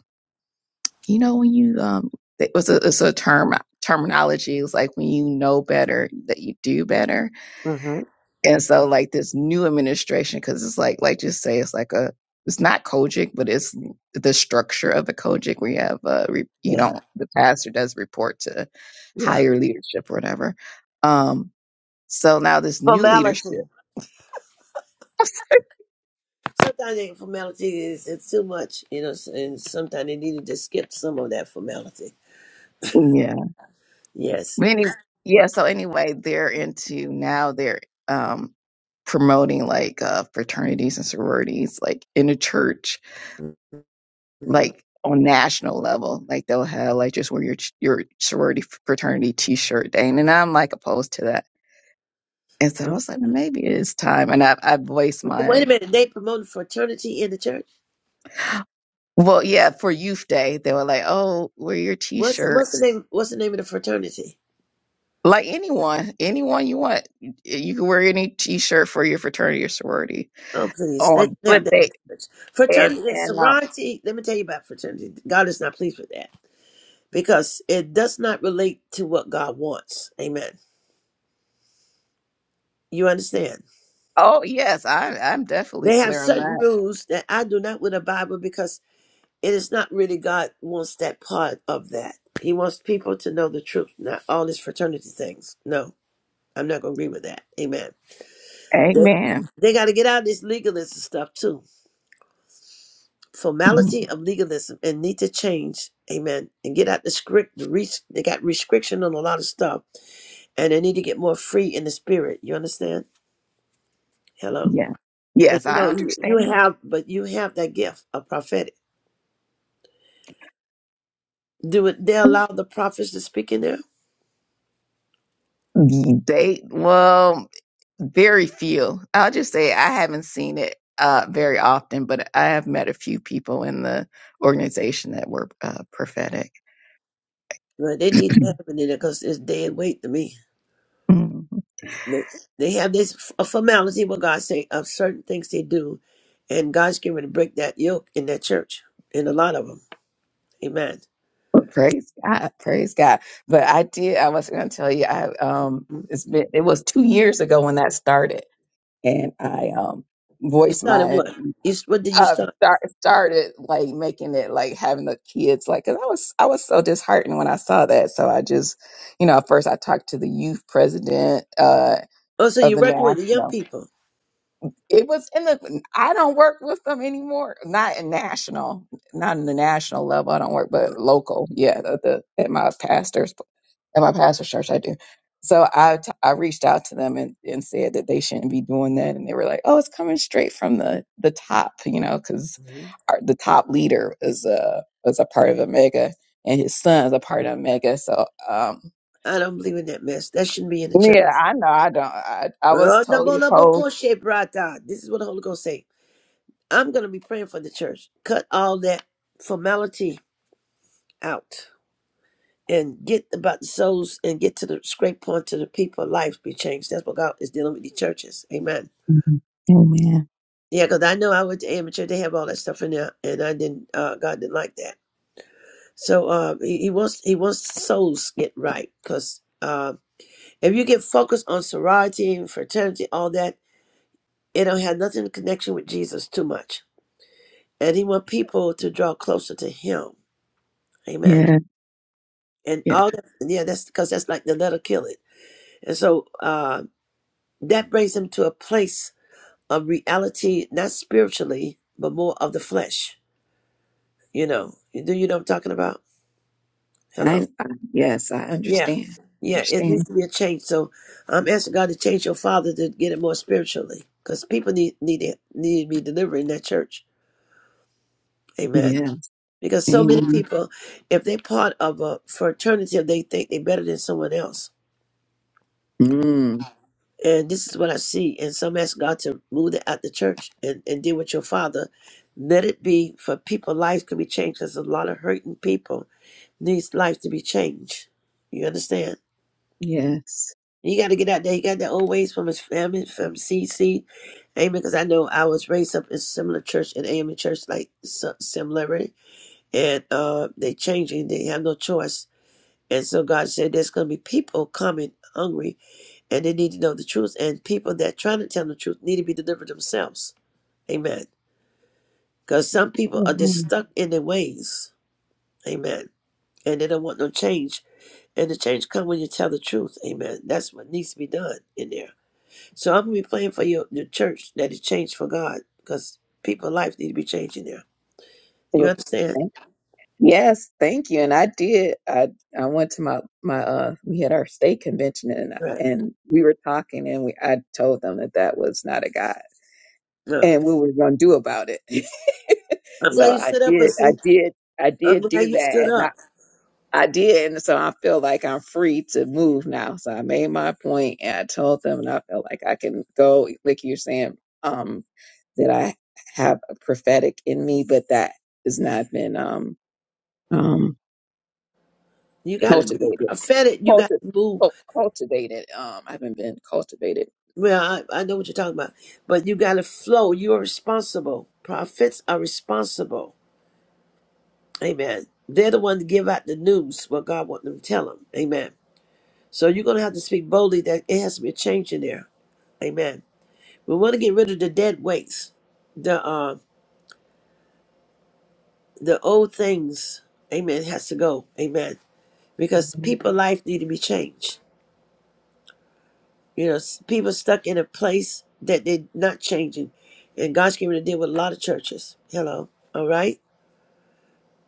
S15: you know when you um, it was a, it's a term terminology. It's like when you know better that you do better
S1: hmm
S15: And so like this new administration, because it's like like just say it's like a it's not Kojic, but it's the structure of a Kojic where you have uh re, you
S1: Yeah.
S15: don't the pastor does report to
S1: Yeah.
S15: higher leadership or whatever. Um, so now this new leadership,
S1: Formality. Sometimes the formality is it's too much, you know, and sometimes they needed to skip some of that formality.
S15: yeah.
S1: Yes.
S15: But any, yeah. So anyway, they're into now they're um promoting like uh fraternities and sororities like in the church
S1: hmm
S15: like on national level, like they'll have like just wear your your sorority fraternity T-shirt day, and I'm like opposed to that. And so I was like, well, maybe it is time. And I I voiced
S1: Wait a
S15: my
S1: minute. They promoted fraternity in the church.
S15: well, yeah, for Youth Day, they were like, oh, wear your
S1: What's what's the
S15: T-shirts.
S1: name? What's the name of the fraternity?
S15: Like anyone, anyone you want, you can wear any T-shirt for your fraternity or sorority.
S1: Oh, please. They
S15: Um,
S1: they
S15: but
S1: have that in
S15: they
S1: the church.
S15: and
S1: Fraternity and
S15: and um,
S1: sorority, let me tell you about fraternity. God is not pleased with that because it does not relate to what God wants. Amen. You understand?
S15: oh yes, I I'm definitely
S1: They have
S15: clear on
S1: certain
S15: that.
S1: rules that I do not with the Bible because it is not really God wants that part of that. He wants people to know the truth, not all these fraternity things. No, I'm not going to agree with that. Amen. They,
S15: Amen.
S1: they got to get out of this legalism stuff too.
S15: Mhm.
S1: formality of legalism and need to change amen and get out the script the reach they got restriction on a lot of stuff and they need to get more free in the spirit you understand hello
S15: Yeah.
S1: but
S15: Yes,
S1: you
S15: I
S1: know you you
S15: understand.
S1: have but you have that gift of prophetic do it they allow the prophets to speak in there
S15: They well, very few. I'll just say I haven't seen it uh, very often, but I have met a few people in the organization that were uh, prophetic.
S1: well, they need to have it in there because it's dead weight to me
S15: Mhm.
S1: they, they have this f- a formality what god say of certain things they do and god's getting ready to break that yoke in that church in a lot of them amen
S15: Praise God, praise God. But I did. I was going to tell you. I um, it's been it was two years ago when that started, and I um
S1: You
S15: voiced
S1: started
S15: my
S1: what? You s- what did you
S15: um,
S1: start?
S15: start, started like making it like having the kids like 'cause I was I was so disheartened when I saw that. So I just, you know, at first I talked to the youth president uh,
S1: Oh, so
S15: of
S1: you
S15: the
S1: working with the young
S15: national.
S1: people?
S15: It was in the I don't work with them anymore. Not in national, not in the national level. I don't work, but local. Yeah, the, the, at my pastor's at my pastor's church I do. So I t- I reached out to them and, and said that they shouldn't be doing that, and they were like, "Oh, it's coming straight from the the top, you know, because
S1: hmm
S15: our the top leader is a is a part of Omega, and his son is a part of Omega." So um,
S1: I don't believe in that mess. That shouldn't be in the church.
S15: yeah, I know I don't I I was
S1: Oh,
S15: totally
S1: nabo, nabo,
S15: opposed.
S1: koshe, brata. This is what the Holy Ghost say. I'm gonna be praying for the church. Cut all that formality out. and get about the souls and get to the scrape point to the people life be changed. That's what God is dealing with the churches. Amen.
S15: Mhm. Amen.
S1: Yeah, because I know I went to amateur, they have all that stuff in there, and I didn't. Uh, God didn't like that. So uh, he, he wants he wants souls get right because uh, if you get focused on sorority and fraternity, all that, it don't have nothing in connection with Jesus too much. And he want people to draw closer to Him. Amen.
S15: Yeah,
S1: And
S15: yeah.
S1: all that, yeah, that's because that's like the letter kill it. And so, uh, That brings him to a place of reality, not spiritually, but more of the flesh. You know, do you know what I'm talking about? Hello?
S15: I, I yes, I
S1: Yeah.
S15: understand.
S1: Yeah, it needs
S15: Understand.
S1: to be a change. So I'm asking God to change your father to get it more spiritually because people need, need, it, need to be delivered in that church. Amen.
S15: Yeah.
S1: Because so many
S15: Amen.
S1: people, if they're part of a fraternity, they think they're better than someone else
S15: Mm.
S1: And this is what I see. And some ask God to move it out the church and, and deal with your father. Let it be for people, lives can be changed. There's a lot of hurting people needs lives to be changed. You understand?
S15: Yes.
S1: You got to get out there. He got that old ways from his family, from CC. Amen. Because I know I was raised up in similar church, in AME church, like so- similarity. And uh, they changing. They have no choice. And so God said there's going to be people coming hungry and they need to know the truth. And people that are trying to tell the truth need to be delivered themselves. Amen. Because some people are just
S15: Amen.
S1: stuck in their ways. Amen. And they don't want no change. And the change come when you tell the truth. Amen. That's what needs to be done in there. So I'm gonna be praying for your, your church that it changed for God because people's life need to be changing there. You understand?
S15: Yes, thank you. And I did. I I went to my my uh we had our state convention and
S1: Right.
S15: and we were talking and we I told them that that was not a god
S1: No.
S15: and what we were going to do about it.
S1: I'm
S15: so
S1: glad you
S15: I
S1: stood up
S15: did
S1: because
S15: I
S1: see,
S15: did I
S1: I'm
S15: did
S1: glad
S15: do
S1: you
S15: that
S1: stood
S15: and I
S1: up.
S15: I did and so I feel like I'm free to move now. So I made my point and I told them and I felt like I can go like you're saying um that I have a prophetic in me but that has not been um um,
S1: You gotta be
S15: cultivated,
S1: prophetic, you gotta
S15: culti-
S1: move
S15: cul- cultivated. Um, I haven't been cultivated.
S1: Well, I, I know what you're talking about, but you got to flow. You are responsible. Prophets are responsible. Amen. They're the ones to give out the news what God wants them to tell them. Amen. So you're going to have to speak boldly that it has to be a change in there. Amen. We want to get rid of the dead weights, the uh, the old things. Amen. Has to go. Amen. Because people' life need to be changed. You know, s- people stuck in a place that they're not changing, and God's going to deal with a lot of churches. Hello. All right.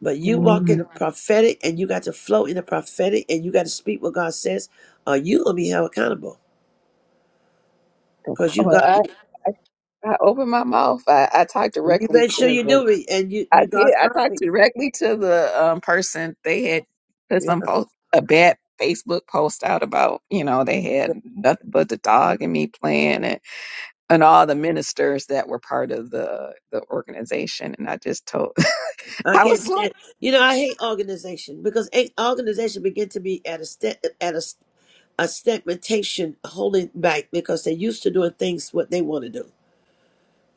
S1: But you walk in
S15: Amen.
S1: the prophetic and you got to flow in the prophetic and you got to speak what God says, or you gonna be held accountable. Because you
S15: Well,
S1: got
S15: I, I, I open my mouth. I, I talk
S1: you
S15: directly
S1: make sure
S15: to
S1: you
S15: the
S1: do it and you
S15: I
S1: you
S15: did.
S1: God's
S15: I talked
S1: mouthpiece.
S15: directly to the um, person. They had put
S1: Yeah.
S15: some post, a bad Facebook post out about, you know, they had nothing but the dog and me playing and, and all the ministers that were part of the, the organization. And I just told,
S1: I
S15: I
S1: can't
S15: was like,
S1: stand you know, I hate organization because a- organization begin to be at a step at a a segmentation holding back because they're used to doing things what they want to do.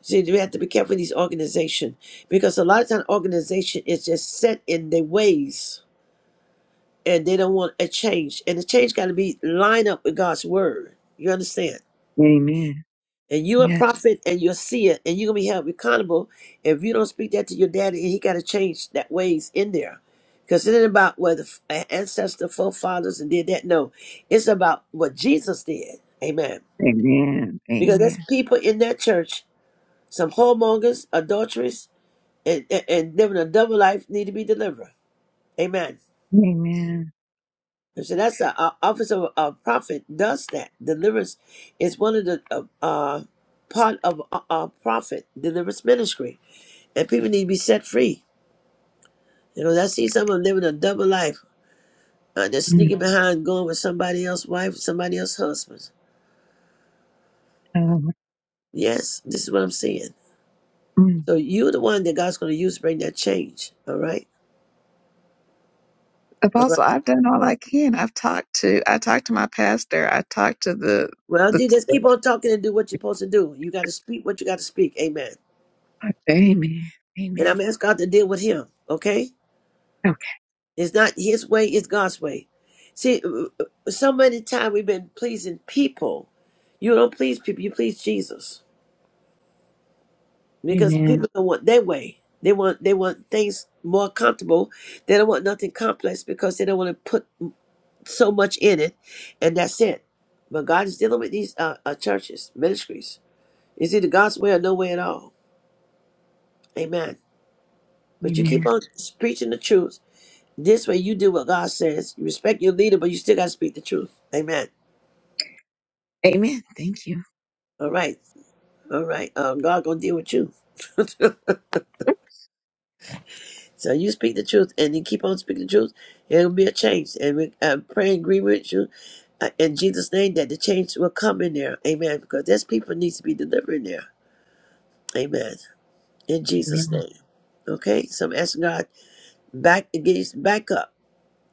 S1: See, we have to be careful with these organization because a lot of time organization is just set in their ways and they don't want a change. And the change got to be lined up with God's word. You understand?
S15: Amen.
S1: And you're a
S15: Yeah.
S1: prophet and you're a seer and you're going to be held accountable. If you don't speak that to your daddy, and he got to change that ways in there. Because it ain't about whether f- ancestor, forefathers, and did that. No, it's about what Jesus did. Amen.
S15: Amen.
S1: Because there's
S15: Amen.
S1: people in that church, some whoremongers, adulteries, and, and, and living a double life need to be delivered. Amen.
S15: Amen.
S1: So that's the uh, office of a prophet does that. Deliverance is one of the uh, uh, part of a a prophet deliverance ministry, and people need to be set free. You know, I see some of them living a double life. Uh, they're
S15: Mm,
S1: sneaking behind, going with somebody else's wife, somebody else's husband.
S15: um,
S1: Yes, this is what I'm seeing.
S15: mm.
S1: So you're the one that God's going to use to bring that change. All right, all right.
S15: Apostle, I've done all I can. I've talked to, I talked to my pastor. I talked to the,
S1: Well,
S15: the,
S1: dude, just keep on talking and do what you're supposed to do. You got to speak what you got to speak. Amen.
S15: Amen.
S1: And
S15: Amen.
S1: I'm asking God to deal with him. Okay.
S15: Okay.
S1: It's not his way, it's God's way. See, uh, uh, so many times we've been pleasing people. You don't please people, you please Jesus. Because
S15: Amen.
S1: people don't want their way. They want they want things more comfortable. They don't want nothing complex because they don't want to put so much in it, and that's it. But God is dealing with these uh, uh, churches, ministries. It's either God's way or no way at all. Amen. But you keep
S15: Amen.
S1: on preaching the truth. This way, you do what God says. You respect your leader, but you still got to speak the truth. Amen.
S15: Amen. Thank you.
S1: All right. All right. Um, God gonna deal with you. so you speak the truth, and you keep on speaking the truth. It'll be a change, and we I pray and agree with you uh, in Jesus' name that the change will come in there. Amen. Because there's people needs to be delivered in there. Amen. In Jesus'
S15: Amen.
S1: name. Okay. So I'm asking God back to get you back up.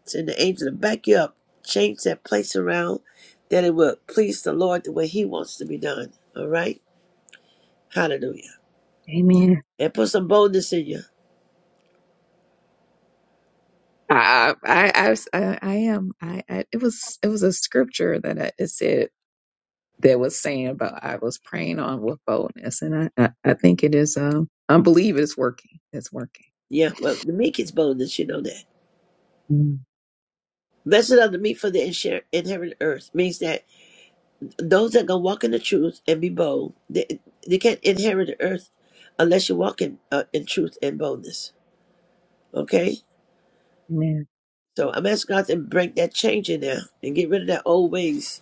S1: Send the angel to back you up. Change that place around that it will please the Lord the way He wants to be done. All right. Hallelujah.
S15: Amen.
S1: And put some boldness in you.
S15: I I I, was- I, I am I, I it was it was a scripture that I, it said that was saying about I was praying on with boldness and I I, I think it is um I believe it's working it's working.
S1: Yeah, well, the meek is boldness, you know that.
S15: Mm.
S1: Blessed are the meek for the insher- inherit the earth means that those that gonna walk in the truth and be bold, they, they can't inherit the earth unless you walk in uh, in truth and boldness. Okay,
S15: Amen.
S1: so I'm asking God to break that change in there and get rid of that old ways.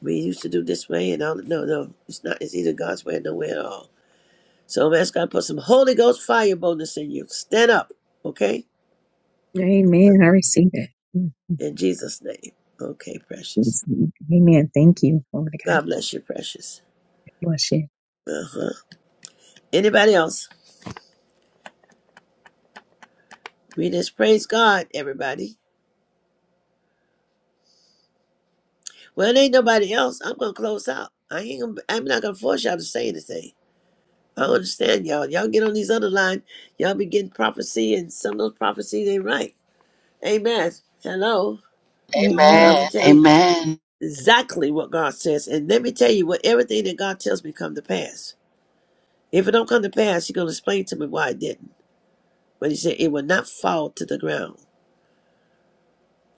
S1: We used to do this way and all. No, no, it's not. It's either God's way or no way at all. So I'm asking God to put some Holy Ghost fire boldness in you. Stand up, okay?
S15: Amen. I receive it. Mm.
S1: In Jesus' name. Okay, precious.
S15: Yes. Amen. Thank you, Lord God.
S1: God bless you, precious.
S15: Bless You
S1: Uh-huh. Anybody else? We just praise God, everybody. Well, there ain't nobody else. I'm gonna close out. I ain't. Gonna, I'm not gonna force y'all to say anything. I understand y'all. Y'all get on these other lines. Y'all be getting prophecy, and some of those prophecies ain't right. Amen. Hello. And I'm
S2: Amen.
S1: gonna tell
S8: Amen.
S1: you
S8: Amen.
S1: exactly what God says, and let me tell you what everything that God tells me come to pass. If it don't come to pass, He's gonna explain to me why it didn't. But He said it will not fall to the ground.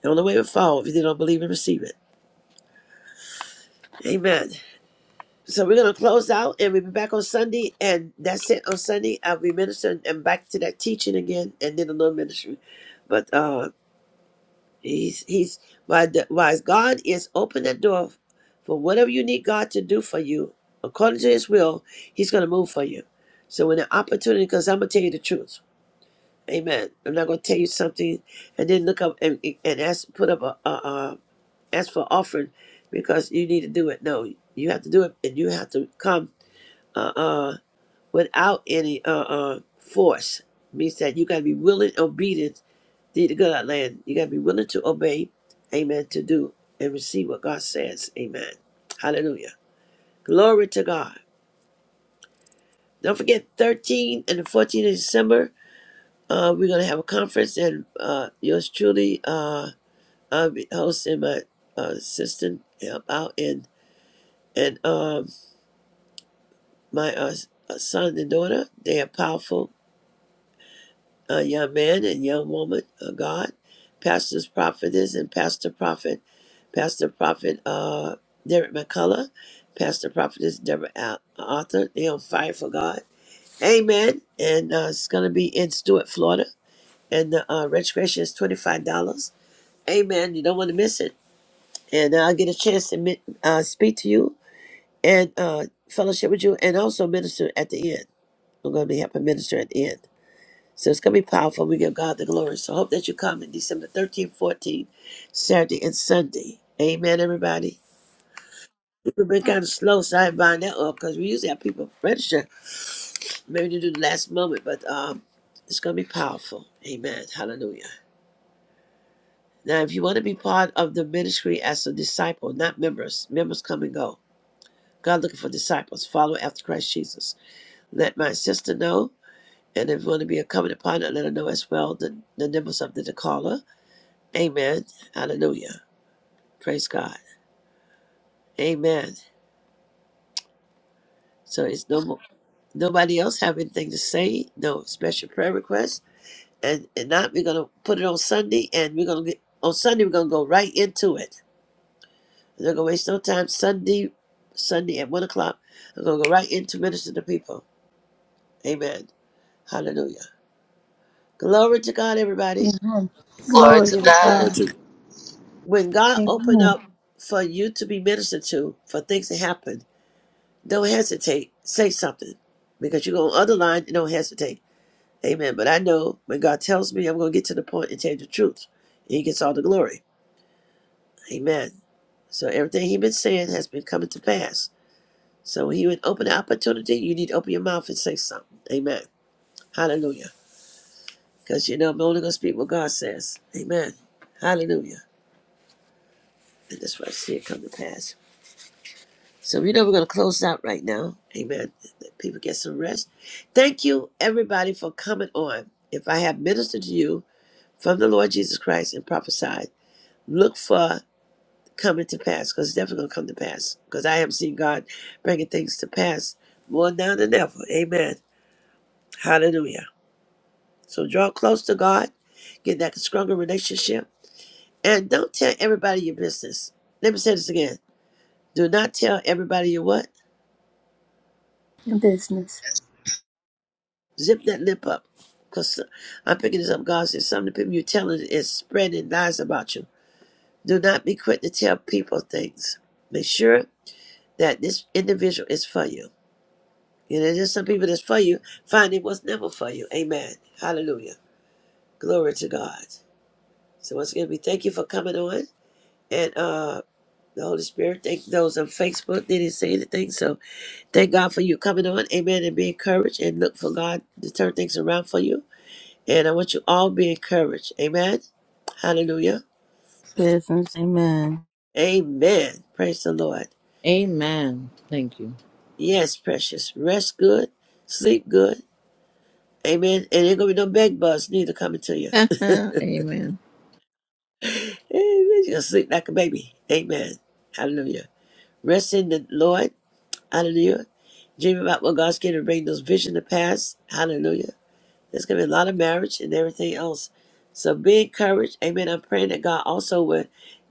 S1: The only way it will fall if you don't believe and receive it. Amen. So we're gonna close out and we'll be back on Sunday and that's it on Sunday. I'll be ministering and back to that teaching again and then a little ministry. But uh he's he's why the why God is open that door for whatever you need God to do for you, according to his will, he's gonna move for you. So when the opportunity comes, I'm gonna tell you the truth. Amen. I'm not gonna tell you something and then look up and and ask put up a, a, a ask for offering because you need to do it. No, you have to do it and you have to come uh, uh, without any uh, uh, force. Means that you got to be willing, obedient to the good of land. You got to be willing to obey, amen, to do and receive what God says, amen. Hallelujah. Glory to God. Don't forget, thirteenth and the 14th of December, uh, we're going to have a conference, and uh, yours truly, uh, I'll be hosting my uh, assistant, help out, and, and um, my uh, son and daughter. They are powerful uh, young man and young woman of God, pastors, prophetess, and pastor prophet, pastor prophet uh, Derek McCullough, pastor prophetess Deborah Al- Arthur. They on fire for God. Amen. And uh, it's going to be in Stuart, Florida. And the uh, registration is $25. Amen. You don't want to miss it. And I'll get a chance to mi- uh, speak to you and uh, fellowship with you and also minister at the end. I'm going to be helping minister at the end. So it's going to be powerful. We give God the glory. So I hope that you come in December 13th, 14th, Saturday, and Sunday. Amen, everybody. We've been kind of slow, so I bind that up because we usually have people register maybe to do the last moment, but um, it's going to be powerful. Amen. Hallelujah. Now, if you want to be part of the ministry as a disciple, not members, members come and go. God looking for disciples. Follow after Christ Jesus. Let my sister know. And if you want to be a covenant partner, let her know as well the, the numbers of the caller. Amen. Hallelujah. Praise God. Amen. So it's no more, nobody else have anything to say, no special prayer requests, And and not we're gonna put it on Sunday and we're gonna get on Sunday we're gonna go right into it. We're not gonna waste no time. Sunday Sunday at one o'clock. We're gonna go right into ministering to people. Amen. Hallelujah. Glory to God, everybody.
S2: Amen.
S8: Glory
S2: Glory
S8: to
S1: See, when
S2: to
S8: God.
S3: Glory
S2: God.
S3: to God.
S1: when God
S2: Make
S1: opened up for you to be ministered to, for things to happen, Don't hesitate. Say something because you're going to underline and don't hesitate. Amen. But I know when God tells me, I'm going to get to the point and tell you the truth. And he gets all the glory. Amen. So everything he's been saying has been coming to pass. So when he would open the opportunity, you need to open your mouth and say something. Amen. Hallelujah. Because you know, I'm only going to speak what God says. Amen. Hallelujah. And that's why I see it come to pass. So you know we're gonna close out right now. Amen. Let people get some rest. Thank you everybody for coming on. If I have ministered to you from the Lord Jesus Christ and prophesied, look for coming to pass because it's definitely gonna come to pass. Because I have seen God bringing things to pass more now than ever. Amen. Hallelujah. So draw close to God, get that stronger relationship, and don't tell everybody your business. Let me say this again. Do not tell everybody your what?
S2: your business.
S1: Zip that lip up. Because I'm picking this up. God says some of the people you're telling is spreading lies about you. Do not be quick to tell people things. Make sure that this individual is for you. You know, there's some people that's for you, find it was never for you. Amen. Hallelujah. Glory to God. So once again, we thank you for coming on. And uh the Holy Spirit, thank those on Facebook. They didn't say anything. So thank God for you coming on. Amen. And be encouraged and look for God to turn things around for you. And I want you all to be encouraged. Amen. Hallelujah.
S4: Business. Amen.
S1: Amen. Praise the Lord.
S16: Amen. Thank you.
S1: Yes, precious. Rest good. Sleep good. Amen. And ain't gonna be no bed bugs neither coming to you.
S16: Amen.
S1: Amen. You're gonna sleep like a baby. Amen. Hallelujah. Rest in the Lord. Hallelujah. Dream about what God's going to bring those visions to pass. Hallelujah. There's going to be a lot of marriage and everything else. So be encouraged. Amen. I'm praying that God also will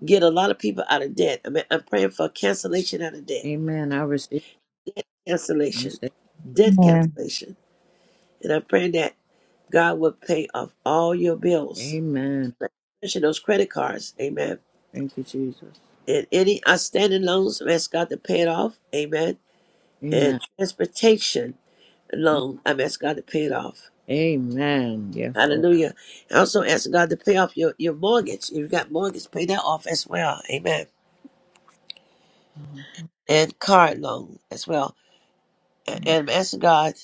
S1: get a lot of people out of debt. I mean, I'm praying for cancellation out of debt,
S16: Amen. I receive. I
S1: cancellation,
S16: say,
S1: debt
S15: Amen.
S1: cancellation. And I'm praying that God will pay off all your bills,
S16: Amen.
S1: especially those credit cards. Amen.
S16: Thank you, Jesus.
S1: And any outstanding loans, I'm asking God to pay it off. Amen. And
S16: Amen.
S1: transportation loan, I'm asking God to pay it off.
S16: Amen. Yes, Lord.
S1: Hallelujah. I also ask God to pay off your, your mortgage. If you got mortgage, pay that off as well. Amen. And car loan as well. A- And I'm asking God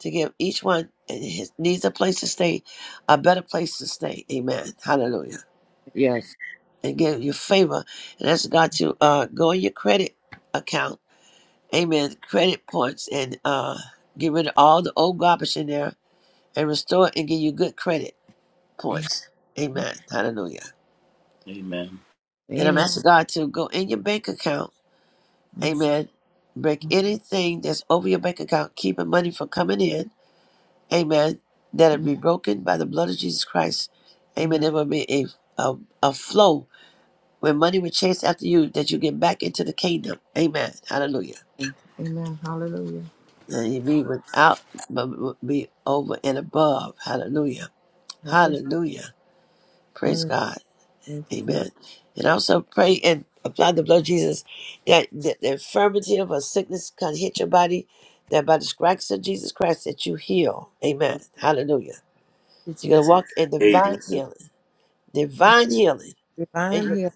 S1: to give each one and his needs a place to stay, a better place to stay. Amen. Hallelujah.
S16: Yes.
S1: And give you favor. And ask God to uh, go in your credit account. Amen. Credit points and uh, get rid of all the old garbage in there and restore it and give you good credit points. Amen. Hallelujah.
S3: Amen.
S1: And I'm
S16: Amen.
S1: asking God to go in your bank account.
S16: Yes.
S1: Amen. Break anything that's over your bank account, keeping money from coming in. Amen. That it
S16: Mm.
S1: be broken by the blood of Jesus Christ. Amen.
S16: Amen.
S1: There will be a, a, a flow where money will chase after you that you get back into the kingdom. Amen. Hallelujah.
S16: Amen. Hallelujah.
S1: And you be without, but be over and above. Hallelujah.
S16: Yes.
S1: Hallelujah. Praise
S16: Hallelujah.
S1: God.
S16: Thank you, Jesus.
S1: Amen. And also pray and apply the blood of Jesus that the, the infirmity of a sickness can hit your body, that by the stripes of Jesus Christ that you heal. Amen.
S16: Thank
S1: Hallelujah.
S16: you,
S1: You're gonna
S16: Jesus.
S1: walk in
S3: Amen.
S1: divine healing. Divine healing. And
S16: Divine
S1: you
S16: here.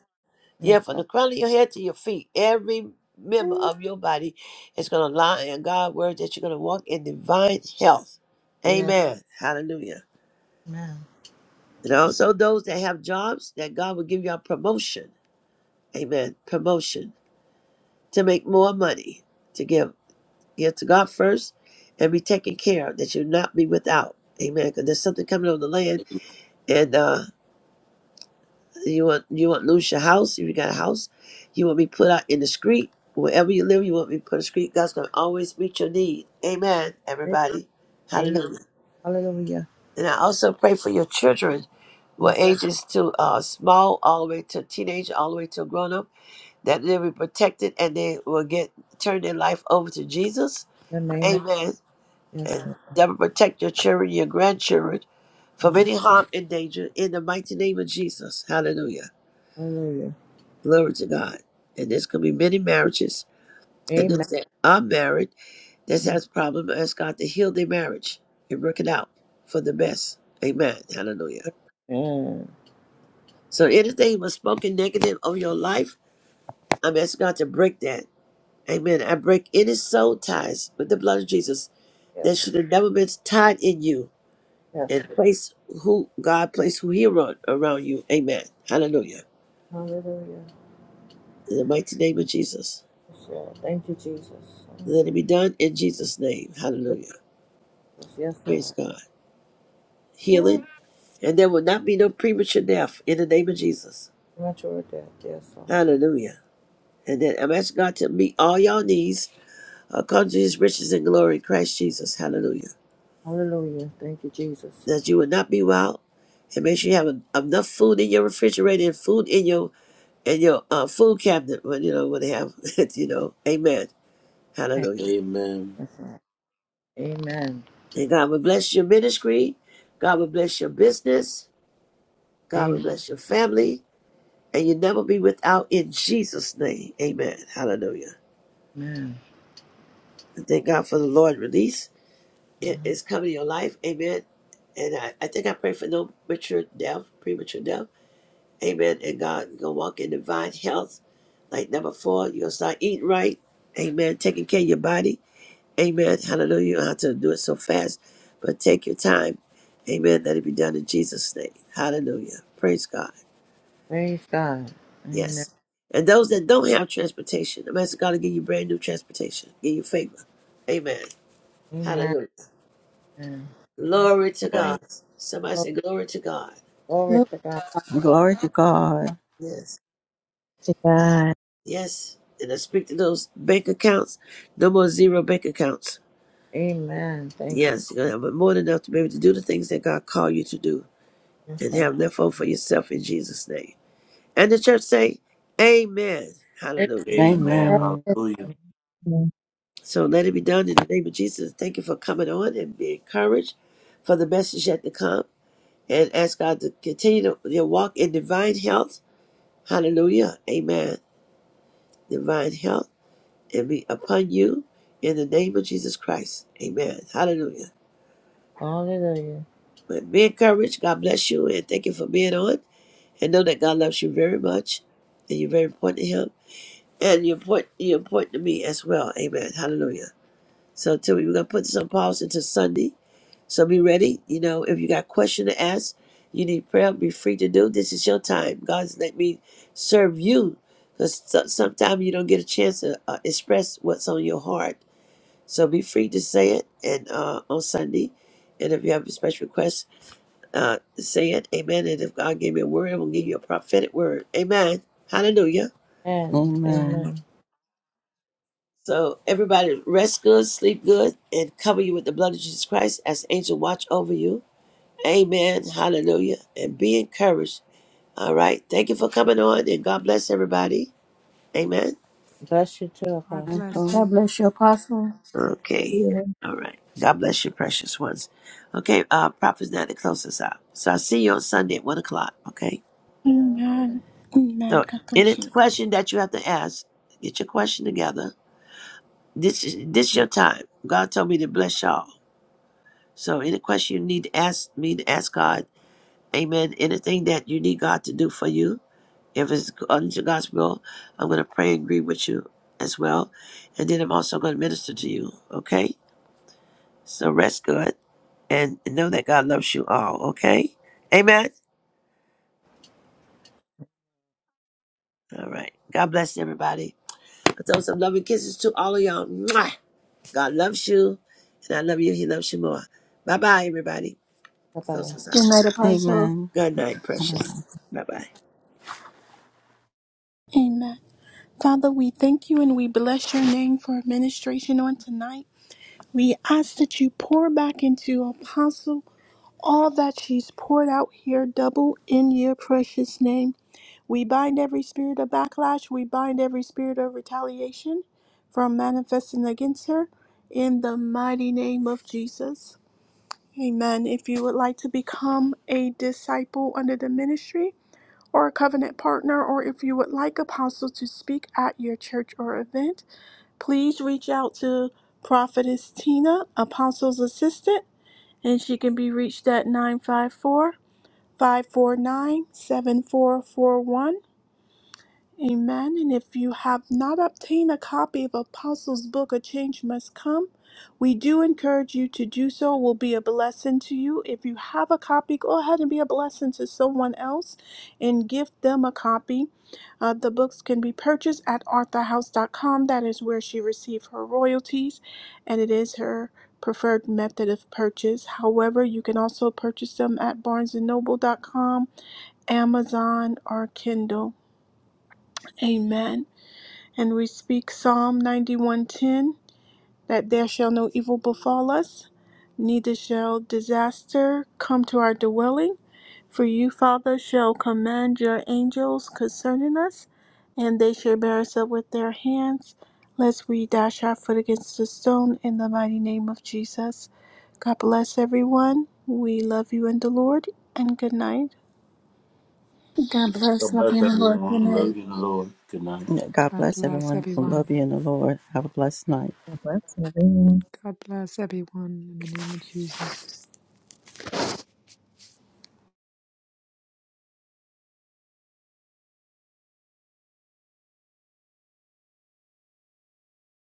S16: Yes,
S1: yeah, from
S16: Lord.
S1: the crown of your head to your feet, every member
S16: Ooh.
S1: of your body is gonna lie in God's word that you're gonna walk in divine health.
S16: Yes.
S1: Amen. Hallelujah.
S16: Amen.
S1: And also those that have jobs, that God will give you a promotion. Amen. Promotion. to make more money to give give to God first and be taken care of that you not be without. Amen. Because there's something coming on the land, and uh, you want you won't lose your house if you got a house. You won't be put out in the street wherever you live. You won't be put in the street. God's gonna always meet your need. Amen. Everybody,
S16: Amen.
S1: hallelujah.
S16: Hallelujah.
S1: And I also pray for your children, what
S16: Yes.
S1: ages to uh, small all the way to teenage, all the way to grown up, that they'll be protected and they will get turn their life over to Jesus
S16: In the name of
S1: Amen.
S16: yes,
S1: And
S16: Lord.
S1: that protect your children, your grandchildren from
S16: Amen.
S1: any harm and danger in the mighty name of Jesus. Hallelujah.
S16: Hallelujah.
S1: Glory to God. And there's going to be many marriages. And
S16: Amen.
S1: those that are married, that has problem, ask God to heal their marriage and work it out for the best. Amen. Hallelujah.
S16: Amen.
S1: So anything was spoken negative of your life, I'm asking God to break that. Amen. I break any soul ties with the blood of Jesus that
S16: Yes,
S1: should have never been tied in you
S16: yes.
S1: and place who God place who He around, around you. Amen. Hallelujah.
S16: Hallelujah.
S1: In the mighty name of Jesus.
S16: Yes, Lord. Thank you, Jesus. Oh,
S1: Let it be done in Jesus' name. Hallelujah.
S16: Yes, yes,
S1: Praise
S16: Lord.
S1: God.
S16: Oh,
S1: Healing. And there will not be no premature death in the name of Jesus.
S16: Premature death. Yes, Lord. Thank
S1: Hallelujah. And then I'm asking God to meet all your needs according to his riches and glory in Christ Jesus. Hallelujah.
S16: you. Hallelujah. Thank you, Jesus.
S1: That you will not be without. And make sure you have en- enough food in your refrigerator and food in your and your uh, food cabinet when you know when they have it, you know amen
S16: Thank
S1: Hallelujah.
S3: Amen.
S16: Lord. Amen.
S1: And God will bless your ministry. God will bless your business. God will bless your family. And you'll never be without in Jesus' name. Amen. Hallelujah.
S16: Amen.
S1: And Thank God for the Lord release. It is coming in your life. Amen. And I, I think I pray for no mature death, premature death. Amen. And God, you're going to walk in divine health like number four. You're going to start eating right. Amen. Taking care of your body. Amen. Hallelujah. You don't have to do it so fast, but take your time. Amen. Let it be done in Jesus' name. Hallelujah. Praise God.
S16: Praise God. Amen.
S1: Yes. And those that don't have transportation, I'm asking God to give you brand new transportation, give you favor. Amen.
S16: Amen.
S1: Hallelujah. Glory to God.
S3: Amen.
S1: Somebody
S16: Glory
S1: say, Glory to God.
S16: glory
S2: Glory
S16: to God.
S4: Glory to God.
S1: Yes.
S15: To God.
S1: Yes. And I speak to those bank accounts, no more zero bank accounts.
S16: Amen. Thank you,
S1: Yes, you're going to have more than enough to be able to do the things that God called you to do
S16: Jesus.
S1: and have left over for yourself in Jesus' name. And the church say, Amen. Hallelujah.
S3: Amen.
S2: to
S4: Amen.
S2: God
S3: Hallelujah.
S15: Amen.
S1: So let it be done in the name of Jesus. Thank you for coming on and be encouraged for the message yet to come. And ask God to continue to, your walk in divine health. Hallelujah. Amen. Divine health and be upon you in the name of Jesus Christ. Amen. Hallelujah.
S16: Hallelujah.
S1: But be encouraged. God bless you and thank you for being on. And know that God loves you very much. And you're very important to him. And you're important, you're important to me as well. Amen. Hallelujah. So Timmy, we're gonna put this on pause until Sunday. So be ready. You know, if you got a question to ask, you need prayer, be free to do. This is your time. God's let me serve you. Because so, sometimes you don't get a chance to uh, express what's on your heart. So be free to say it and uh, on Sunday. And if you have a special request, uh, say it. Amen. And if God gave me a word, I'm going to give you a prophetic word. Amen. Hallelujah.
S16: Amen.
S4: Amen.
S16: Amen.
S1: So everybody rest good, sleep good, and cover you with the blood of Jesus Christ as the angel watch over you. Amen. Hallelujah. And be encouraged. All right. Thank you for coming on and God bless everybody. Amen.
S16: Bless you too,
S12: God
S16: Apostle.
S12: bless
S4: Amen.
S2: God
S12: you.
S2: bless you, Apostle.
S1: Okay. All right. God bless you, precious ones. Okay. Uh, Prophet's not to close us out. So I'll see you on Sunday at one o'clock. Okay.
S9: Amen. Amen.
S1: So
S9: God
S1: any
S9: bless you.
S1: question that you have to ask, get your question together. This is, this is your time. God told me to bless y'all. So any question you need to ask me to ask God. Amen. Anything that you need God to do for you. If it's unto God's will, I'm going to pray and agree with you as well. And then I'm also going to minister to you. Okay? So rest good and know that God loves you all. Okay? Amen? All right. God bless everybody. I throw some loving kisses to all of y'all. Mwah! God loves you. And I love you. He loves you more. Bye bye, everybody.
S16: Bye bye.
S1: Close us out.
S2: Good night, Apostle.
S4: Amen.
S1: Good night, precious. Bye bye.
S9: Amen. Father, we thank you and we bless your name for administration on tonight. We ask that you pour back into Apostle all that she's poured out here, double in your precious name. We bind every spirit of backlash. We bind every spirit of retaliation from manifesting against her in the mighty name of Jesus. Amen. If you would like to become a disciple under the ministry or a covenant partner, or if you would like Apostle to speak at your church or event, please reach out to Prophetess Tina, Apostle's assistant, and she can be reached at 954 549 7441. Amen. And if you have not obtained a copy of Apostles' Book, A Change Must Come, we do encourage you to do so. It will be a blessing to you. If you have a copy, go ahead and be a blessing to someone else and give them a copy. Uh, the books can be purchased at arthur house dot com. That is where she received her royalties, and it is her preferred method of purchase. However, you can also purchase them at barnes and noble dot com, Amazon, or Kindle. Amen and we speak Psalm 91:10 that there shall no evil befall us, neither shall disaster come to our dwelling. For you, Father, shall command your angels concerning us, and they shall bear us up with their hands, lest we dash our foot against a stone in the mighty name of Jesus. God bless everyone. We love you in the Lord, and good night.
S2: God bless.
S3: God
S2: Love you
S3: bless
S2: in the Lord. Good
S3: everyone.
S2: night.
S3: Love you, the Lord. Good night.
S4: God
S12: God
S4: bless
S12: bless
S4: everyone. I
S12: everyone.
S4: love you in the Lord. Have a blessed night.
S15: God bless you.
S12: God bless everyone in the name of Jesus.